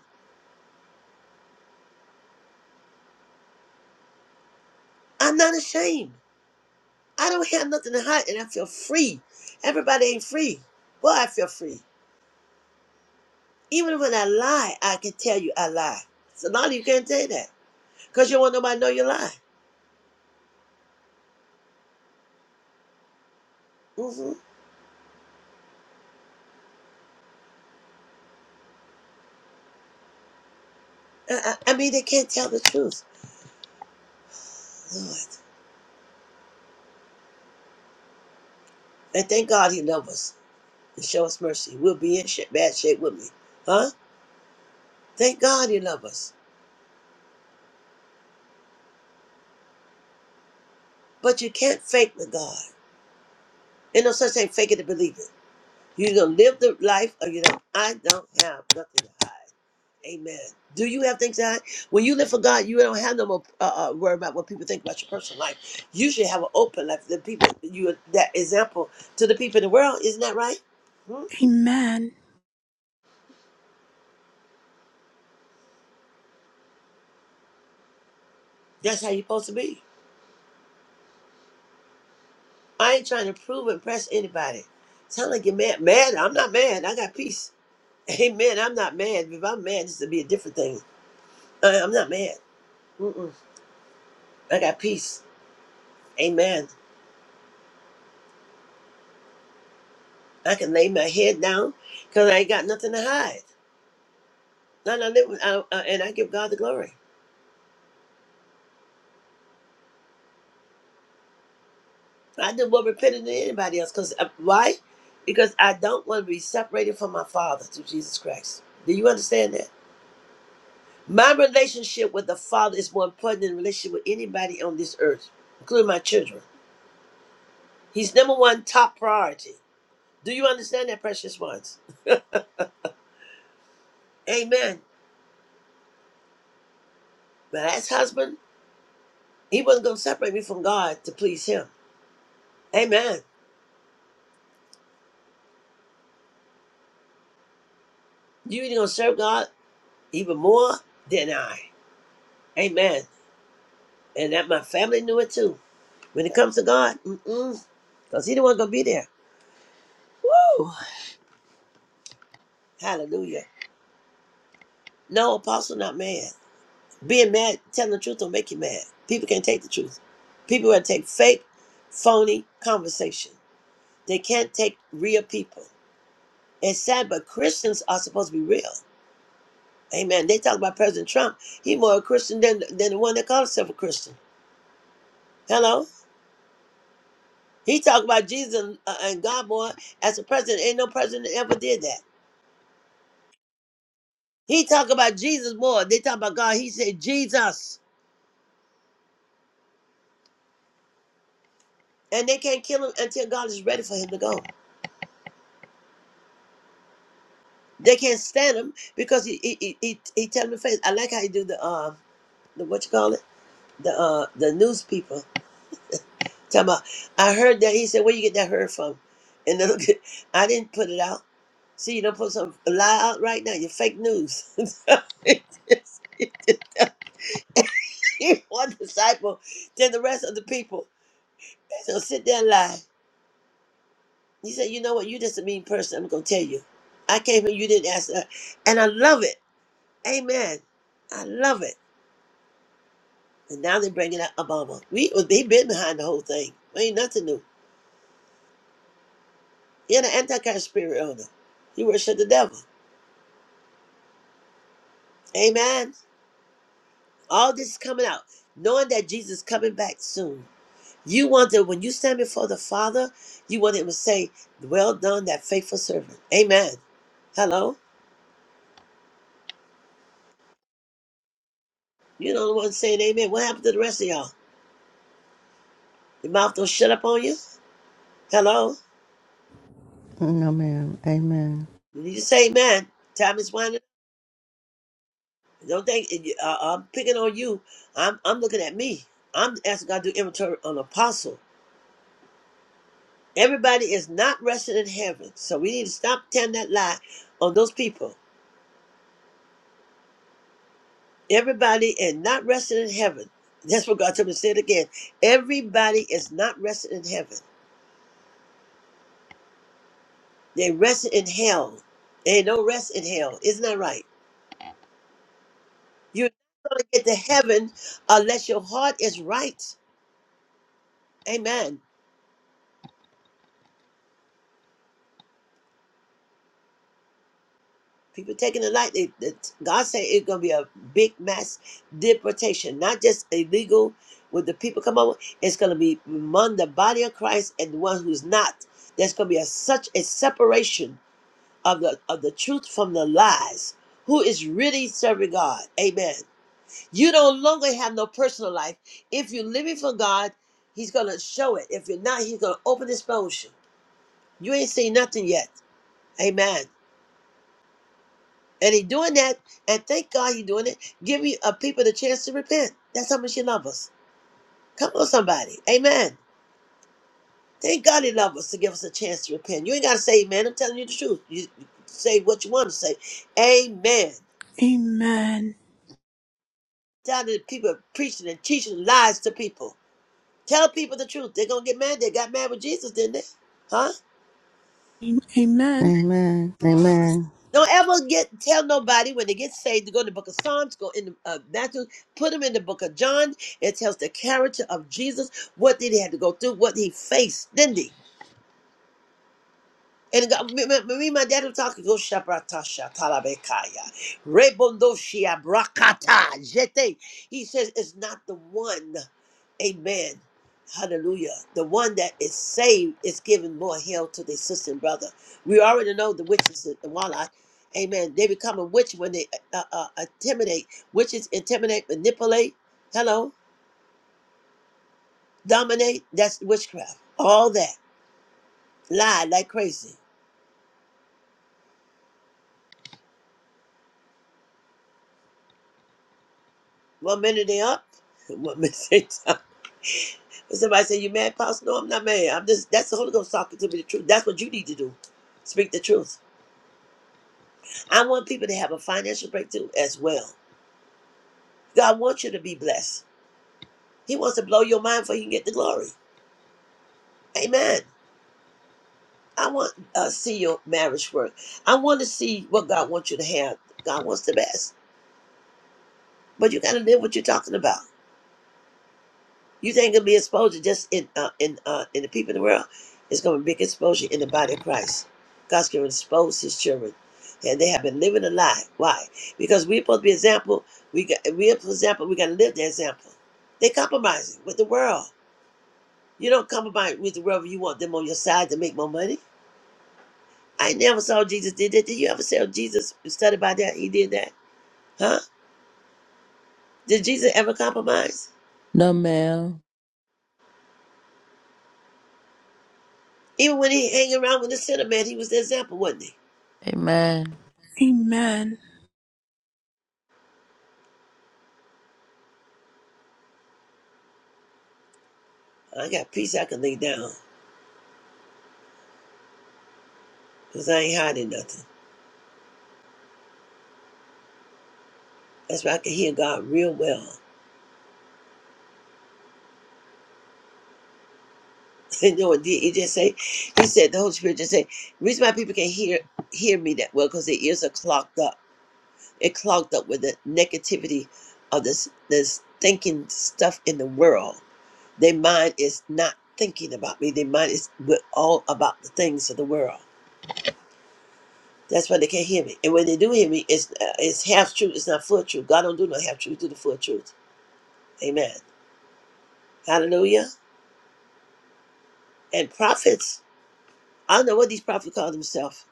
Speaker 3: I'm not ashamed. I don't have nothing to hide, and I feel free. Everybody ain't free. Boy, I feel free. Even when I lie, I can tell you I lie. So now you can't say that. Because you don't want nobody to know you lie. hmm I, I, I mean, they can't tell the truth. Lord. And thank God he loves us and show us mercy. We'll be in sh- bad shape with me. Huh? Thank God he loves us. But you can't fake the God. Ain't no such thing fake it to believe it. You're going to live the life or you don't. I don't have nothing to hide. Amen. Do you have things to hide? When you live for God, you don't have no more uh, uh, worry about what people think about your personal life. You should have an open life. The people, you that example to the people in the world, isn't that right? Hmm?
Speaker 1: Amen.
Speaker 3: That's how you're supposed to be. I ain't trying to prove and impress anybody. Sound like you're mad. Mad? I'm not mad. I got peace. Amen. I'm not mad. If I'm mad, this would be a different thing. I, I'm not mad. Mm-mm. I got peace. Amen. I can lay my head down because I ain't got nothing to hide. And I live with, I, uh, and I give God the glory. I do more repenting than anybody else. Cause uh, why? Because I don't want to be separated from my Father through Jesus Christ. Do you understand that? My relationship with the Father is more important than relationship with anybody on this earth, including my children. He's number one top priority. Do you understand that, precious ones? Amen. My last husband, he wasn't going to separate me from God to please him. Amen. You either going to serve God even more than I. Amen. And that my family knew it too. When it comes to God, mm-mm, because he the one going to be there. Woo! Hallelujah. No, apostle, not man. Being mad, telling the truth don't make you mad. People can't take the truth. People will take fake, phony conversation. They can't take real people. It's sad, but Christians are supposed to be real. Amen. They talk about President Trump. He more a Christian than, than the one that calls himself a Christian. Hello? He talk about Jesus and, uh, and God more as a president. Ain't no president ever did that. He talk about Jesus more. They talk about God. He said Jesus. And they can't kill him until God is ready for him to go. They can't stand him because he he he, he, he tell them the face. I like how he do the uh the what you call it the uh the news people talking about. I heard that he said where you get that heard from, and then look at, I didn't put it out. See, you don't put some lie out right now. You're fake news. One disciple, then the rest of the people. So sit there and lie. He said, "You know what? You're just a mean person. I'm gonna tell you. I came here. You didn't ask that, and I love it. Amen. I love it." And now they're bringing out Obama. We well, they been behind the whole thing. Ain't nothing new. He had an antichrist spirit on him. He worshiped the devil. Amen. All this is coming out, knowing that Jesus is coming back soon. You want that when you stand before the Father, you want him to say, "Well done, that faithful servant." Amen. Hello. You know the only one saying amen. What happened to the rest of y'all? Your mouth don't shut up on you. Hello.
Speaker 2: No ma'am. Amen.
Speaker 3: When you say amen, time is winding. Don't think uh, I'm picking on you. I'm I'm looking at me. I'm asking God to do inventory on apostle. Everybody is not resting in heaven, so we need to stop telling that lie on those people. Everybody is not resting in heaven. That's what God told me to say it again. Everybody is not resting in heaven. They rest in hell. There ain't no rest in hell. Isn't that right? You're not going to get to heaven unless your heart is right. Amen. People taking the light. They, they, God say it's going to be a big mass deportation, not just illegal When the people come over. It's going to be among the body of Christ and the one who's not. There's going to be a, such a separation of the of the truth from the lies. Who is really serving God? Amen. You no longer have no personal life. If you're living for God, He's going to show it. If you're not, He's going to open His exposure. You ain't seen nothing yet. Amen. And he doing that, and thank God he doing it, giving uh, people the chance to repent. That's how much he loves us. Come on, somebody. Amen. Thank God he loves us to give us a chance to repent. You ain't got to say amen. I'm telling you the truth. You say what you want to say. Amen.
Speaker 1: Amen.
Speaker 3: Tell the people preaching and teaching lies to people. Tell people the truth. They're going to get mad. They got mad with Jesus, didn't they? Huh?
Speaker 1: Amen.
Speaker 2: Amen. Amen.
Speaker 3: Don't ever get tell nobody when they get saved to go to the book of Psalms, go in the uh, Matthew, put them in the book of John. It tells the character of Jesus, what did he have to go through, what he faced, didn't he? And God, me, me, me, my dad will talk. Go shabratasha talabekaya, rebondoshia brakata jete. He says it's not the one, Amen, Hallelujah. The one that is saved is giving more hell to their sister and brother. We already know the witches and the warlock, Amen. They become a witch when they uh, uh, uh, intimidate. Witches intimidate, manipulate. Hello, dominate. That's witchcraft. All that lie like crazy. One minute they up. One minute. they down. But somebody say, You mad, Pastor? No, I'm not mad. I'm just that's the Holy Ghost talking to me the truth. That's what you need to do. Speak the truth. I want people to have a financial breakthrough as well. God wants you to be blessed. He wants to blow your mind for you can get the glory. Amen. I want to uh, see your marriage work. I want to see what God wants you to have. God wants the best. But you gotta live what you're talking about. You think it'll be exposure just in uh, in uh, in the people in the world? It's going to be big exposure in the body of Christ. God's going to expose His children, and they have been living a lie. Why? Because we're supposed to be example. We got we're for example. We got to live the example. They compromising with the world. You don't compromise with the world. if You want them on your side to make more money. I never saw Jesus did that. Did you ever see Jesus study by that? He did that, huh? Did Jesus ever compromise?
Speaker 4: No, ma'am.
Speaker 3: Even when he hanging around with the sinner man, he was the example, wasn't he?
Speaker 4: Amen.
Speaker 1: Amen.
Speaker 3: I got peace I can lay down. because I ain't hiding nothing. That's why I can hear God real well. you know, and he just say, he said, the Holy Spirit just say, the reason why people can hear hear me that well because their ears are clogged up. It clogged up with the negativity of this this thinking stuff in the world. Their mind is not thinking about me. Their mind is with all about the things of the world. That's why they can't hear me. And when they do hear me, it's uh, it's half truth. It's not full truth. God don't do no half truth. Do the full truth. Amen. Hallelujah. And prophets. I don't know what these prophets call themselves.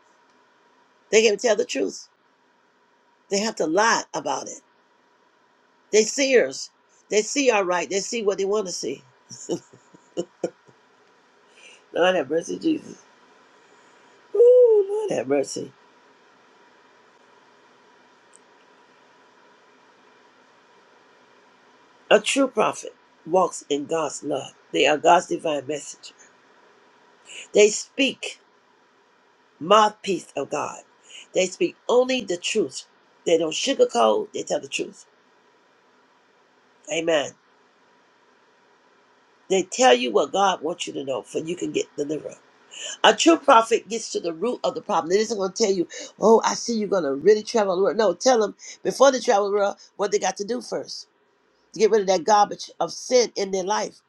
Speaker 3: They can't tell the truth. They have to lie about it. They seers. They see all right. They see what they want to see. Lord have mercy, Jesus. Ooh, Lord have mercy. A true prophet walks in God's love. They are God's divine messenger. They speak mouthpiece of God. They speak only the truth. They don't sugarcoat. They tell the truth. Amen. They tell you what God wants you to know, for you can get deliverance. A true prophet gets to the root of the problem. It isn't going to tell you, oh, I see you're going to really travel the world. No, tell them before they travel the world what they got to do first to get rid of that garbage of sin in their life.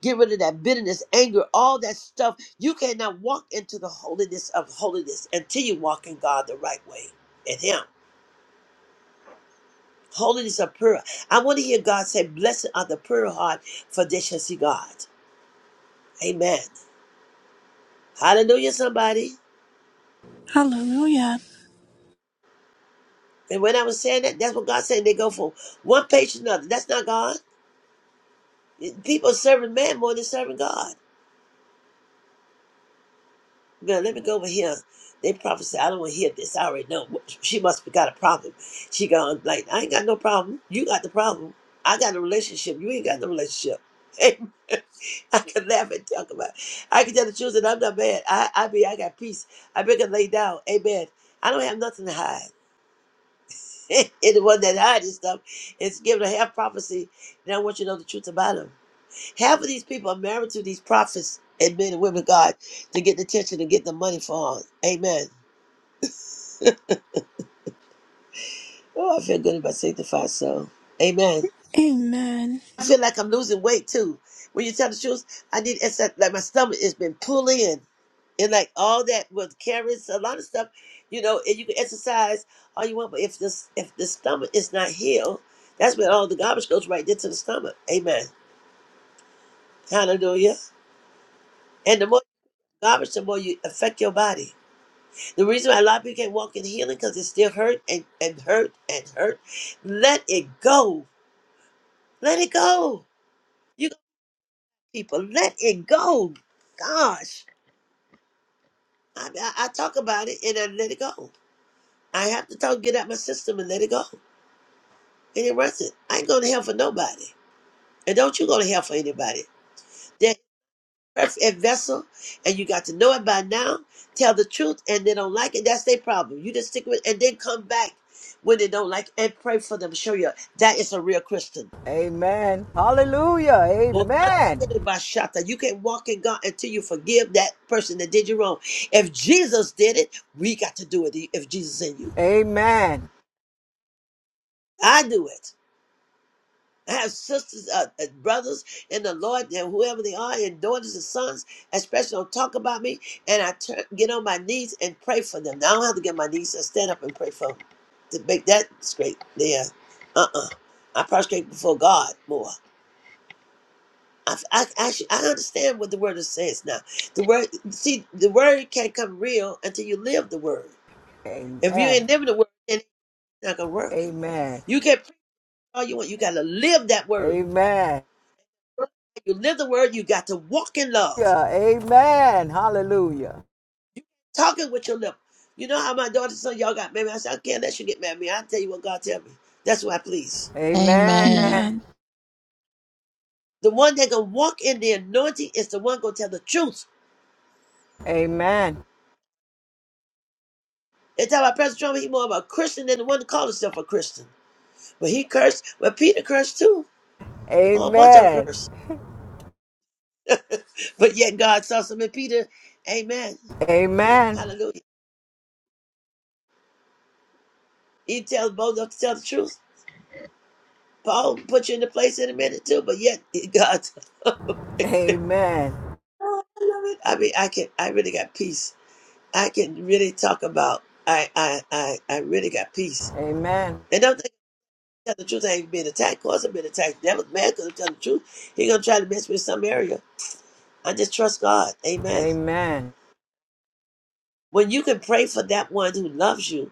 Speaker 3: Get rid of that bitterness, anger, all that stuff. You cannot walk into the holiness of holiness until you walk in God the right way in Him. Holiness of pure. I want to hear God say, Blessed are the pure heart, for they shall see God. Amen. Hallelujah, somebody.
Speaker 1: Hallelujah.
Speaker 3: And when I was saying that, that's what God said. They go from one page to another. That's not God. People are serving man more than serving God. Now, let me go over here. They prophesy. I don't want to hear this. I already know. She must have got a problem. She gone like, I ain't got no problem. You got the problem. I got a relationship. You ain't got no relationship. Amen. I can laugh and talk about it. I can tell the children I'm not mad. I, I mean I got peace. I be can lay down. Amen. I don't have nothing to hide. And the one that hiding stuff is given a half prophecy, and I want you to know the truth about them. Half of these people are married to these prophets and men and women of God to get the attention and get the money for. it. Amen. Oh, I feel good about sanctified soul. Amen.
Speaker 1: Amen.
Speaker 3: I feel like I'm losing weight too. When you tell the truth, I need it's like like my stomach has been pulled in. And like all that with carrots, a lot of stuff, you know, and you can exercise all you want, but if this if the stomach is not healed, that's where all the garbage goes right into the stomach. Amen. Hallelujah. And the more you garbage, the more you affect your body. The reason why a lot of people can't walk in healing because it's still hurt and, and hurt and hurt. Let it go. Let it go. You people, let it go. Gosh, I, I, I talk about it and I let it go. I have to talk, get out my system and let it go. And it runs it. I ain't going to hell for nobody. And don't you go to hell for anybody. perfect vessel, and you got to know it by now. Tell the truth, and they don't like it. That's their problem. You just stick with, and then come back when they don't like, it and pray for them. Show you that is a real Christian.
Speaker 6: Amen. Hallelujah.
Speaker 3: Well, I'm
Speaker 6: Amen.
Speaker 3: telling you, Bashata, You can walk in God until you forgive that person that did you wrong. If Jesus did it, we got to do it. If Jesus in you,
Speaker 6: Amen.
Speaker 3: I do it. have sisters, uh, uh, brothers in the Lord, and whoever they are, and daughters and sons, especially don't talk about me. And I turn, get on my knees and pray for them. Now I don't have to get on my knees. I stand up and pray for them to make that straight. There, uh, uh I prostrate before God more. I, I actually I understand what the word is says now. The word, see, the word can't come real until you live the word. If you
Speaker 6: Amen.
Speaker 3: ain't living the word, then it's not gonna work.
Speaker 6: Amen.
Speaker 3: You can preach all you want. You gotta live that word.
Speaker 6: Amen.
Speaker 3: You live the word, you got to walk in love.
Speaker 6: Yeah. Amen. Hallelujah.
Speaker 3: Talking with your lip. You know how my daughter's son, y'all got married. I said, I can't let you get mad at me. I'll tell you what God tell me. That's what I please.
Speaker 4: Amen.
Speaker 6: Amen.
Speaker 1: Amen.
Speaker 3: The one that can walk in the anointing is the one gonna tell the truth.
Speaker 6: Amen.
Speaker 3: They tell about Pastor Trump he more of a Christian than the one that called himself a Christian. But he cursed, but Peter cursed too. A whole bunch of them
Speaker 6: Amen.
Speaker 3: cursed. But yet God saw some in Peter. Amen.
Speaker 6: Amen.
Speaker 3: Hallelujah. He tells both of them to tell the truth. Paul put you in the place in a minute too, but yet God
Speaker 6: Amen.
Speaker 3: Oh, I love it. I mean, I can. I really got peace. I can really talk about. I, I, I, I really got peace.
Speaker 6: Amen.
Speaker 3: And don't think I tell the truth. I ain't being attacked. Cause I've been attacked. That was man. could i tell the truth. He gonna try to mess with some area. I just trust God. Amen.
Speaker 6: Amen. Amen.
Speaker 3: When you can pray for that one who loves you,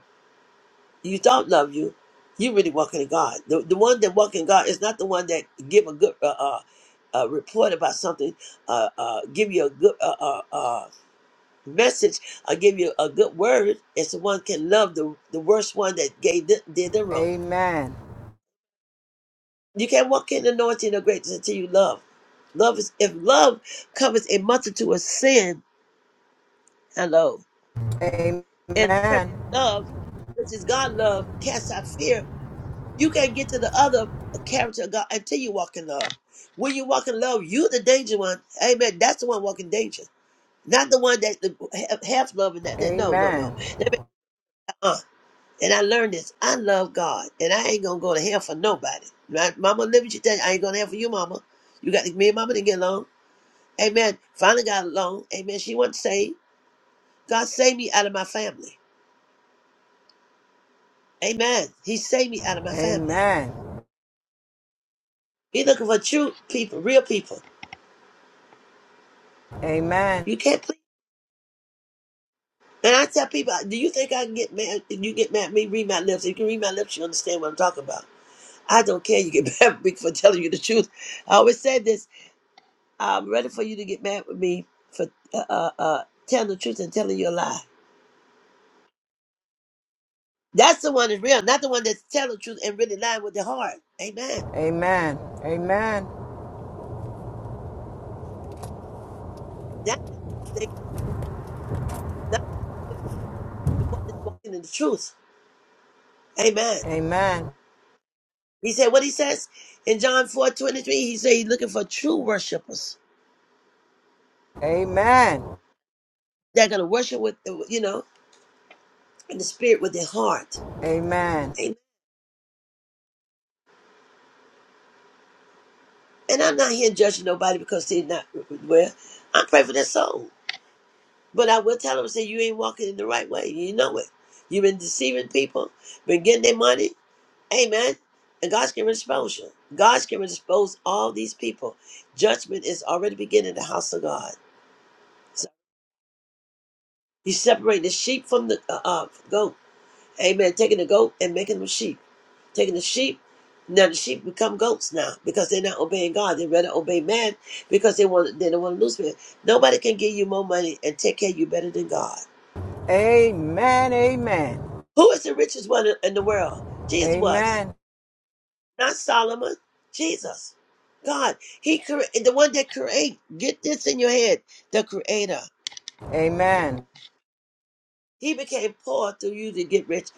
Speaker 3: you don't love you. You really walking in God. The, the one that walk in God is not the one that give a good uh, uh, uh, report about something, uh, uh, give you a good uh, uh, uh, message or give you a good word and one can love the, the worst one that gave the, did the wrong.
Speaker 6: Amen.
Speaker 3: You can't walk in the anointing of greatness until you love. Love is if love covers a multitude of sin, hello, and perfect
Speaker 6: Amen.
Speaker 3: love, which is God love, casts out fear. You can't get to the other character of God until you walk in love. When you walk in love, you the danger one. Amen. That's the one walking danger. Not the one that the, have, have love
Speaker 6: Amen.
Speaker 3: that, that. No, no,
Speaker 6: Amen.
Speaker 3: no. That make, uh-uh. And I learned this. I love God, and I ain't gonna go to hell for nobody. My mama live with you tell you, I ain't going to hell for you, mama. You got me and mama to get along. Amen. Finally got along. Amen. She wasn't saved. God saved me out of my family. Amen. He saved me out of my family. He looking for true people, real people.
Speaker 6: Amen.
Speaker 3: You can't please. And I tell people, do you think I can get mad? If you get mad at me, read my lips. If you can read my lips, you understand what I'm talking about. I don't care. You get mad at me for telling you the truth. I always said this. I'm ready for you to get mad with me for uh, uh, uh, telling the truth and telling you a lie. That's the one that's real, not the one that's telling the truth and really lying with their heart. Amen. That's the, thing, not the one that's walking in the truth. Amen.
Speaker 6: Amen. Amen. Amen.
Speaker 3: He said what he says in John four twenty three. He said he's looking for true worshipers.
Speaker 6: Amen.
Speaker 3: They're going to worship with, uh, you know, in the spirit with their heart.
Speaker 6: Amen.
Speaker 3: Amen. And I'm not here judging nobody because they're not well. I'm praying for their soul. But I will tell them, say, you ain't walking in the right way. You know it. You've been deceiving people, been getting their money. Amen. And God's going to expose you. God's going to expose all these people. Judgment is already beginning in the house of God. So he's separating the sheep from the uh, uh, goat. Amen. Taking the goat and making them sheep. Taking the sheep. Now the sheep become goats now because they're not obeying God. They rather obey man because they want they don't want to lose man. Nobody can give you more money and take care of you better than God.
Speaker 6: Amen. Amen.
Speaker 3: Who is the richest one in in the world? Jesus was.
Speaker 6: Amen.
Speaker 3: Not Solomon. Jesus. God. He cre- the one that create. Get this in your head. The creator.
Speaker 6: Amen.
Speaker 3: He became poor through you to get rich.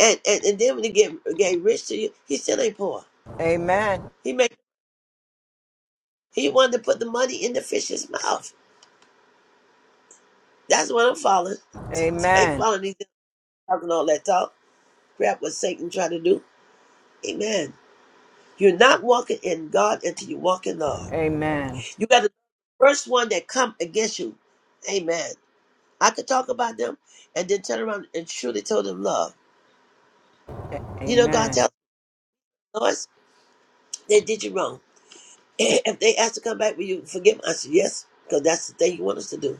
Speaker 3: And and, and then when he get, get rich to you, he still ain't poor.
Speaker 6: Amen.
Speaker 3: He make he wanted to put the money in the fish's mouth. That's what I'm following. I ain't
Speaker 6: Amen.
Speaker 3: following these talking all that talk. Crap what Satan trying to do. Amen. You're not walking in God until you walk in love.
Speaker 6: Amen.
Speaker 3: You got to first one that come against you. Amen. I could talk about them and then turn around and truly tell them love. You know, God
Speaker 6: Amen.
Speaker 3: tells us, they did you wrong. And If they ask to come back, will you forgive them? I said, yes, because that's the thing you want us to do.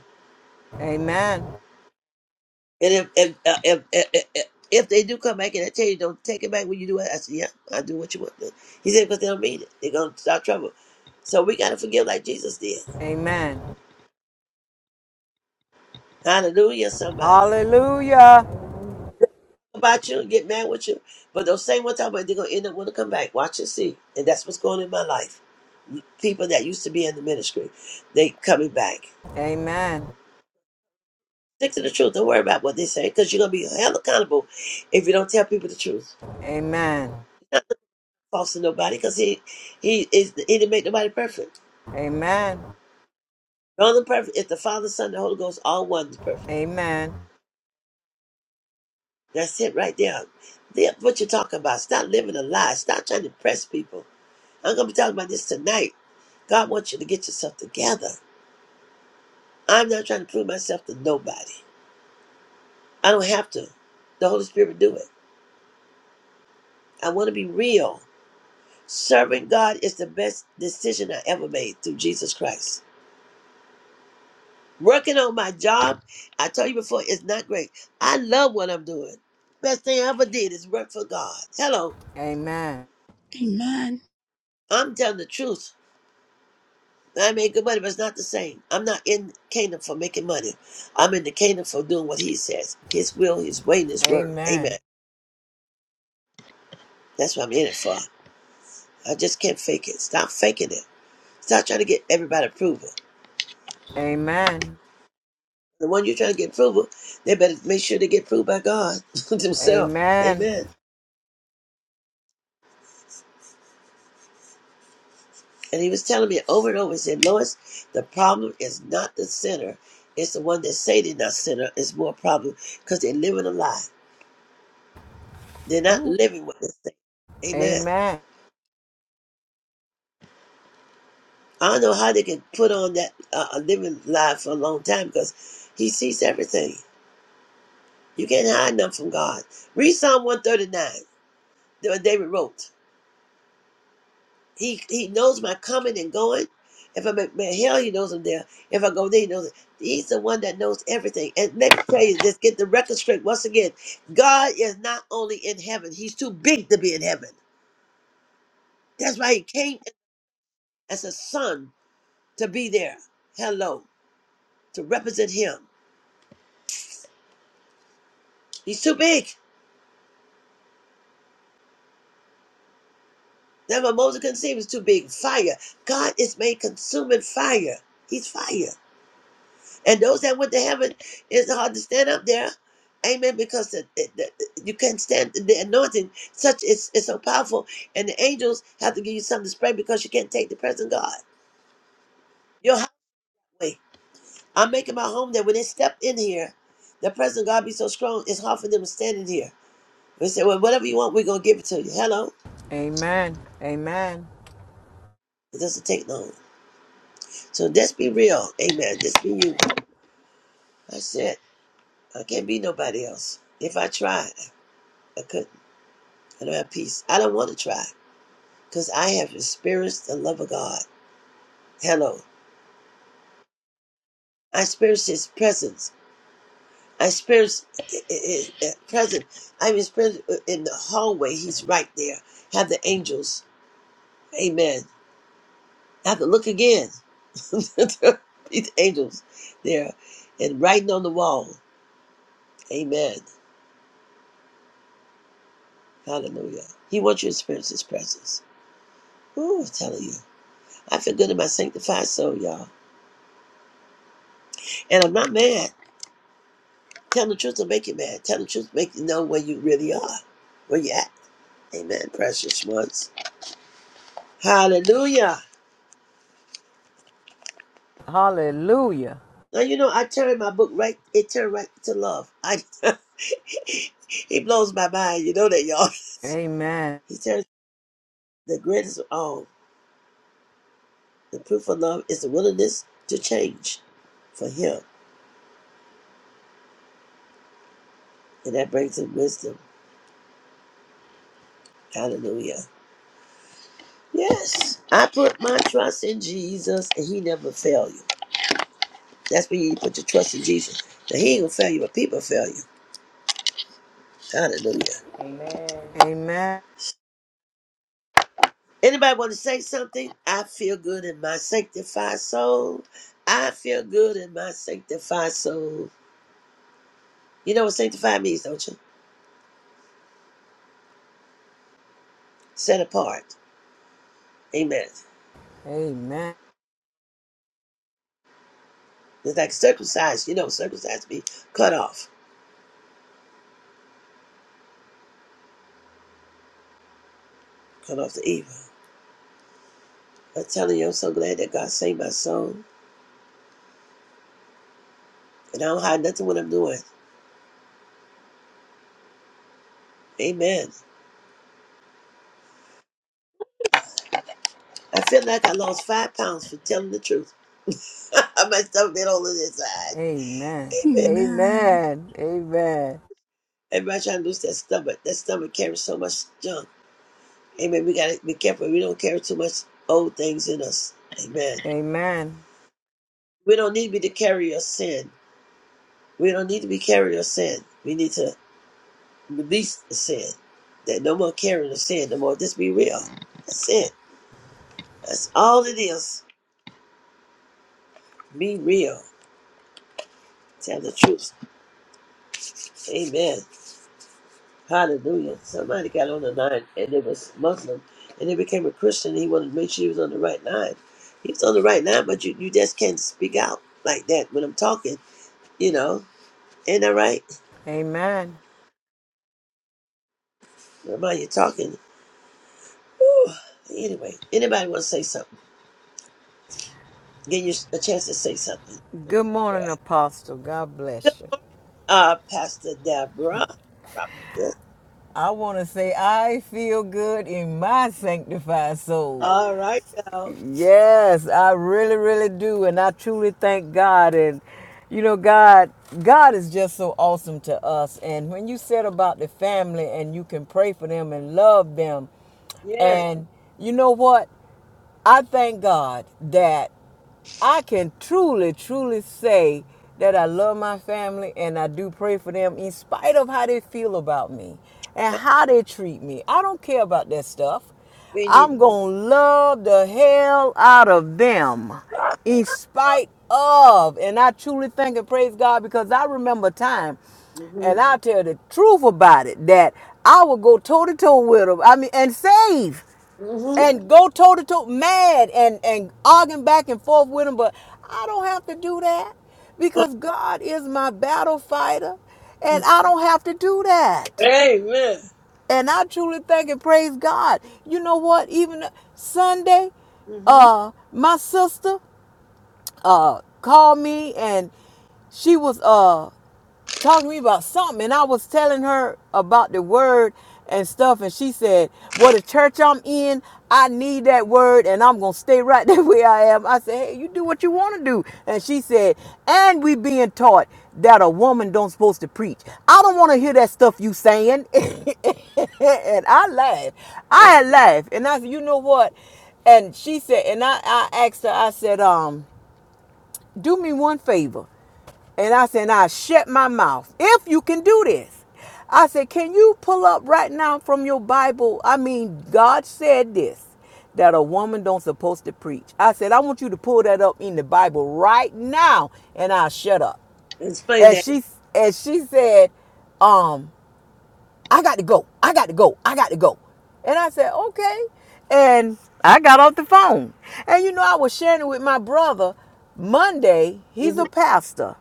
Speaker 6: Amen.
Speaker 3: And if if, uh, if, if, if if they do come back and I tell you, don't take it back when you do it, I said, yeah, I do what you want. to do." He said, because they don't mean it. They're going to start trouble. So we got to forgive like Jesus did.
Speaker 6: Amen.
Speaker 3: Hallelujah, somebody.
Speaker 6: Hallelujah.
Speaker 3: about you and get mad with you. But those same ones talking about they're gonna end up wanna come back. Watch and see. And that's what's going on in my life. People that used to be in the ministry, they coming back.
Speaker 6: Amen.
Speaker 3: Stick to the truth. Don't worry about what they say, because you're gonna be held accountable if you don't tell people the truth.
Speaker 6: Amen.
Speaker 3: False to nobody, because he he is he didn't make nobody perfect.
Speaker 6: Amen.
Speaker 3: The only perfect is the Father, Son, the Holy Ghost, all one is perfect.
Speaker 6: Amen.
Speaker 3: That's it right there. Live what you're talking about. Stop living a lie. Stop trying to impress people. I'm gonna be talking about this tonight. God wants you to get yourself together. I'm not trying to prove myself to nobody. I don't have to. The Holy Spirit will do it. I want to be real. Serving God is the best decision I ever made through Jesus Christ. Working on my job, I told you before, it's not great. I love what I'm doing. Best thing I ever did is work for God. Hello,
Speaker 6: Amen.
Speaker 1: Amen.
Speaker 3: I'm telling the truth. I made good money, but it's not the same. I'm not in Canaan for making money. I'm in the Canaan for doing what He says His will, His way, and His word.
Speaker 6: Amen.
Speaker 3: Amen. That's what I'm in it for. I just can't fake it. Stop faking it. Stop trying to get everybody approval.
Speaker 6: Amen.
Speaker 3: The one you're trying to get approval, they better make sure they get approved by God Himself.
Speaker 6: Amen.
Speaker 3: Amen. And he was telling me over and over, he said, Lois, the problem is not the sinner. It's the one that say they're not sinner. It's more a problem because they're living a lie. They're not
Speaker 6: Ooh,
Speaker 3: living what they say. Amen.
Speaker 6: Amen.
Speaker 3: I don't know how they can put on that uh, a living lie for a long time because he sees everything. You can't hide nothing from God. Read Psalm 139 that David wrote. He he knows my coming and going. If I'm at at hell, he knows I'm there. If I go there, he knows it. He's the one that knows everything. And let me tell you this, get the record straight once again. God is not only in heaven, he's too big to be in heaven. That's why he came as a son to be there. Hello. To represent him. He's too big. That's why Moses couldn't see him. He's too big. Fire. God is made consuming fire. He's fire. And those that went to heaven, it's hard to stand up there. Amen. Because the, the, the- you can't stand the anointing. Such is it's so powerful. And the angels have to give you something to spray because you can't take the presence of God. Your highway. I'm making my home that when they step in here, the presence of God be so strong, it's hard for them to stand in here. They say, well, whatever you want, we're going to give it to you. Hello?
Speaker 6: Amen. Amen.
Speaker 3: It doesn't take long. So just be real. Amen. Just be you. I said, I can't be nobody else. If I tried, I couldn't. I don't have peace. I don't want to try. because I have experienced the love of God. Hello. I experienced His presence. I experienced His presence. I've experienced it in the hallway. He's right there. Have the angels. Amen. I have to look again. These angels there and writing on the wall. Amen. Hallelujah. He wants you to experience His presence. Ooh, I'm telling you. I feel good in my sanctified soul, y'all. And I'm not mad. Tell the truth will make you mad. Tell the truth, make you know where you really are, where you at. Amen, precious ones. Hallelujah.
Speaker 6: Hallelujah.
Speaker 3: Now you know I turned my book right. It turned right to love. I. he blows my mind. You know that, y'all.
Speaker 6: Amen.
Speaker 3: He turns the greatest of all. The proof of love is the willingness to change for him, and that brings him wisdom. Hallelujah. Yes, I put my trust in Jesus, and He never fail you. That's when you put your trust in Jesus. Now He ain't gonna fail you, but people fail you. Hallelujah.
Speaker 7: Amen.
Speaker 6: Amen.
Speaker 3: Anybody want to say something? I feel good in my sanctified soul. I feel good in my sanctified soul. You know what sanctified means, don't you? Set apart. Amen.
Speaker 6: Amen.
Speaker 3: It's like circumcised. You know, circumcised means cut off. Cut off the evil. I'm telling you, I'm so glad that God saved my soul. And I don't hide nothing what I'm doing. Amen. I feel like I lost five pounds for telling the truth. my stomach been all on the inside.
Speaker 6: Amen.
Speaker 3: Amen.
Speaker 1: Amen.
Speaker 6: Amen. Amen.
Speaker 3: Everybody trying to lose their stomach. That stomach carries so much junk. Amen. We gotta be careful. We don't carry too much old things in us. Amen.
Speaker 6: Amen.
Speaker 3: We don't need to be the carrier of sin. We don't need to be carrier of sin. We need to release the sin. That no more carrying of sin. No more. Just be real. That's it. That's all it is. Be real. Tell the truth. Amen. Hallelujah. Somebody got on the line and it was Muslim and he became a Christian. He wanted to make sure he was on the right line. He was on the right line, but you, you just can't speak out like that when I'm talking, you know Ain't that right?
Speaker 6: Amen.
Speaker 3: Nobody talking. Whew. Anyway, anybody want to say something? Give you a chance to say something.
Speaker 6: Good morning,
Speaker 3: Yeah.
Speaker 6: Apostle. God bless you.
Speaker 3: Uh, Pastor Deborah. Prophetess.
Speaker 6: I want to say I feel good in my sanctified soul.
Speaker 3: All right now.
Speaker 6: Yes, I really, really do. And I truly thank God. And, you know, God, God is just so awesome to us. And when you said about the family and you can pray for them and love them,
Speaker 3: Yes.
Speaker 6: and you know what? I thank God that I can truly, truly say that I love my family and I do pray for them in spite of how they feel about me and
Speaker 3: No,
Speaker 6: how they treat me. I don't care about that stuff.
Speaker 3: we need.
Speaker 6: I'm going to love the hell out of them in spite of. And I truly thank and praise God because I remember a time,
Speaker 3: Mm-hmm.
Speaker 6: and I'll tell the truth about it, that I would go toe to toe with them. I mean, and save
Speaker 3: Mm-hmm.
Speaker 6: and go toe to toe, mad and and arguing back and forth with him. But I don't have to do that because God is my battle fighter, and
Speaker 3: Uh,
Speaker 6: I don't have to do that.
Speaker 3: Amen.
Speaker 6: And I truly thank and praise God. You know what? Even Sunday,
Speaker 3: Mm-hmm.
Speaker 6: uh, my sister uh called me and she was uh talking to me about something and I was telling her about the word and stuff and she said, Well the church I'm in, I need that word and I'm gonna stay right there where I am. I said, Hey, you do what you wanna do and she said, And we being taught that a woman don't supposed to preach. I don't wanna hear that stuff you saying and I laughed. I
Speaker 3: uh,
Speaker 6: had laughed and I said, You know what? And she said and I, I asked her, I said, um, do me one favor. And I said, I shut my mouth. If you can do this. I said, can you pull up right now from your Bible? I mean, God said this, that a woman don't supposed to preach. I said, I want you to pull that up in the Bible right now. And I shut up.
Speaker 3: explain
Speaker 6: And
Speaker 3: that.
Speaker 6: she and she said, um, I got to go. I got to go. I got to go. And I said, okay. And I got off the phone. And you know, I was sharing it with my brother Monday. He's
Speaker 3: hmm
Speaker 6: a pastor.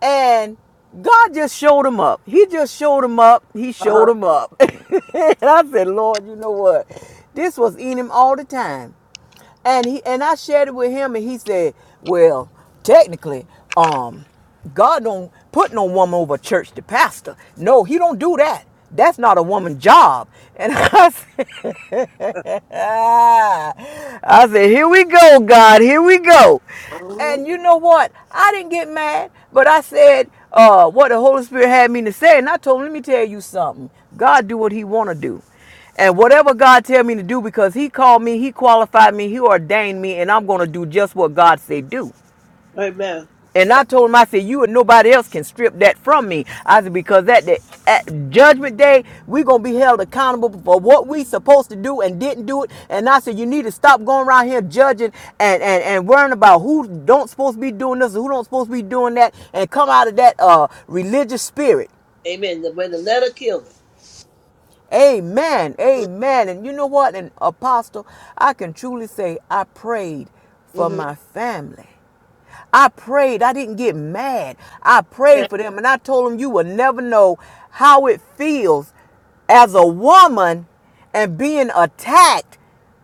Speaker 6: And God just showed him up. He just showed him up. He showed
Speaker 3: Uh-huh.
Speaker 6: him up. and I said, Lord, you know what? This was in him all the time and he and I shared it with him, and he said, "Well, technically, um, God don't put no woman over church to pastor. No, He don't do that. That's not a woman's job." And I said, "I said, here we go, God, here we go."
Speaker 3: Mm-hmm.
Speaker 6: And you know what? I didn't get mad, but I said uh, what the Holy Spirit had me to say, and I told him, "Let me tell you something. God do what He want to do." And whatever God tell me to do, because He called me, He qualified me, He ordained me, and I'm gonna do just what God said do.
Speaker 3: Amen.
Speaker 6: And I told him, I said, you and nobody else can strip that from me. I said, because at the at judgment day, we're gonna be held accountable for what we supposed to do and didn't do it. And I said, you need to stop going around here judging and and, and worrying about who don't supposed to be doing this or who don't supposed to be doing that, and come out of that uh religious spirit.
Speaker 3: Amen. The way the letter killed
Speaker 6: Amen.
Speaker 3: it.
Speaker 6: Amen. And you know what? And apostle, I can truly say I prayed for
Speaker 3: hmm
Speaker 6: my family. I prayed. I didn't get mad. I
Speaker 3: Yeah.
Speaker 6: prayed for them and I told them you will never know how it feels as a woman and being attacked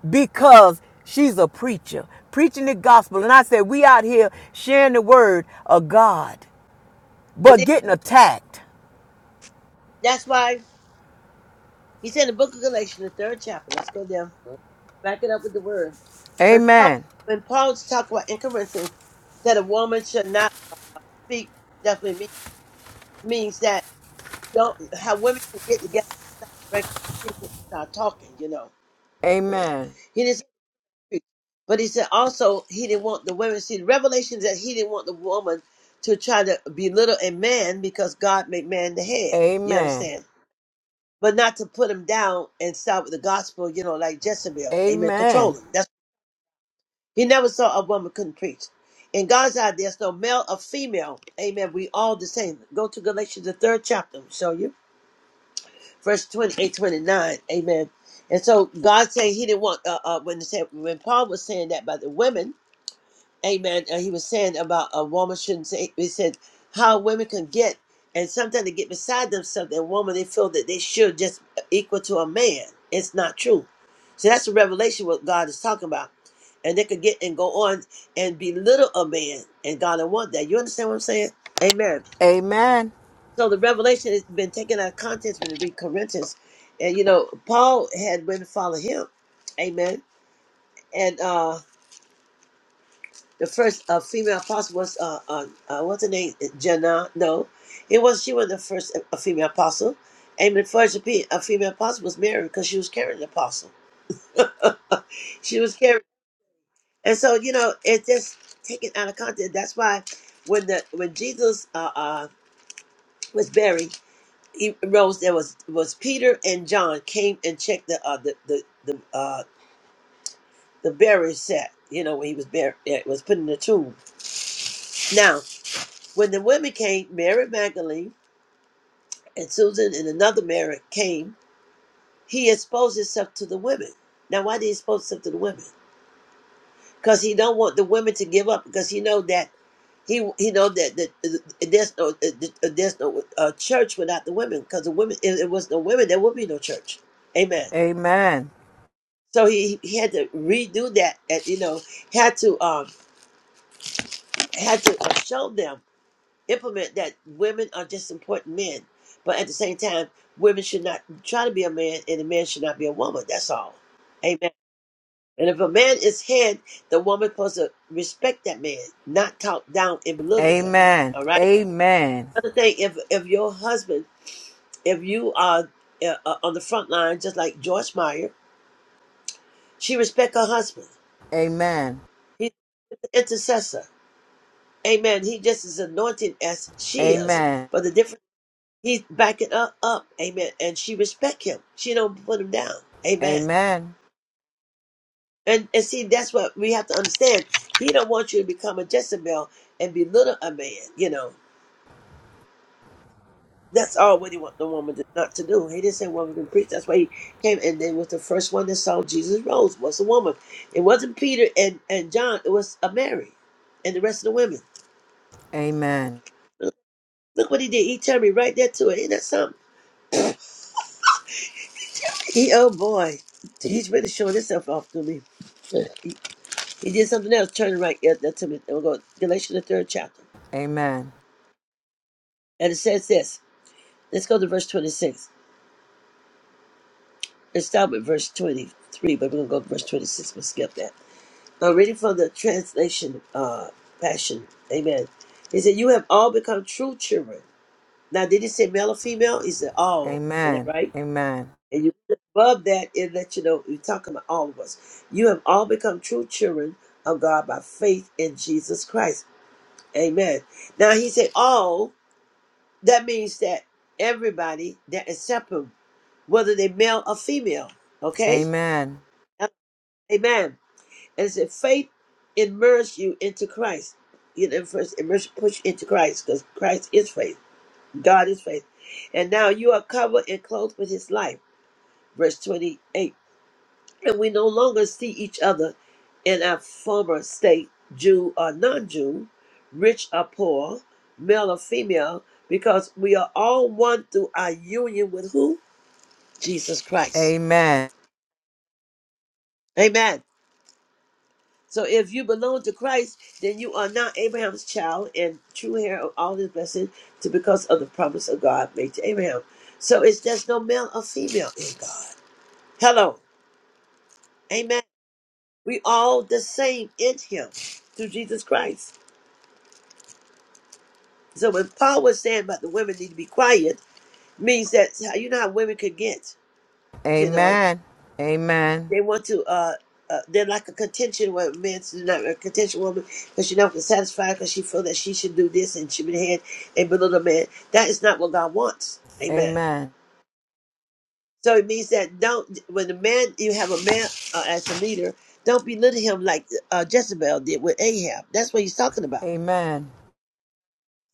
Speaker 6: because she's a preacher, preaching the gospel. And I said, we out here sharing the word of God,
Speaker 3: But
Speaker 6: but
Speaker 3: then,
Speaker 6: getting attacked.
Speaker 3: that's why. He said in the book of Galatians, the third chapter. Let's go down. Back it up with the word. When Paul,
Speaker 6: Amen.
Speaker 3: when Paul talked about in Corinthians that a woman should not speak, definitely mean, means that don't how women can get together and start talking. You know,
Speaker 6: Amen.
Speaker 3: he didn't. Say, but he said also he didn't want the women. See, the revelation is that he didn't want the woman to try to belittle a man because God made man the head. You
Speaker 6: Amen.
Speaker 3: understand? but not to put him down and start with the gospel, you know, like Jezebel. Amen. Control
Speaker 6: Amen.
Speaker 3: him. That's he never saw a woman couldn't preach. In God's eye, there's no male or female. Amen. We all the same. Go to Galatians the third chapter. I'll show you verse 28, 29. Amen. And so God said He didn't want uh, uh, when he said when Paul was saying that about the women. Amen. And he was saying about a woman shouldn't say. He said how women can get, and sometimes they get beside themselves. And woman, they feel that they should just equal to a man. It's not true. So that's the revelation what God is talking about. And they could get and go on and belittle a man, and God don't want that. You understand what I'm saying? Amen.
Speaker 6: Amen.
Speaker 3: So the revelation has been taken out of context when you read Corinthians, and you know Paul had women follow him. Amen. And uh The first uh, female apostle was uh, uh, uh what's her name? Jenna? No, it was she was the first uh, female apostle, and the first pe- a female apostle was Mary because she was carrying the apostle. she was carrying, and so you know it's just taken out of context. That's why when the when Jesus uh, uh was buried, he rose. There was was Peter and John came and checked the uh the the the uh the burial set. You know when he was buried, it was put in the tomb. Now. When the women came, Mary Magdalene and Susan and another Mary came, he exposed himself to the women. Now, why did he expose himself to the women? Because he don't want the women to give up. Because he know that he he know that, that uh, there's no uh, there's no uh, church without the women. Because the women, if it was no women, there would be no church. Amen.
Speaker 6: Amen.
Speaker 3: So he he had to redo that, and you know had to um had to uh, show them implement that women are just important men, but at the same time, women should not try to be a man, and a man should not be a woman. That's all. Amen. And if a man is head, the woman supposed to respect that man, not talk down and belittle him.
Speaker 6: Amen.
Speaker 3: All right.
Speaker 6: Amen.
Speaker 3: Another thing, if if your husband, if you are uh, uh, on the front line, just like George Meyer, she respect her husband.
Speaker 6: Amen. Amen.
Speaker 3: He's an intercessor. Amen. He just is anointed as she is.
Speaker 6: Amen.
Speaker 3: But the difference. He's backing her up, amen. And she respect him. She don't put him down, amen.
Speaker 6: Amen.
Speaker 3: And and see, that's what we have to understand. He don't want you to become a Jezebel and belittle a man. You know, that's all what he want the woman to, not to do. He didn't say woman can preach. That's why he came and then was the first one that saw Jesus rose was a woman. It wasn't Peter and and John. It was a Mary, and the rest of the women.
Speaker 6: Amen.
Speaker 3: Look what he did. He turned me right there to it. Ain't that something? He, oh boy, he's really showing himself off to me. He did something else. Turn right yeah, that to me. We'll go to Galatians the third chapter,
Speaker 6: Amen.
Speaker 3: and it says this. Let's go to verse twenty-six. Let's start with verse twenty-three, but we're gonna go to verse twenty-six. We'll skip that. I'm reading from the translation, uh, Passion. Amen. He said, "You have all become true children." Now, did he say male or female? He said
Speaker 6: Amen.
Speaker 3: all. Isn't that
Speaker 6: Amen.
Speaker 3: right? And you above that, it let you know you're talking about all of us. You have all become true children of God by faith in Jesus Christ. Amen. Now he said all That means that everybody that is separate, whether they male or female. Okay?
Speaker 6: Amen.
Speaker 3: Amen. And it said faith immerse you into Christ. You know, first immerse push into Christ, because Christ is faith. God is faith. And now you are covered and clothed with his life. Verse 28 and we no longer see each other in our former state, Jew or non Jew, rich or poor, male or female, because we are all one through our union with who? Jesus
Speaker 6: Amen.
Speaker 3: Christ.
Speaker 6: Amen.
Speaker 3: Amen. So if you belong to Christ, then you are now Abraham's child and true heir of all his blessings to because of the promise of God made to Abraham. So it's just no male or female in God. Hello. Amen. We all the same in him through Jesus Christ. So when Paul was saying about the women need to be quiet, means that you know how women could get, you know,
Speaker 6: Amen. Amen. Amen.
Speaker 3: they want to, uh, uh they're like a contention where men's not a contention woman because she never can satisfy because she feel that she should do this and she should be the head and below the man. That is not what God wants. Amen.
Speaker 6: Amen. Amen.
Speaker 3: So it means that don't when the man you have a man uh, as a leader, don't belittle him like uh, Jezebel did with Ahab. That's what he's talking
Speaker 6: Amen.
Speaker 3: about.
Speaker 6: Amen.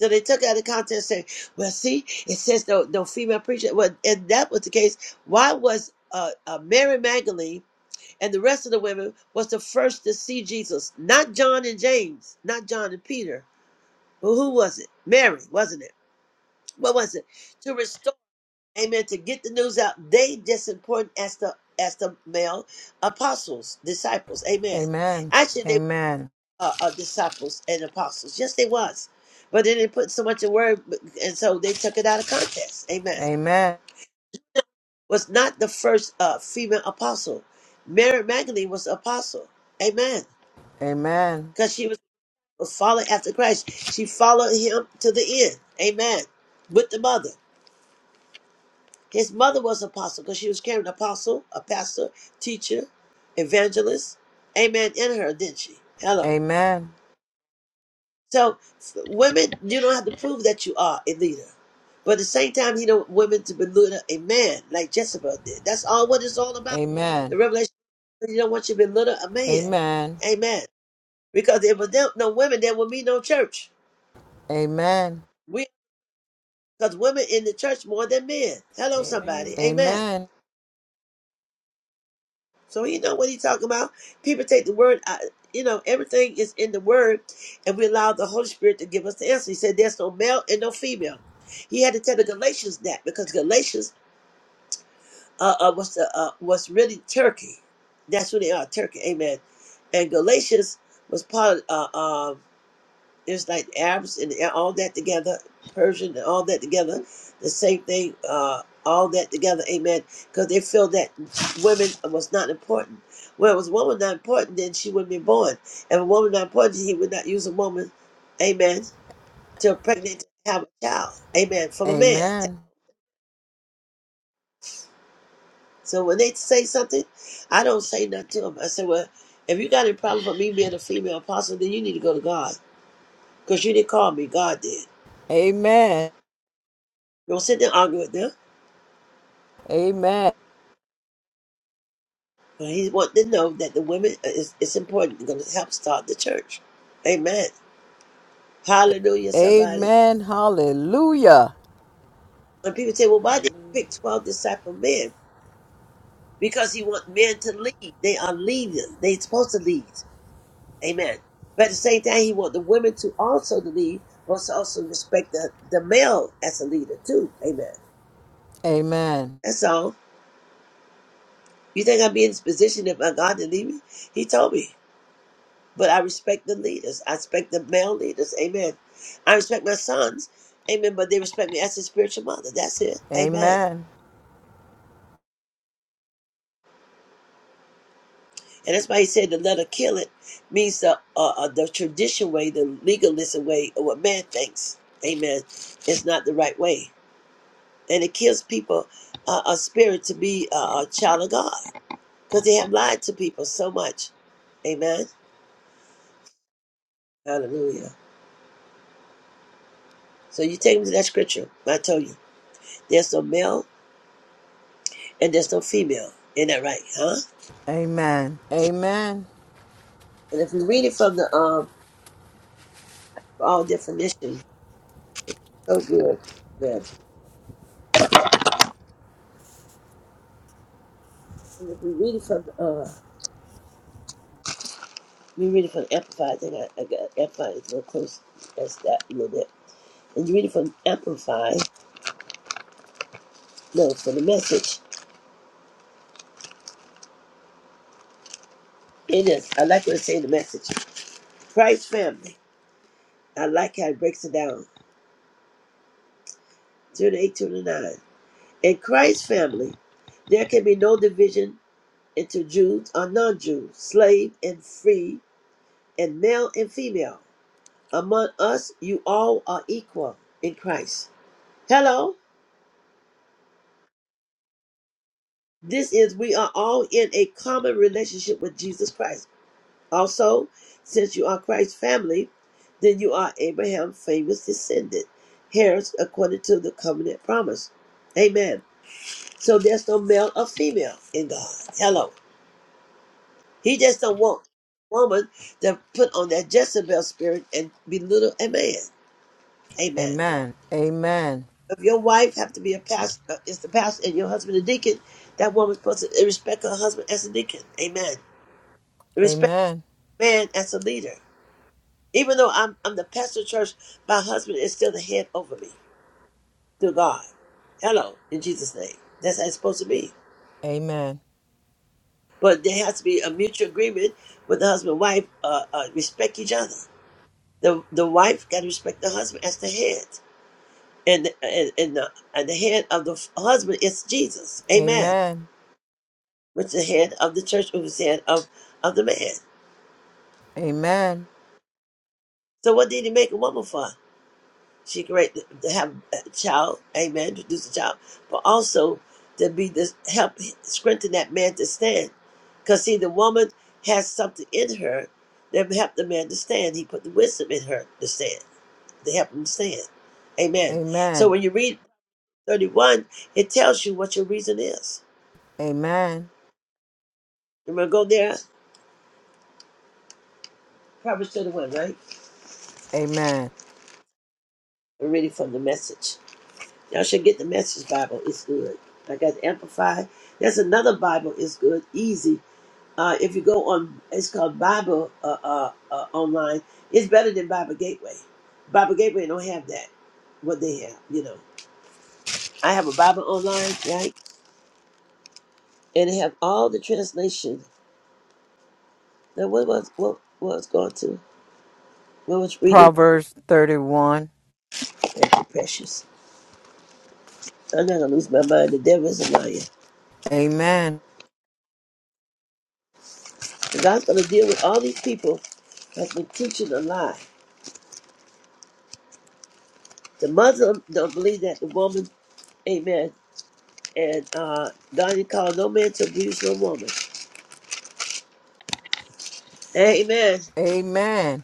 Speaker 3: So they took it out of context and said, well, see, it says no, no female preacher. Well, if that was the case, why was uh, uh, Mary Magdalene and the rest of the women was the first to see Jesus? Not John and James, not John and Peter. Well, who was it? Mary, wasn't it? What was it? To restore, amen, to get the news out. They just important as the as the male apostles, disciples, amen.
Speaker 6: Amen.
Speaker 3: Actually, uh, of disciples and apostles. Yes, they was, but then they put so much in word, and so they took it out of context. Amen. Was not the first uh, female apostle. Mary Magdalene was an apostle. Amen. Because she was following after Christ. She followed him to the end. Amen. With the mother. His mother was an apostle because she was carrying an apostle, a pastor, teacher, evangelist. Amen. In her, didn't she? Hello. So s- women, you don't have to prove that you are a leader. But at the same time, you know, women to be lured a man like Jezebel did. That's all what it's all about. The revelation, you don't want you to be lured a man.
Speaker 7: Amen.
Speaker 6: Amen.
Speaker 3: Amen. Because if there were no women, there would be no church.
Speaker 6: Amen.
Speaker 3: We, because women in the church more than men. Hello,
Speaker 7: Amen.
Speaker 3: somebody. Amen.
Speaker 6: Amen.
Speaker 3: So he know what he's talking about. People take the word, out you know, everything is in the word, and we allow the Holy Spirit to give us the answer. He said, "There's no male and no female." He had to tell the Galatians that because Galatians uh, uh, was the, uh, was really Turkey. That's who they are, Turkey. Amen. And Galatians was part of. uh, it's like Arabs and all that together, Persian and all that together, the same thing, uh, all that together, amen. Because they feel that women was not important. Well, it was woman not important, then she wouldn't be born. If a woman not important, he would not use a woman, amen, to pregnant to have a child, amen, from a man.
Speaker 6: Amen.
Speaker 3: So when they say something, I don't say nothing to them. I say, well, if you got any problem with me being a female apostle, then you need to go to God. Because you didn't call me, God did.
Speaker 6: Amen.
Speaker 3: Don't sit there and argue with them.
Speaker 6: Amen.
Speaker 3: But he wanted to know that the women is it's important. It's going to help start the church. Amen. Hallelujah, somebody.
Speaker 6: Amen. Hallelujah.
Speaker 3: And people say, well, why did he pick
Speaker 7: Hallelujah.
Speaker 3: 12 disciple men? Because he want men to lead. They are leaders. They supposed to lead. Amen. But at the same time, he want the women to also to lead, but to also respect the, the male as a leader too. Amen.
Speaker 6: Amen.
Speaker 3: That's all. You think I'd be in this position if my God didn't lead me? He told me. But I respect the leaders. I respect the male leaders. Amen. I respect my sons. Amen. But they respect me as a spiritual mother. That's it. Amen.
Speaker 6: Amen.
Speaker 3: And that's why he said the letter kill it means the uh, uh, the tradition way, the legalism way, or what man thinks. Amen. It's not the right way, and it kills people uh, a spirit to be uh, a child of God because they have lied to people so much. Amen. Hallelujah. So you take them to that scripture. I told you, there's no male and there's no female. Isn't that right? Huh?
Speaker 6: Amen. Amen.
Speaker 3: And if we read it from the um all definition, so good. man. And if we read it from the uh you read it from Amplified, I think I, I got Amplified is real close as that a little bit. And you read it from Amplified, no, from the message. It is I like what it say in the message. Christ family. I like how it breaks it down. Zero eight, two to nine. In Christ's family, there can be no division into Jews or non Jews, slave and free, and male and female. Among us, you all are equal in Christ. Hello. This is, we are all in a common relationship with Jesus Christ. Also, since you are Christ's family, then you are Abraham's famous descendant, heirs according to the covenant promise. Amen. So there's no male or female in God. Hello. He just don't want woman to put on that Jezebel spirit and belittle a man. Amen.
Speaker 6: Amen. Amen.
Speaker 3: if your wife have to be a pastor, is the pastor, and your husband a deacon, that woman's supposed to respect her husband as a deacon. Amen.
Speaker 6: Amen.
Speaker 3: Respect
Speaker 6: Amen.
Speaker 3: man as a leader. Even though I'm I'm the pastor of church, my husband is still the head over me through God. Hello, in Jesus' name. That's how it's supposed to be.
Speaker 6: Amen.
Speaker 3: But there has to be a mutual agreement with the husband and wife. Uh, uh, respect each other. The the wife got to respect the husband as the head, and and and the, and the head of the husband is Jesus. Amen. Which the head of the church, who was the head of, of the man.
Speaker 6: Amen.
Speaker 3: So what did he make a woman for? She great to have a child, amen, produce a child, but also to be this help strengthen that man to stand. Because see, the woman has something in her that help the man to stand. He put the wisdom in her to stand, to help him stand. Amen. So
Speaker 6: Amen.
Speaker 3: when you read 31, it tells you what your reason is.
Speaker 6: Amen.
Speaker 3: We're going to go there, Proverbs 31, right?
Speaker 6: Amen.
Speaker 3: We're reading from the message. Y'all should get the Message Bible. It's good. I got the Amplified. There's another Bible. It's good, easy. Uh, if you go on, it's called Bible uh, uh, uh, online. It's better than Bible Gateway. Bible Gateway don't have that. What they have, you know. I have a Bible online, right? And they have all the translation. Now, what was what, what was going to? What was reading?
Speaker 6: Proverbs 31.
Speaker 3: Thank you, precious. I'm not gonna lose my mind. The devil is a liar.
Speaker 6: Amen.
Speaker 3: And God's gonna deal with all these people that's been teaching a lie The Muslim don't believe that the woman, amen, and uh, God didn't call no man to abuse no woman. Amen.
Speaker 6: Amen.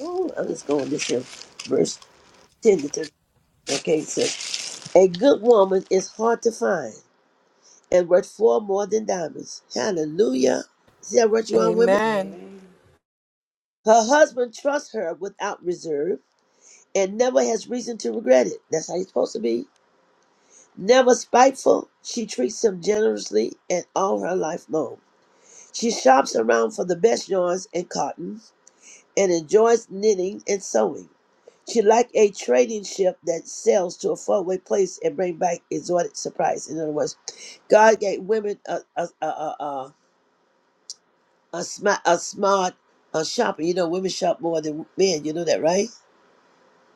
Speaker 3: Ooh, I'm just going this here, verse 10 to 30. Okay, it says, A good woman is hard to find and worth far more than diamonds. Hallelujah. See how what you on, women?
Speaker 6: Amen.
Speaker 7: Amen.
Speaker 3: Her husband trusts her without reserve and never has reason to regret it. That's how you're supposed to be. Never spiteful, she treats him generously and all her life long. She shops around for the best yarns and cotton and enjoys knitting and sewing. She like a trading ship that sails to a faraway place and bring back exotic surprise. In other words, God gave women a a a a, a, a, smart, a smart a shopper. You know, women shop more than men. You know that, right?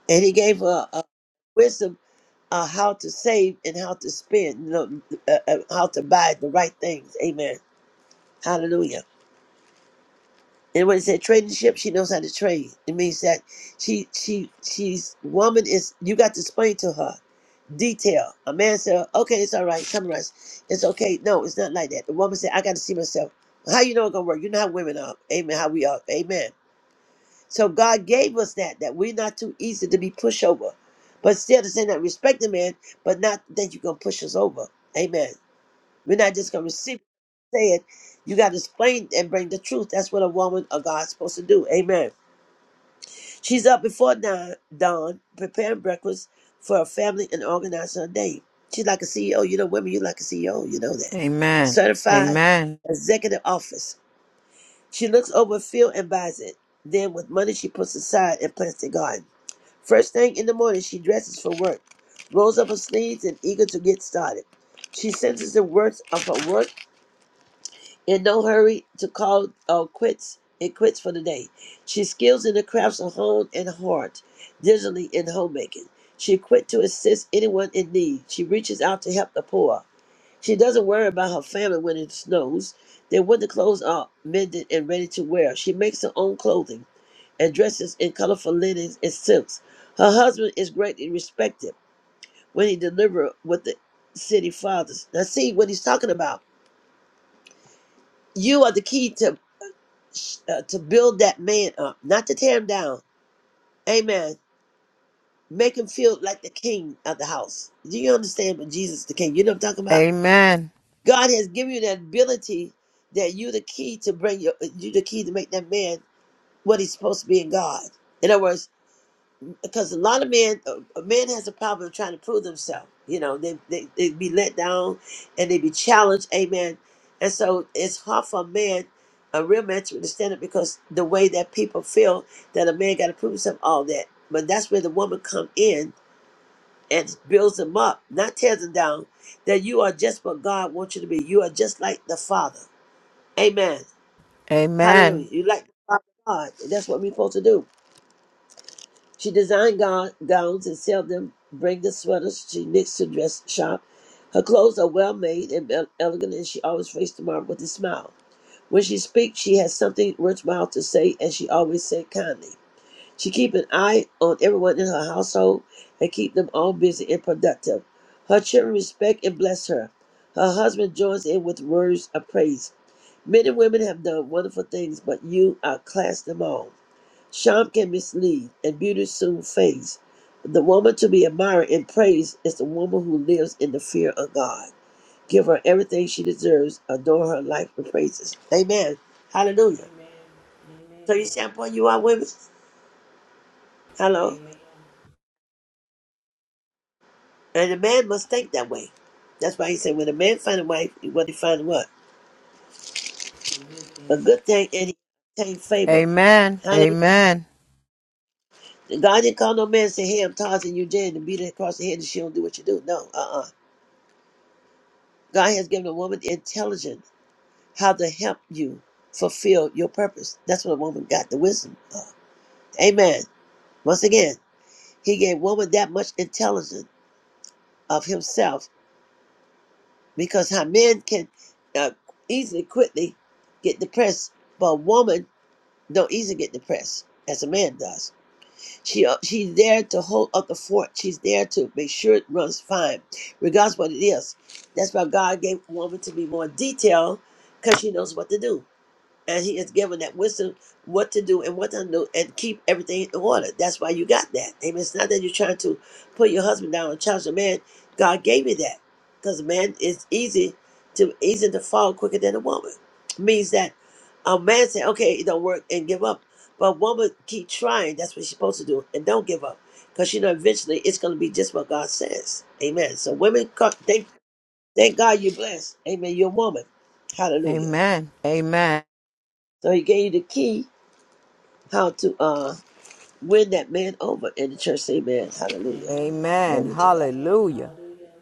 Speaker 3: And He gave her a wisdom on how to save and how to spend. You know, uh, uh, how to buy the right things. Amen. Hallelujah. And when it said trading ship, she knows how to trade. It means that she she she's woman is you got to explain to her detail. A man said, "Okay, it's all right, summarize. It's okay." No, it's not like that. The woman said, "I got to see myself." How you know it's gonna work? You know how women are. Amen. How we are. Amen. So God gave us that that we're not too easy to be pushed over, but still to say that respect the man, but not that you gonna push us over. Amen. We're not just going to receive it, say it. You got to explain and bring the truth. That's what a woman of God's supposed to do. Amen. She's up before dawn, dawn preparing breakfast for her family and organizing her day. She's like a CEO. You know, women, you like a CEO. You know that.
Speaker 6: Amen.
Speaker 3: Certified
Speaker 6: Amen.
Speaker 3: executive office. She looks over a field and buys it. Then, with money she puts aside and plants the garden. First thing in the morning, she dresses for work, rolls up her sleeves, and eager to get started. She senses the worth of her work in no hurry to call or quits and quits for the day. She skills in the crafts of home and heart, diligently in homemaking. She quit to assist anyone in need. She reaches out to help the poor. She doesn't worry about her family when it snows. Their winter clothes are mended and ready to wear. She makes her own clothing and dresses in colorful linens and silks. Her husband is greatly respected when he delivers with the city fathers. Now see what he's talking about. You are the key to uh, to build that man up, not to tear him down. Amen. Make him feel like the king of the house. Do you understand? But Jesus, the king, you know what I'm talking about.
Speaker 6: Amen.
Speaker 3: God has given you that ability that you the key to bring your you the key to make that man what he's supposed to be in God. In other words, because a lot of men, uh, a man has a problem trying to prove themselves. You know, they, they they be let down, and they be challenged. Amen. And so it's hard for a man, a real man, to understand it because the way that people feel that a man got to prove himself, all that. But that's where the woman come in and builds them up, not tears them down. That you are just what God wants you to be. You are just like the Father. Amen.
Speaker 6: Amen.
Speaker 3: Hallelujah. You like the Father God. And that's what we're supposed to do. She designed gown, gowns and sell them, bring the sweaters she knits to dress shop. Her clothes are well made and el- elegant, and she always faced the mark with a smile. When she speaks, she has something worthwhile to say, and she always said kindly. She keep an eye on everyone in her household and keep them all busy and productive. Her children respect and bless her. Her husband joins in with words of praise. Men and women have done wonderful things, but you outclass them all. Charm can mislead, and beauty soon fades. The woman to be admired and praised is the woman who lives in the fear of God. Give her everything she deserves. Adore her life with praises. Amen. Hallelujah.
Speaker 7: Amen. Amen.
Speaker 3: So you see, shampoo you are women. Hello.
Speaker 7: Amen.
Speaker 3: And a man must think that way. That's why he said, when a man find a wife, he what he find what?
Speaker 7: A good
Speaker 3: A
Speaker 7: thing.
Speaker 3: good thing and he obtain
Speaker 6: Amen.
Speaker 3: favor. Hallelujah.
Speaker 6: Amen.
Speaker 3: God didn't call no man and say, hey, I'm Tarzan, you Jane, and beat her across the head and she don't do what you do. No, uh-uh. God has given a woman intelligence how to help you fulfill your purpose. That's what a woman got the wisdom of. Amen. Once again, he gave woman that much intelligence of himself because how men can uh, easily, quickly get depressed, but a woman don't easily get depressed as a man does. She uh, she's there to hold up the fort. She's there to make sure it runs fine, regardless what it is. That's why God gave woman to be more detailed because she knows what to do. and he has given that wisdom what to do and what not to do and keep everything in order. That's why you got that. Amen. It's not that you're trying to put your husband down and challenge a man. God gave you that. Because man is easy to easy to fall quicker than a woman. Means that a man say, okay, it don't work and give up. But a woman keep trying. That's what she's supposed to do. And don't give up. Because you know eventually it's gonna be just what God says. Amen. So women co- thank thank God you're blessed. Amen. You're a woman. Hallelujah.
Speaker 6: Amen. Amen.
Speaker 3: So he gave you the key how to uh win that man over in the church. Amen. Hallelujah.
Speaker 7: Amen.
Speaker 6: Amen.
Speaker 3: Glory to God.
Speaker 7: Amen.
Speaker 6: Hallelujah.
Speaker 7: Hallelujah.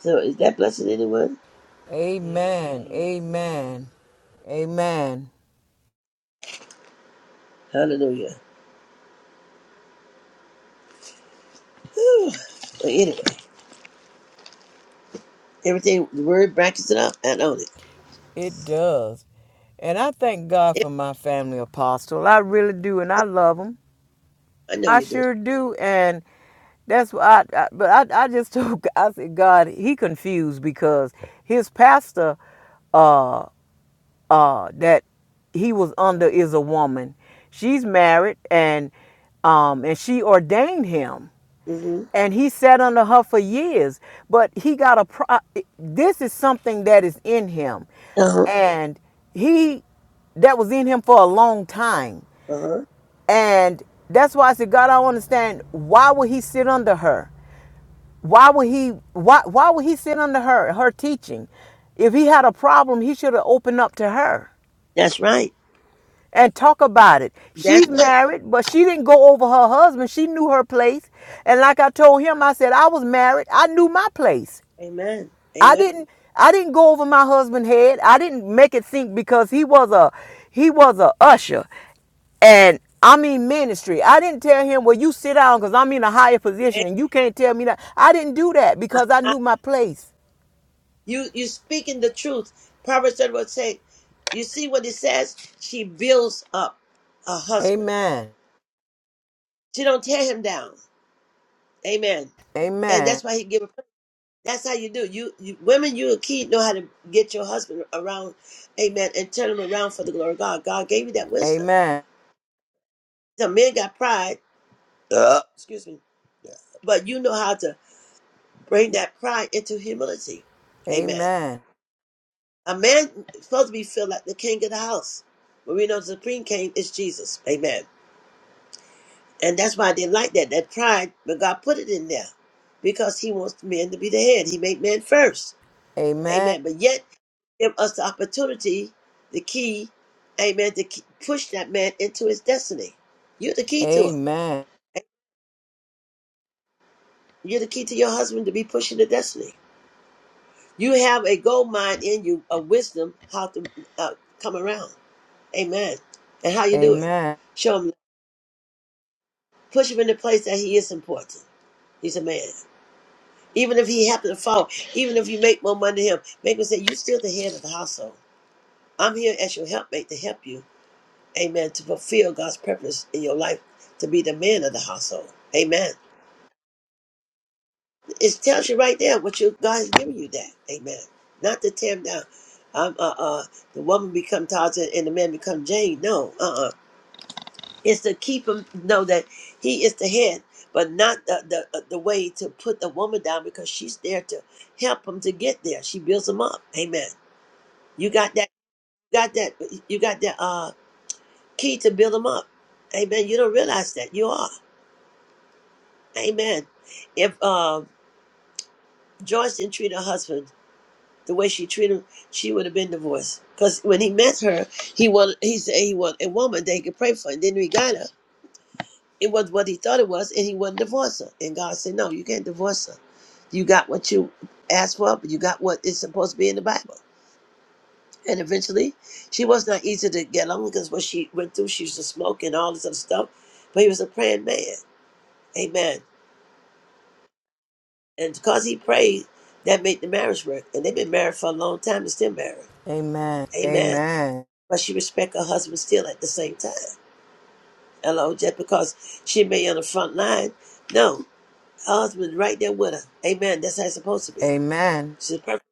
Speaker 3: So is that blessing anyone?
Speaker 6: Amen.
Speaker 7: Amen. Yes, ma'am.
Speaker 6: Amen. Amen.
Speaker 3: Hallelujah. Whew. But anyway, everything the word brackets it up and own it.
Speaker 6: It does. And I thank God for
Speaker 3: Yeah,
Speaker 6: my family apostle. I really do. And I love them.
Speaker 3: I know
Speaker 6: I
Speaker 3: you do.
Speaker 6: sure do. And that's why I, I but I, I just told God, I said, God, he confused because his pastor uh uh that he was under is a woman. She's married and um and she ordained him.
Speaker 3: Mm-hmm.
Speaker 6: and he sat under her for years but he got a pro- this is something that is in him
Speaker 3: Uh huh.
Speaker 6: and he that was in him for a long time
Speaker 3: Uh huh.
Speaker 6: and that's why i said god i don't understand why would he sit under her why would he why why would he sit under her her teaching if he had a problem he should have opened up to her
Speaker 3: That's right.
Speaker 6: and talk about it.
Speaker 3: That's
Speaker 6: She's
Speaker 3: it.
Speaker 6: married, but she didn't go over her husband. She knew her place. And like I told him, I said, I was married. I knew my place.
Speaker 3: Amen.
Speaker 6: I
Speaker 3: Amen.
Speaker 6: didn't I didn't go over my husband's head. I didn't make it think because he was a he was a usher and I mean ministry. I didn't tell him, well, you sit down because I'm in a higher position
Speaker 3: And
Speaker 6: and you can't tell me that. I didn't do that because I
Speaker 3: I-
Speaker 6: knew my place.
Speaker 3: You you speaking the truth. Proverbs thirty one say, you see what it says. She builds up a husband.
Speaker 6: Amen.
Speaker 3: She don't tear him down. Amen. And
Speaker 6: Amen.
Speaker 3: that's why he give That's how you do. You, you women, you a key know how to get your husband around, amen, and turn him around for the glory of God. God gave you that wisdom.
Speaker 6: Amen.
Speaker 3: The men got pride. Uh, excuse me. But you know how to bring that pride into humility. Amen.
Speaker 6: Amen.
Speaker 3: A man is supposed to be feel like the king of the house. But we know the supreme king is Jesus. Amen. And that's why I didn't like that, that pride, but God put it in there. Because he wants men to be the head. He made men first.
Speaker 6: Amen.
Speaker 3: Amen. But yet, give us the opportunity, the key, amen, to ke- push that man into his destiny. You're the key to
Speaker 6: Amen.
Speaker 3: him. You're the key to your husband to be pushing the destiny. You have a gold mine in you of wisdom how to uh, come around. Amen. And how
Speaker 6: Amen.
Speaker 3: you do it.
Speaker 6: Amen.
Speaker 3: Show him, push him in the place that he is important. He's a man. Even if he happened to fall, even if you make more money than him, make him say, You're still the head of the household. I'm here as your helpmate to help you Amen. To fulfill God's purpose in your life, to be the man of the household. Amen. It tells you right there what you God has given you that. Amen. Not to tear him down. Um, uh, uh, the woman become Tarzan and the man become Jane. No, uh, uh It's to keep him know that he is the head, but not the the, uh, the way to put the woman down because she's there to help him to get there. She builds him up. Amen. You got that. You got that. You got that. Uh, key to build him up. Amen. You don't realize that you are. Amen. If uh, Joyce didn't treat her husband the way she treated him, she would have been divorced. Because when he met her, he wanted, he said he wanted a woman that he could pray for, and then he got her. It was what he thought it was, and he wouldn't divorce her. And God said, "No, you can't divorce her. You got what you asked for, but you got what is supposed to be in the Bible." And eventually, she was not easy to get along because what she went through, she used to smoke and all this other stuff. But he was a praying man. Amen. And because he prayed, that made the marriage work. And they've been married for a long time and still married. Amen.
Speaker 6: Amen.
Speaker 3: But she respect her husband still at the same time. Hello, just because she may on the front line. No, her husband right there with her. Amen. That's how it's supposed to be.
Speaker 6: Amen.
Speaker 3: She's perfect.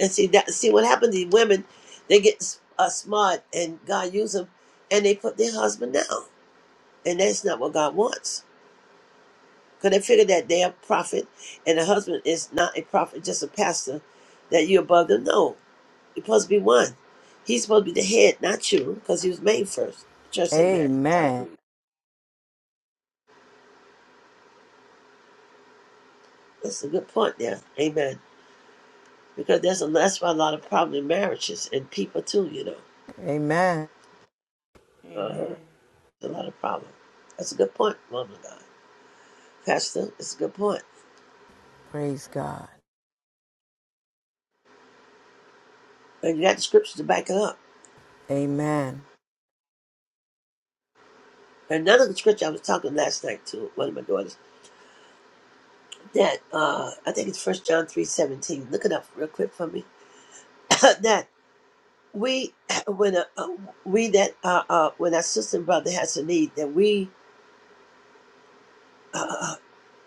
Speaker 3: And see that see what happened to these women, they get uh, smart and God use them and they put their husband down. And that's not what God wants. Because they figure that they're a prophet and the husband is not a prophet, just a pastor, that you above them. No, You're supposed to be one. He's supposed to be the head, not you, because he was made first. Church, amen.
Speaker 6: Amen.
Speaker 3: Hallelujah. That's a good point there. Amen. Because there's a, that's why a lot of problem in marriages and people too, you know.
Speaker 6: Amen.
Speaker 3: Uh-huh.
Speaker 7: Amen.
Speaker 3: There's a lot of problem. That's a good point, woman of God. Pastor, it's a good point.
Speaker 6: Praise God.
Speaker 3: And you got the scriptures to back it up.
Speaker 6: Amen.
Speaker 3: Another good scripture I was talking last night to one of my daughters, that uh I think it's first John three seventeen. Look it up real quick for me. that we when uh, uh, we that uh, uh, when our sister and brother has a need that we uh, uh,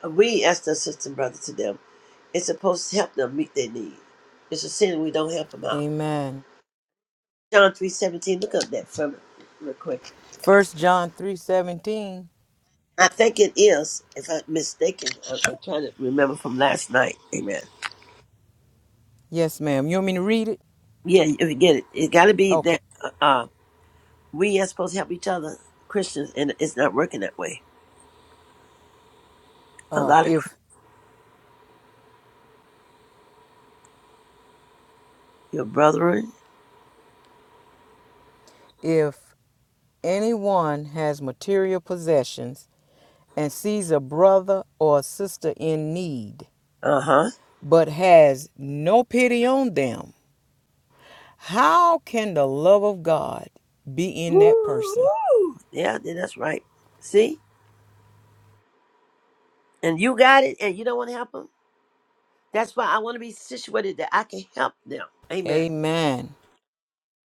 Speaker 3: uh, we as the sister and brother to them it's supposed to help them meet their need it's a sin we don't help them out
Speaker 6: Amen.
Speaker 3: john three seventeen. look up that from real quick
Speaker 6: First John three seventeen.
Speaker 3: i think it is if i'm mistaken i'm, I'm trying to remember from last night amen
Speaker 6: Yes, ma'am. You want me to read it?
Speaker 3: yeah if you get it it got to be
Speaker 6: Okay.
Speaker 3: that uh, uh, we are supposed to help each other christians and it's not working that way a
Speaker 6: Uh,
Speaker 3: lot of Chri-
Speaker 6: if
Speaker 3: your brethren
Speaker 6: if anyone has material possessions and sees a brother or a sister in need,
Speaker 3: Uh huh.
Speaker 6: but has no pity on them, how can the love of God be in that person?
Speaker 3: Woo-hoo. Yeah, then that's right. See? And you got it, and you don't want to help them. That's why I want to be situated that I can help them. Amen.
Speaker 6: Amen.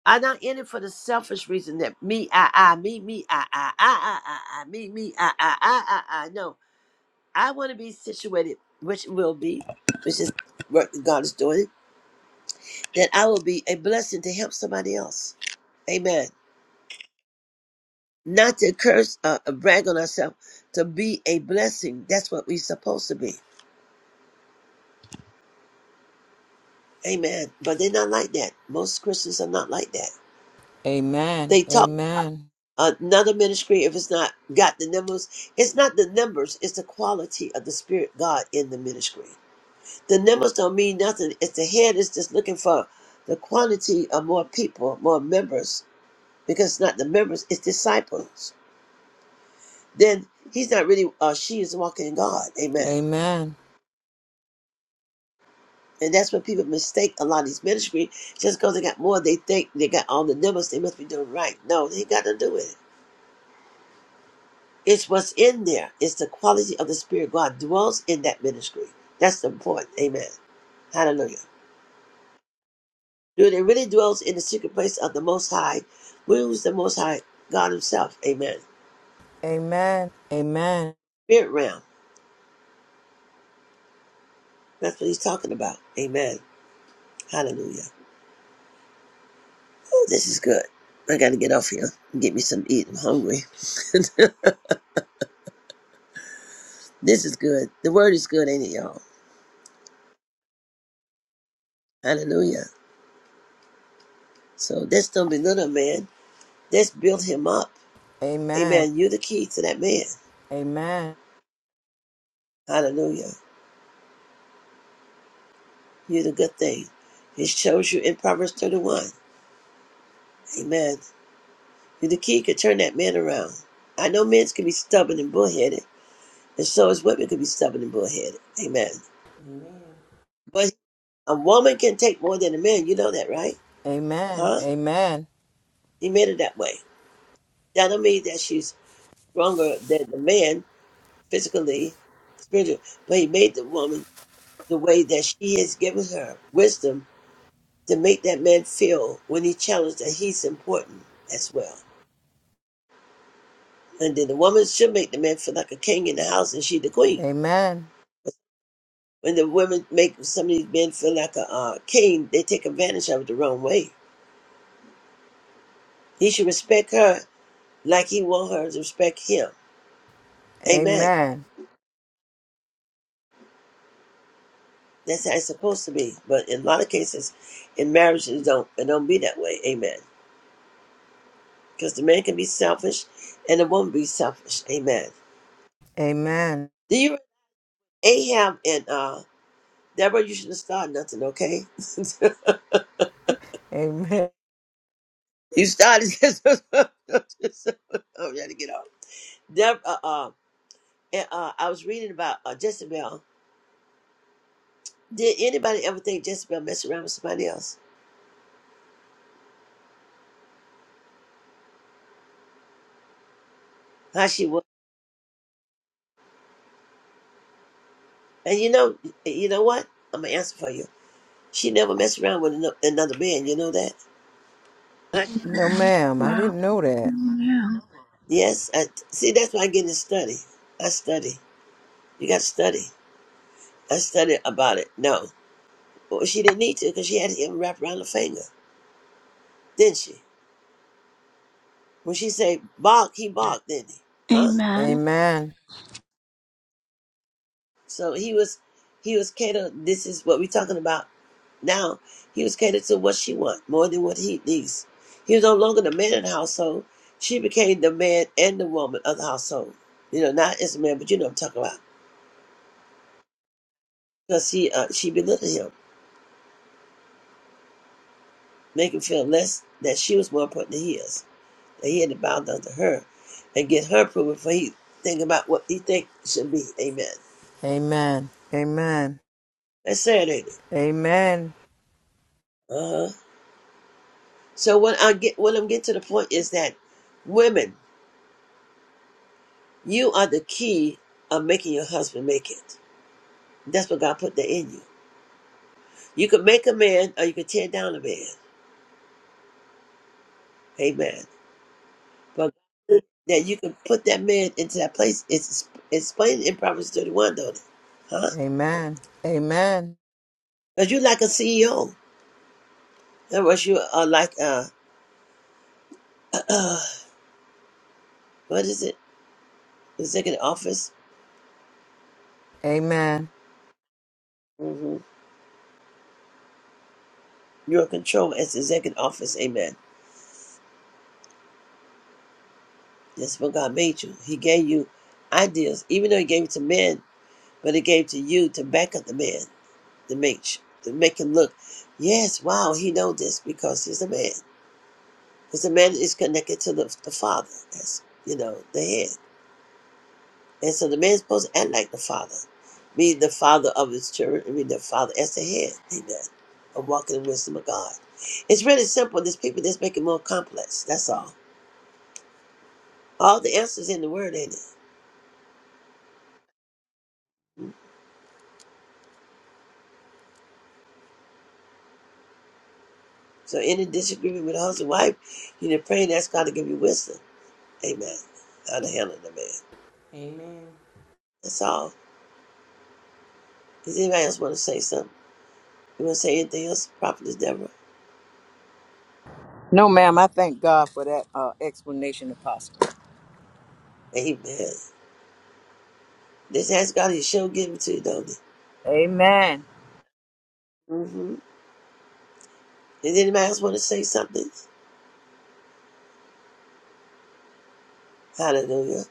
Speaker 3: I'm not in it for the selfish reason that me, I, I, me, me, I, I, I, I, I, I, me, me, I, I, I, I, I. No, I want to be situated, which will be, which is what God is doing, that I will be a blessing to help somebody else. Amen. Not to curse, uh, uh, brag on ourselves, to be a blessing. That's what we're supposed to be. Amen. But they're not like that. Most Christians are not like that.
Speaker 6: Amen.
Speaker 3: They talk
Speaker 6: Amen.
Speaker 3: another ministry if it's not got the numbers. It's not the numbers, it's the quality of the Spirit God in the ministry. The numbers don't mean nothing. It's the head is just looking for the quantity of more people, more members, because it's not the members, it's disciples. Then he's not really, uh, she is walking in God. Amen.
Speaker 6: Amen.
Speaker 3: And that's what people mistake a lot of these ministry just because they got more, they think they got all the numbers, they must be doing right. No, they got to do it. It's what's in there. It's the quality of the Spirit. God dwells in that ministry. That's the point. Amen. Hallelujah. Dude, it really dwells in the secret place of the Most High. Who's the Most High? God Himself. Amen.
Speaker 6: Amen. Amen.
Speaker 3: Spirit realm. That's what He's talking about. Amen. Hallelujah. Oh, this is good. I got to get off here and get me some to eat. I'm hungry. this is good. The word is good, ain't it, y'all? Hallelujah. So this don't belittle a man. This build him up.
Speaker 6: Amen.
Speaker 3: Amen. You're the key to that man.
Speaker 6: Amen.
Speaker 3: Hallelujah. you the good thing. It shows you in Proverbs 31. Amen. You the key could turn that man around. I know men can be stubborn and bullheaded, and so as women can be stubborn and bullheaded. Amen.
Speaker 7: Amen.
Speaker 3: But a woman can take more than a man. You know that, right?
Speaker 6: Amen.
Speaker 3: Huh?
Speaker 6: Amen.
Speaker 3: He made it that way. That don't mean that she's stronger than the man physically, spiritually, but he made the woman the way that she has given her wisdom to make that man feel when he challenged that he's important as well. And then the woman should make the man feel like a king in the house, and she the queen.
Speaker 6: Amen.
Speaker 3: When the women make some of these men feel like a uh, king, they take advantage of it the wrong way. He should respect her like he want her to respect him. Amen.
Speaker 6: Amen.
Speaker 3: That's how it's supposed to be. But in a lot of cases, in marriage, it don't it don't be that way. Amen. Because the man can be selfish, and the woman be selfish. Amen.
Speaker 6: Amen.
Speaker 3: Do you Ahab and uh, Deborah? You shouldn't start nothing. Okay,
Speaker 6: Amen.
Speaker 3: you started. I'm trying to get off. There, uh, uh, and, uh, I was reading about uh, Jezebel. Did anybody ever think Jezebel messed around with somebody else? How she was? And you know, you know what? I'm gonna answer for you. She never messed around with ano- another man. You know that?
Speaker 6: No, ma'am. I
Speaker 1: Wow.
Speaker 6: didn't know that.
Speaker 1: Amen.
Speaker 3: Yes. I, see, that's why I get to study. I study. You got to study. I studied about it. No, well, she didn't need to because she had him wrapped around her finger, didn't she? When she said bark, he barked, didn't he? Huh?
Speaker 1: Amen.
Speaker 6: Amen.
Speaker 3: So he was, he was Cato. This is what we're talking about Now he was catered to what she wants more than what he needs. He was no longer the man of the household. She became the man and the woman of the household. You know, not as a man, but you know what I'm talking about. Because he, uh, she belittled him, making him feel less that she was more important than he is. That he had to bow down to her and get her approval before he think about what he think should be. Amen.
Speaker 6: Amen. Amen.
Speaker 3: That's sad, ain't it?
Speaker 6: Amen.
Speaker 3: Uh huh. So when I get, when I'm getting to the point is that women, you are the key of making your husband make it. That's what God put that in you. You can make a man or you can tear down a man. Amen. But that you can put that man into that place is explained in Proverbs 31, don't it? Huh?
Speaker 6: Amen. Amen.
Speaker 3: Because you like a CEO. In other words, you are like, uh, what is it? Executive office.
Speaker 6: Amen.
Speaker 3: hmm You're in control as executive office. Amen. That's what God made you. He gave you ideas, even though He gave it to men, but He gave it to you to back up the man. to make to make him look. Yes, wow, he know this because he's a man. Because the man is connected to the, the father, as you know, the head. And so the man is supposed to act like the father, be the father of his children, and be the father as the head. Amen. Of walking in the wisdom of God. It's really simple. There's people that's making it more complex. That's all. All the answers in the word, ain't it? So any disagreement with a husband, and wife, you need to pray and ask God to give you wisdom. Amen. How to handle the man.
Speaker 7: Amen.
Speaker 3: That's all. Does anybody else want to say something? You want to say anything else, Prophetess Deborah?
Speaker 6: No, ma'am. I thank God for that uh, explanation, Apostle.
Speaker 3: Amen. Just ask God He shall give it to you, don't it?
Speaker 6: Amen.
Speaker 3: Mm-hmm. Does anybody else want to say something? Hallelujah.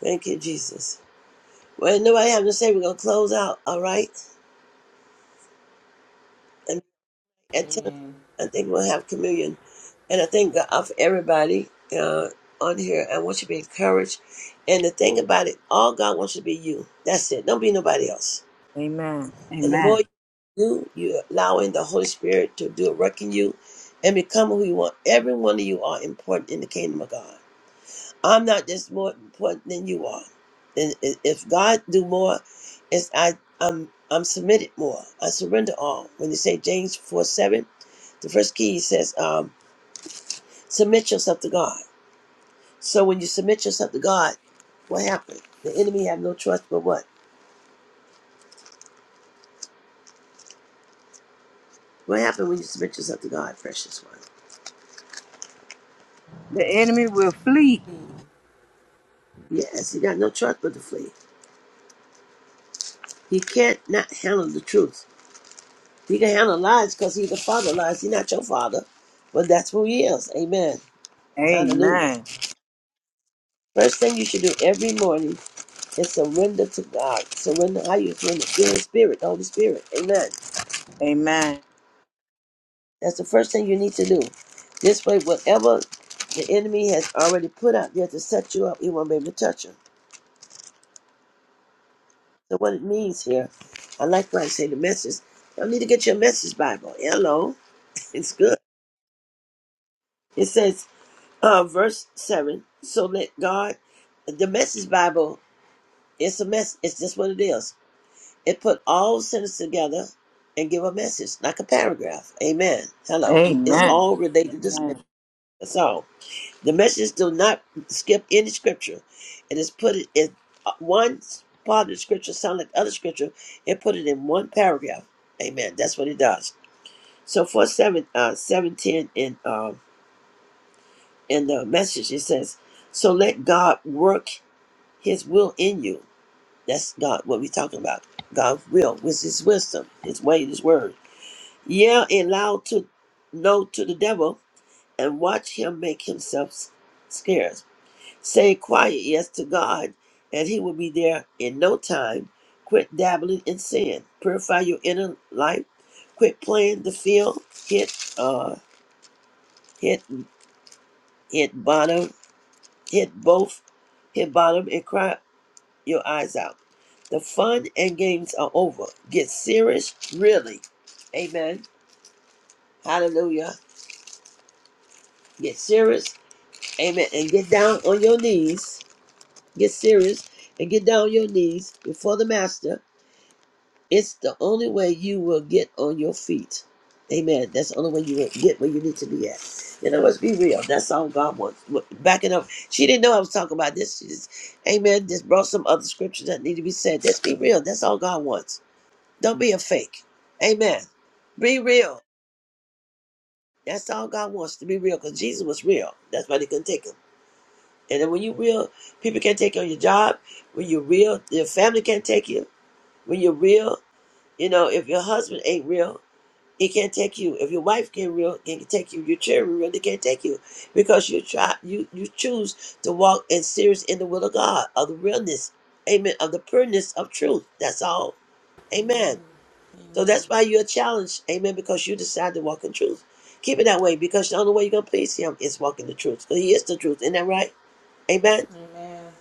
Speaker 3: Thank you, Jesus. Well, if nobody having to say we're going to close out, all right? And at 10 o'clock,
Speaker 7: Amen.
Speaker 3: I think we'll have communion. And I thank God for everybody uh, on here. I want you to be encouraged. And the thing about it, all God wants you to be you. That's it. Don't be nobody else.
Speaker 6: Amen.
Speaker 3: And the more
Speaker 6: Amen.
Speaker 3: you do, you're allowing the Holy Spirit to do a work in you and become who you want. Every one of you are important in the kingdom of God. I'm not just more important than you are. And i- if God do more, it's I I'm I'm submitted more. I surrender all. When you say James four seven, the first key says, um, submit yourself to God. So when you submit yourself to God, what happened? The enemy have no trust but what? What happened when you submit yourself to God, precious one?
Speaker 6: The enemy will flee.
Speaker 3: Yes, he got no trust but to flee. He can't not handle the truth. He can handle lies because he's the father of lies. He's not your father, but that's who he is. Amen. Hallelujah.
Speaker 6: Amen.
Speaker 3: First thing you should do every morning is surrender to God. Surrender how you surrender. Feel the Spirit, the Holy Spirit. Amen.
Speaker 6: Amen.
Speaker 3: That's the first thing you need to do. This way, whatever the enemy has already put out there to set you up, he won't be able to touch you. So what it means here, I like when I say the message. Y'all need to get your message Bible. Hello. It's good. It says uh, verse seven. So let God, the Message Bible, it's a mess. It's just what it is. It put all sentences together and give a message, like a paragraph. Amen. Hello. It's
Speaker 6: Amen. Amen.
Speaker 3: all related to sin. That's all. The message do not skip any scripture. It is put it in uh, one part of the scripture sound like other scripture. It put it in one paragraph. Amen. That's what it does. So for seven, uh, seven ten in um in the message, it says, "So let God work." His will in you. That's God, what we're talking about. God's will with his wisdom, his way, his word. Yeah, allow to know to the devil and watch him make himself s- scarce. Say quiet yes to God, and he will be there in no time. Quit dabbling in sin. Purify your inner life. Quit playing the field. Hit uh hit hit bottom hit both hit bottom and cry your eyes out. The fun and games are over. Get serious, really. Amen. Hallelujah. Get serious. Amen. And get down on your knees. Get serious and get down on your knees before the master. It's the only way you will get on your feet. Amen. That's the only way you will get where you need to be at. You know, let's be real. That's all God wants. Backing up. She didn't know I was talking about this. She just, amen. Just brought some other scriptures that need to be said. Let's be real. That's all God wants. Don't be a fake. Amen. Be real. That's all God wants to be real because Jesus was real. That's why they couldn't take him. And then when you real, people can't take you on your job. When you're real, your family can't take you. When you're real, you know, if your husband ain't real, he can't take you. If your wife can't real, he can take you. Your children really can't take you because you try you you choose to walk in serious in the will of God of the realness, amen, of the pureness of truth. That's all, amen. So that's why you're challenged, amen, because you decide to walk in truth. Keep it that way because the only way you're going to please him is walking the truth. Because he is the truth. Isn't that right? Amen.
Speaker 7: Amen.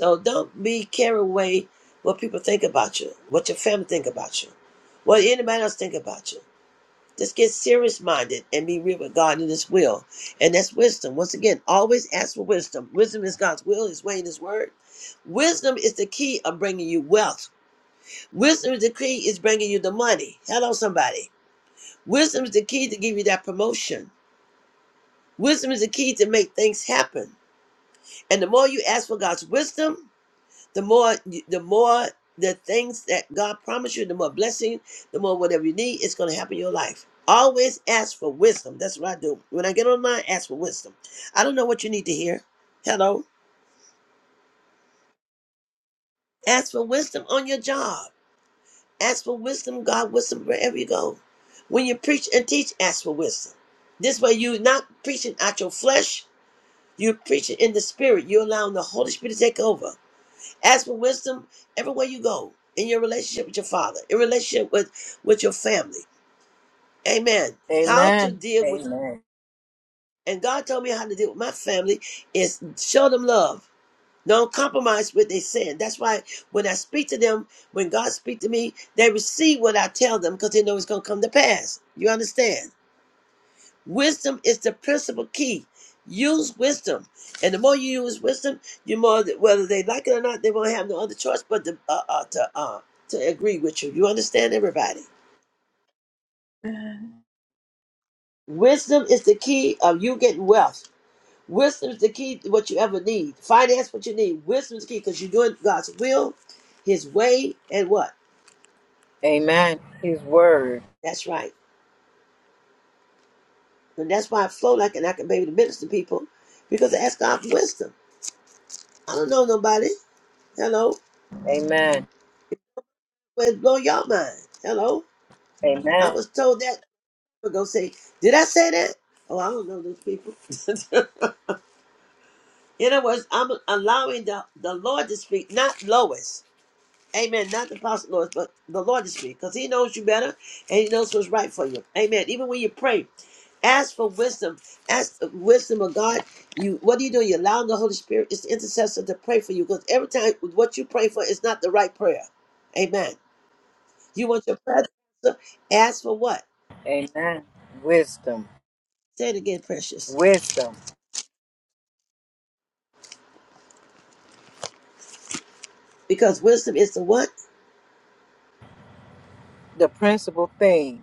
Speaker 3: So don't be carried away what people think about you, what your family think about you, what anybody else think about you. Just get serious minded and be real with God in his will. And that's wisdom. Once again, always ask for wisdom. Wisdom is God's will, his way, and his word. Wisdom is the key of bringing you wealth. Wisdom is the key is bringing you the money. Hello, somebody. Wisdom is the key to give you that promotion. Wisdom is the key to make things happen. And the more you ask for God's wisdom, the more the more the things that God promised you, the more blessing, the more whatever you need, it's going to happen in your life. Always ask for wisdom. That's what I do. When I get online, ask for wisdom. I don't know what you need to hear. Hello. Ask for wisdom on your job. Ask for wisdom, God wisdom wherever you go. When you preach and teach, ask for wisdom. This way you're not preaching out your flesh, You're preaching in the spirit. You're allowing the Holy Spirit to take over. Ask for wisdom everywhere you go in your relationship with your father, in relationship with with your family. Amen. How to
Speaker 6: Amen.
Speaker 3: deal with
Speaker 6: Amen.
Speaker 3: and God told me how to deal with my family is show them love. Don't compromise with their sin. That's why when I speak to them, when God speaks to me, they receive what I tell them because they know it's going to come to pass. You understand? Wisdom is the principal key. Use wisdom, and the more you use wisdom, you more whether they like it or not, they won't have no other choice but to uh, uh, to uh, to agree with you. You understand, everybody. Wisdom is the key of you getting wealth. Wisdom is the key to what you ever need. Finance what you need. Wisdom is the key because you're doing God's will, His way, and what.
Speaker 6: Amen. His word.
Speaker 3: That's right, and that's why I flow like and I can be able to minister to people because I ask God for wisdom. I don't know nobody. Hello,
Speaker 6: Amen.
Speaker 3: well, blow your mind. Hello. I
Speaker 6: Amen.
Speaker 3: was told that ago. Say, did I say that? Oh, I don't know those people. In other words, I'm allowing the, the Lord to speak, not Lois. Amen. Not the apostle Lois, but the Lord to speak, because He knows you better and He knows what's right for you. Amen. Even when you pray, ask for wisdom. Ask the wisdom of God. You, what are you doing? You allowing the Holy Spirit, it's the intercessor to pray for you, because every time what you pray for is not the right prayer. Amen. You want your prayer to answer? Ask for what?
Speaker 6: Amen. Wisdom.
Speaker 3: Say it again, precious.
Speaker 6: Wisdom.
Speaker 3: Because wisdom is the what?
Speaker 6: The principal thing.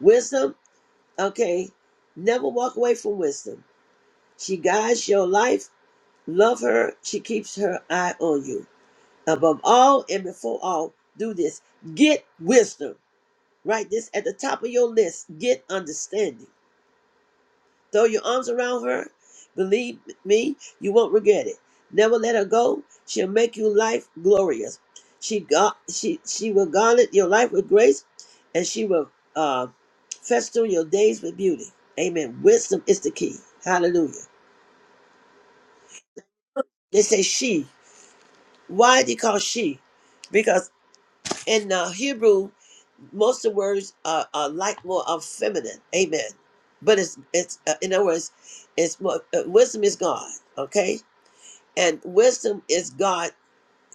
Speaker 3: Wisdom, okay. Never walk away from wisdom. She guides your life. Love her. She keeps her eye on you. Above all and before all, do this. Get wisdom. Write this at the top of your list. Get understanding. Throw your arms around her. Believe me, you won't regret it. Never let her go. She'll make your life glorious. She got she she will garnet your life with grace, and she will uh, fester your days with beauty. Amen. Wisdom is the key. Hallelujah. They say she. Why they call she? Because in uh, Hebrew, most of the words are, are like more of feminine. Amen. But it's it's uh, in other words, it's more uh, wisdom is God. Okay And wisdom is God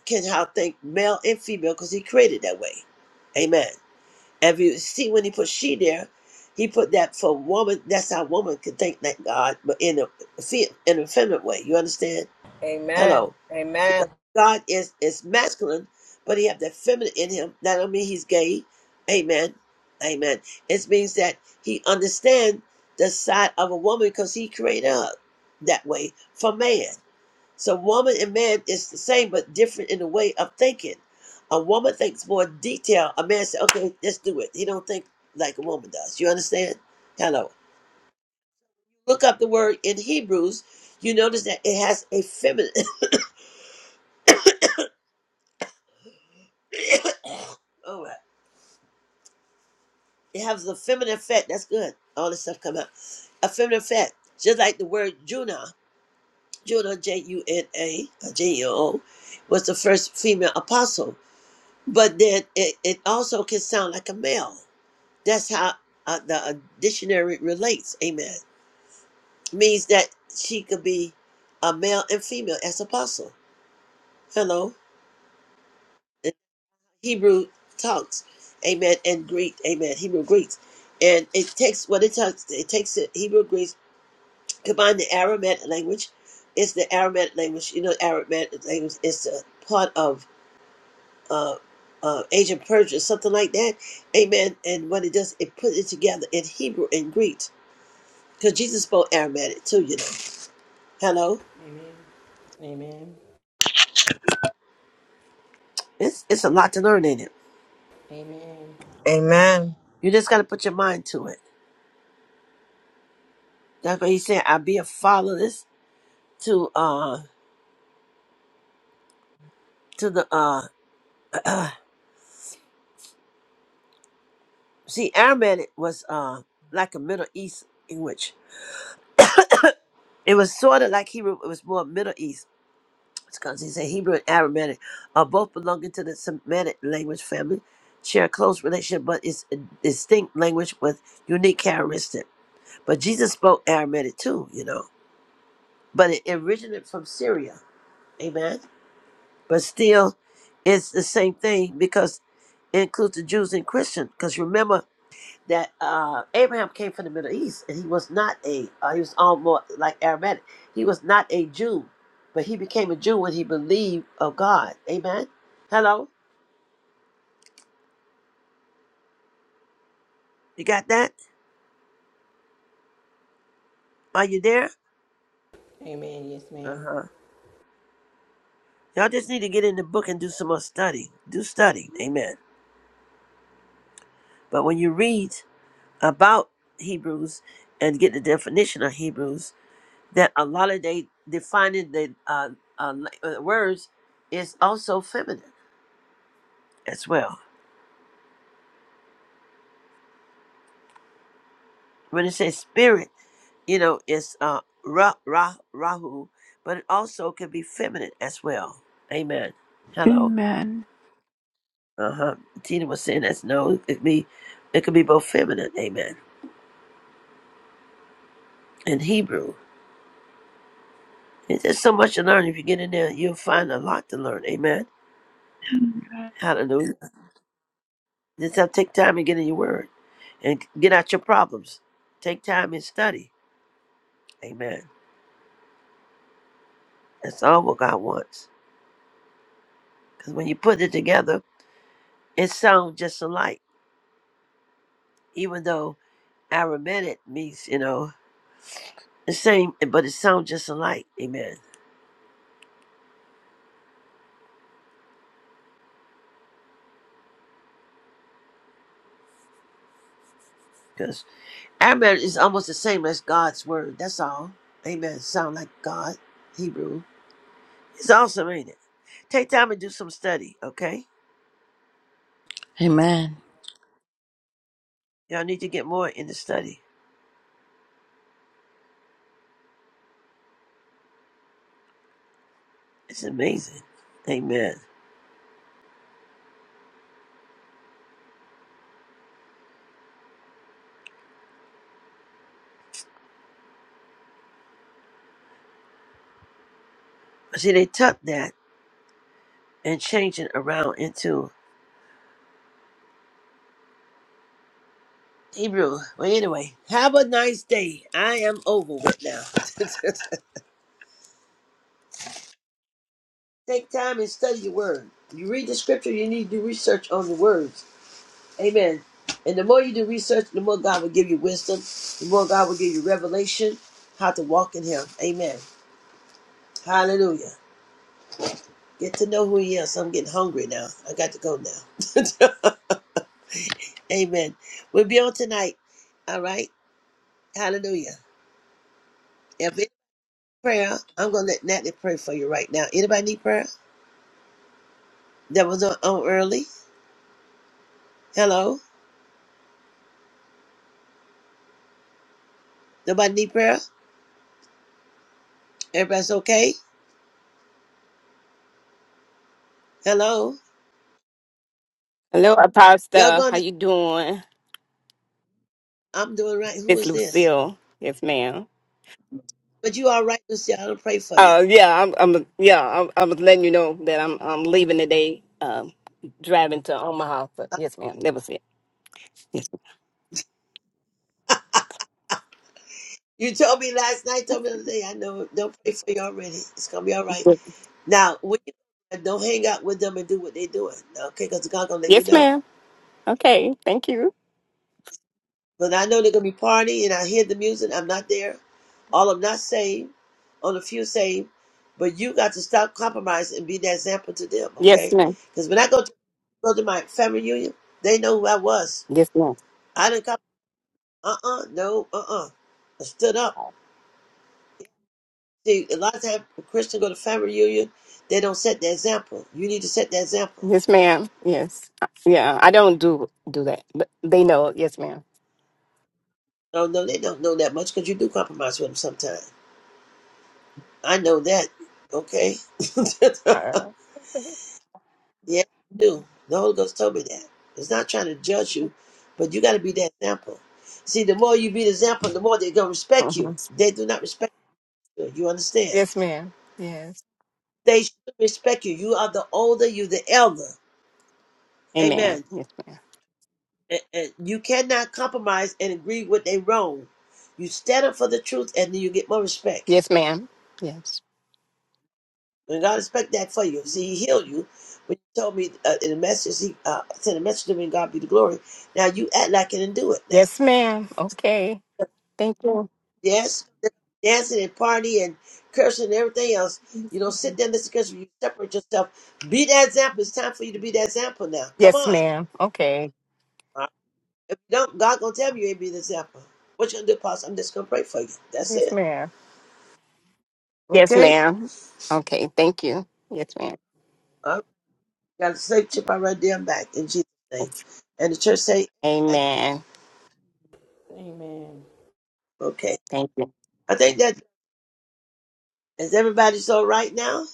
Speaker 3: can how think male and female because he created that way. Amen. And If you see when he put she there, he put that for woman. That's how woman can think that God, but in a fe- in a feminine way. You understand?
Speaker 6: Amen.
Speaker 3: Hello.
Speaker 6: Amen.
Speaker 3: God is is masculine, but he have that feminine in him. That don't mean he's gay. Amen. Amen. It means that he understand the side of a woman because he created her that way for man. So woman and man is the same, but different in the way of thinking. A woman thinks more detail. A man says, okay, let's do it. He don't think like a woman does. You understand? Hello. Look up the word in Hebrews. You notice that it has a feminine. All right. It has a feminine effect. That's good. All this stuff come out. A feminine effect. Just like the word Juna. Juna, J-U-N-A, or J-U-O, was the first female apostle. But then it, it also can sound like a male. That's how uh, the uh, dictionary relates. Amen. Means that she could be a male and female as apostle. Hello. In Hebrew talks. Amen. And Greek. Amen. Hebrew Greeks. And it takes what it takes. It takes the Hebrew Greeks, combine the Aramaic language. It's the Aramaic language. You know, Aramaic language is a part of uh, uh, ancient Persia, something like that. Amen. And what it does, it puts it together in Hebrew and Greek. Because Jesus spoke Aramaic too, you know. Hello.
Speaker 7: Amen. Amen.
Speaker 3: It's it's a lot to learn in it.
Speaker 7: Amen.
Speaker 6: Amen.
Speaker 3: You just gotta put your mind to it. That's what he's saying. I be a follower this to uh to the uh see Aramaic was uh like a Middle East language. It was sort of like Hebrew. It was more Middle East because he said Hebrew and Aramaic are both belonging to the Semitic language family, share a close relationship, but it's a distinct language with unique characteristic. But Jesus spoke Aramaic too, you know. But it originated from Syria. Amen. But still, it's the same thing because it includes the Jews and Christians. Because remember that uh, Abraham came from the Middle East and he was not a, uh, he was almost like Aramaic. He was not a Jew, but he became a Jew when he believed of God. Amen. Hello? You got that? Are you there?
Speaker 7: Amen. Yes,
Speaker 3: Uh
Speaker 7: ma'am.
Speaker 3: huh. Y'all just need to get in the book and do some more study. Do study. Amen. But when you read about Hebrews and get the definition of Hebrews, that a lot of they defining the uh, uh, la- uh, words is also feminine as well. When it says spirit, you know, it's uh, ra, ra, rahu, but it also can be feminine as well. Amen. Hello.
Speaker 1: Amen.
Speaker 3: Uh huh. Tina was saying that's no, it could be, it could be both feminine. Amen. In Hebrew, it's just so much to learn. If you get in there, you'll find a lot to learn. Amen. Hallelujah. Just have to take time and get in your word, and get out your problems. Take time and study Amen. That's all what God wants. Because when you put it together, it sounds just alike. Even though Aramaic means, you know, the same, but it sounds just alike. Amen. Because Aramaic is almost the same as God's word. That's all. Amen. Sound like God, Hebrew. It's awesome, ain't it? Take time and do some study, okay?
Speaker 4: Amen.
Speaker 3: Y'all need to get more into study. It's amazing. Amen. But see, they took that and changed it around into Hebrew. Well, anyway, have a nice day. I am over with now. Take time and study your word. You read the scripture, you need to do research on the words. Amen. And the more you do research, the more God will give you wisdom, the more God will give you revelation how to walk in Him. Amen. Hallelujah. Get to know who He is. I'm getting hungry now. I got to go now. Amen. We'll be on tonight. All right. Hallelujah. If it's prayer, I'm going to let Natalie pray for you right now. Anybody need prayer? That was on, on early. Hello. Nobody need prayer? Everybody's okay? Hello.
Speaker 8: Hello,
Speaker 3: Y'all
Speaker 8: Apostle.
Speaker 3: going
Speaker 8: How
Speaker 3: to,
Speaker 8: you doing?
Speaker 3: I'm doing right. Who
Speaker 8: It's
Speaker 3: is this?
Speaker 8: Lucille. Yes, ma'am.
Speaker 3: But you all right, Lucy. I don't pray for you.
Speaker 8: Uh, yeah, I'm. I'm yeah, I'm, I'm letting you know that I'm. I'm leaving today. Um, driving to Omaha. But yes, ma'am. That was it. Yes.
Speaker 3: You told me last night, told me the other day, I know, don't pray for you already. It's going to be all right. Now, when you, don't hang out with them and do what they're doing. Okay, because God's going to let me
Speaker 8: Yes,
Speaker 3: know.
Speaker 8: ma'am. Okay. Thank you.
Speaker 3: But I know they're gonna be partying, and I hear the music. I'm not there. All I'm not saved, on a few saved, but you got to stop compromising and be that example to them,
Speaker 8: Yes,
Speaker 3: okay?
Speaker 8: ma'am.
Speaker 3: Because when I go to go to my family reunion, they know who I was.
Speaker 8: Yes, ma'am.
Speaker 3: I didn't come. Uh uh no uh uh. I stood up. See, a lot of times when Christians go to family reunion, they don't set the example. You need to set the example.
Speaker 8: Yes, ma'am. Yes. Yeah. I don't do do that, but they know. Yes, ma'am.
Speaker 3: No, no, they don't know that much because you do compromise with them sometimes. I know that. Okay.
Speaker 8: Uh,
Speaker 3: Yeah, you do. The Holy Ghost told me that. It's not trying to judge you, but you got to be that example. See, the more you be the example, the more they're going to respect you.
Speaker 8: mhm.
Speaker 3: They do not respect you. You understand?
Speaker 8: Yes, ma'am. Yes.
Speaker 3: They should respect you. You are the older, you the elder.
Speaker 8: Amen.
Speaker 3: Amen.
Speaker 8: Yes, ma'am.
Speaker 3: And, and you cannot compromise and agree with they wrong. You stand up for the truth, and then you get more respect.
Speaker 8: Yes, ma'am. Yes.
Speaker 3: And God respect that for you. See, He healed you. When you told me uh, in a message, He uh, sent a message to me, and God be the glory. Now you act like it and do it now.
Speaker 8: Yes, ma'am. Okay. Thank you.
Speaker 3: Yes, dancing and party and cursing and everything else. You don't sit there and listen to cursing. You separate yourself. Be that example. It's time for you to be that example now. Come
Speaker 8: Yes,
Speaker 3: on.
Speaker 8: ma'am. Okay.
Speaker 3: All right. If you don't, God gonna tell you you ain't be the example. What you gonna do, Pastor? I'm just gonna pray for you. That's
Speaker 8: Yes,
Speaker 3: it.
Speaker 8: ma'am. Yes,
Speaker 3: Okay.
Speaker 8: ma'am. Okay. Thank you. Yes, ma'am.
Speaker 3: All right. Got a safe chip I right there and back in Jesus' name.
Speaker 8: Yes.
Speaker 3: And the church say, Amen.
Speaker 8: Amen.
Speaker 7: Amen.
Speaker 3: okay.
Speaker 8: Thank you.
Speaker 3: I think that is everybody's all right now.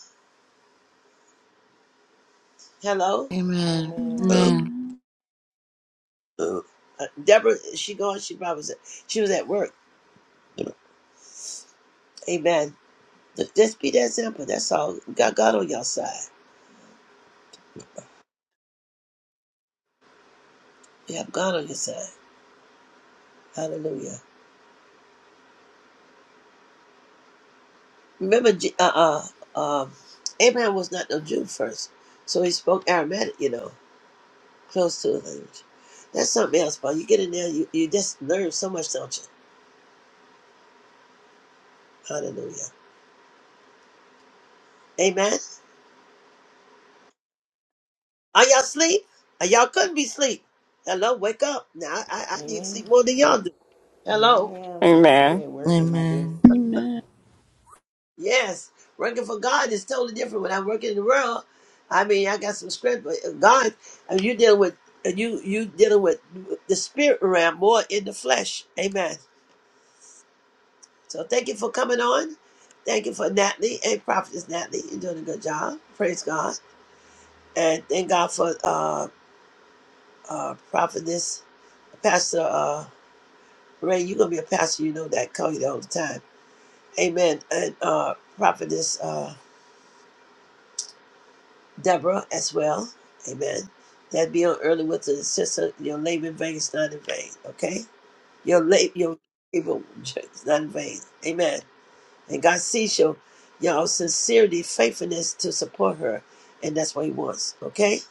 Speaker 4: Amen.
Speaker 3: Hello.
Speaker 4: Amen.
Speaker 7: Amen.
Speaker 3: Uh,
Speaker 4: Amen.
Speaker 1: Amen.
Speaker 3: uh, uh, Deborah, is she gone? She probably was at, she was at work. Amen. Just just be that simple. That's all. You got God on your side. You have God on your side. Hallelujah. Remember, J- uh, uh, um, Abraham was not no Jew first, so he spoke Aramaic. You know, close to the language. That's something else, Paul. You get in there, you, you just learn so much, don't you? Hallelujah. Amen. Are y'all asleep? Are y'all couldn't be asleep. Hello, wake up. Now I, I I need
Speaker 7: Amen.
Speaker 3: sleep more than y'all do.
Speaker 7: No,
Speaker 3: Hello.
Speaker 7: ma'am. I'm
Speaker 8: Amen.
Speaker 7: at work at my
Speaker 2: Amen.
Speaker 7: desk.
Speaker 1: Amen.
Speaker 3: Yes, working for God is totally different. When I am working in the world, I mean, I got some script, but God, and you dealing with and you you dealing with the spirit realm more in the flesh. Amen. So thank you for coming on. Thank you for Natalie and Prophetess Natalie. You're doing a good job. Praise God. And thank God for uh uh Prophetess Pastor uh Ray. You're gonna be a pastor. You know that. Call you all the time. Amen. And uh Prophetess. Uh, Deborah as well. Amen. That be on early with the sister. Your labor in vain is not in vain. Okay. Your labor, your labor is not in vain. Amen. And God sees your y'all sincerity, faithfulness to support her, and that's what He wants. Okay.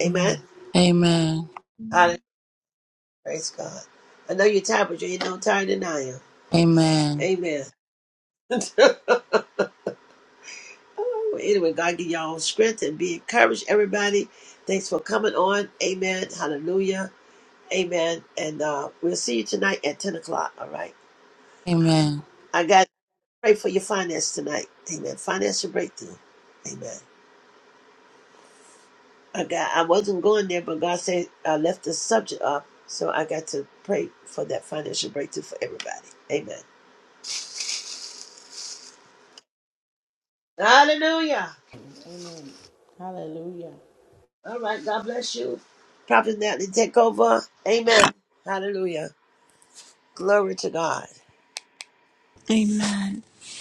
Speaker 3: Amen.
Speaker 4: Amen.
Speaker 3: Hallelujah. Praise God. I know you're tired, but you ain't no tired than I am.
Speaker 4: Amen.
Speaker 3: Amen. Oh, anyway, God give y'all strength and be encouraged, everybody. Thanks for coming on. Amen. Hallelujah. Amen. And uh, we'll see you tonight at 10 o'clock. All right.
Speaker 4: Amen.
Speaker 3: I got to pray for your finance tonight. Amen. Financial breakthrough. Amen. I got. I wasn't going there, but God said I left the subject up, so I got to pray for that financial breakthrough for everybody. Amen. Hallelujah.
Speaker 7: Amen. Hallelujah.
Speaker 3: All right. God bless you. Prophet Natalie, take over. Amen. Hallelujah. Glory to God.
Speaker 1: Amen.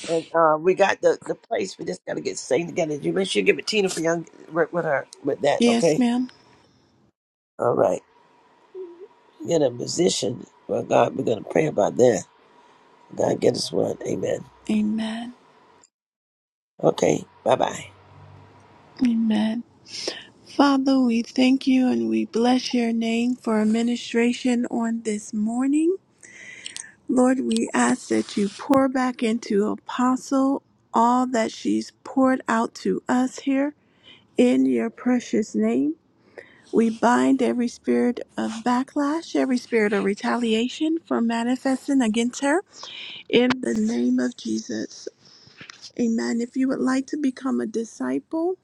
Speaker 3: And uh, we got the, the place. We just got to get staying together. You make sure you get with Tina for young work with her with that.
Speaker 1: Yes,
Speaker 3: Okay.
Speaker 1: ma'am.
Speaker 3: All right. get a musician. Well, God, we're going to pray about that. God, get us one. Amen.
Speaker 1: Amen.
Speaker 3: Okay, bye bye.
Speaker 1: Amen. Father, we thank you and we bless your name for administration on this morning. Lord, we ask that you pour back into Apostle all that she's poured out to us here in your precious name. We bind every spirit of backlash, every spirit of retaliation for manifesting against her in the name of Jesus. Amen. If you would like to become a disciple,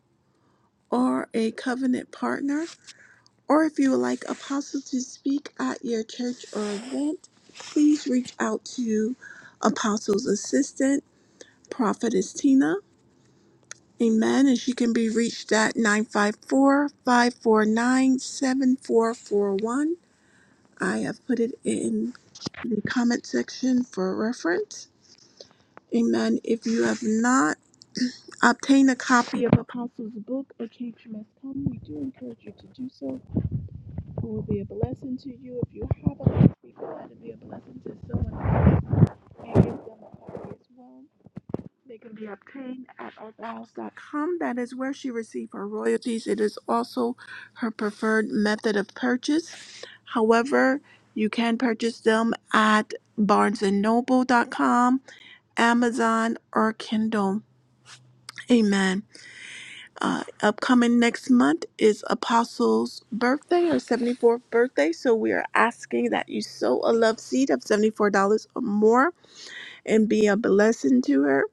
Speaker 1: or a covenant partner, or if you would like Apostle to speak at your church or event, please reach out to Apostle's assistant, Prophetess Tina. Amen. And she can be reached at 954 549 7441. I have put it in the comment section for reference. Amen. If you have not obtained a copy of Apostle's book, A Cage Must Come, we do encourage you to do so who will be a blessing to you. If you have a life, be glad to be a blessing to someone and give them a copy as well. They can be obtained at arthouse.com. That is where she received her royalties. It is also her preferred method of purchase. However, you can purchase them at barnesandnoble.com, Amazon, or Kindle. Amen. uh, upcoming next month is Apostle's birthday, her 74th birthday. So we are asking that you sow a love seed of $74 or more and be a blessing to her.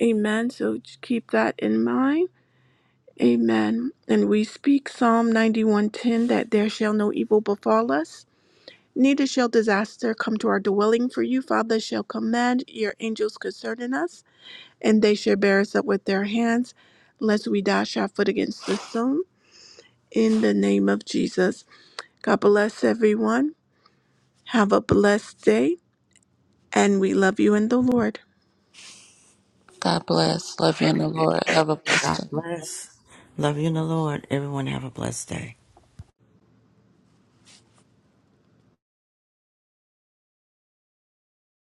Speaker 1: Amen. So just keep that in mind. Amen. And we speak Psalm 91:10 that there shall no evil befall us. Neither shall disaster come to our dwelling, for you, Father, shall command your angels concerning us, and they shall bear us up with their hands, lest we dash our foot against the stone. in the name of Jesus. God bless everyone. Have a blessed day, and we love you in the Lord.
Speaker 4: God bless. Love you in the Lord. Have a
Speaker 2: God
Speaker 4: blessed day.
Speaker 2: bless. Love you in the
Speaker 7: Thanks.
Speaker 2: Lord. Everyone have a blessed day.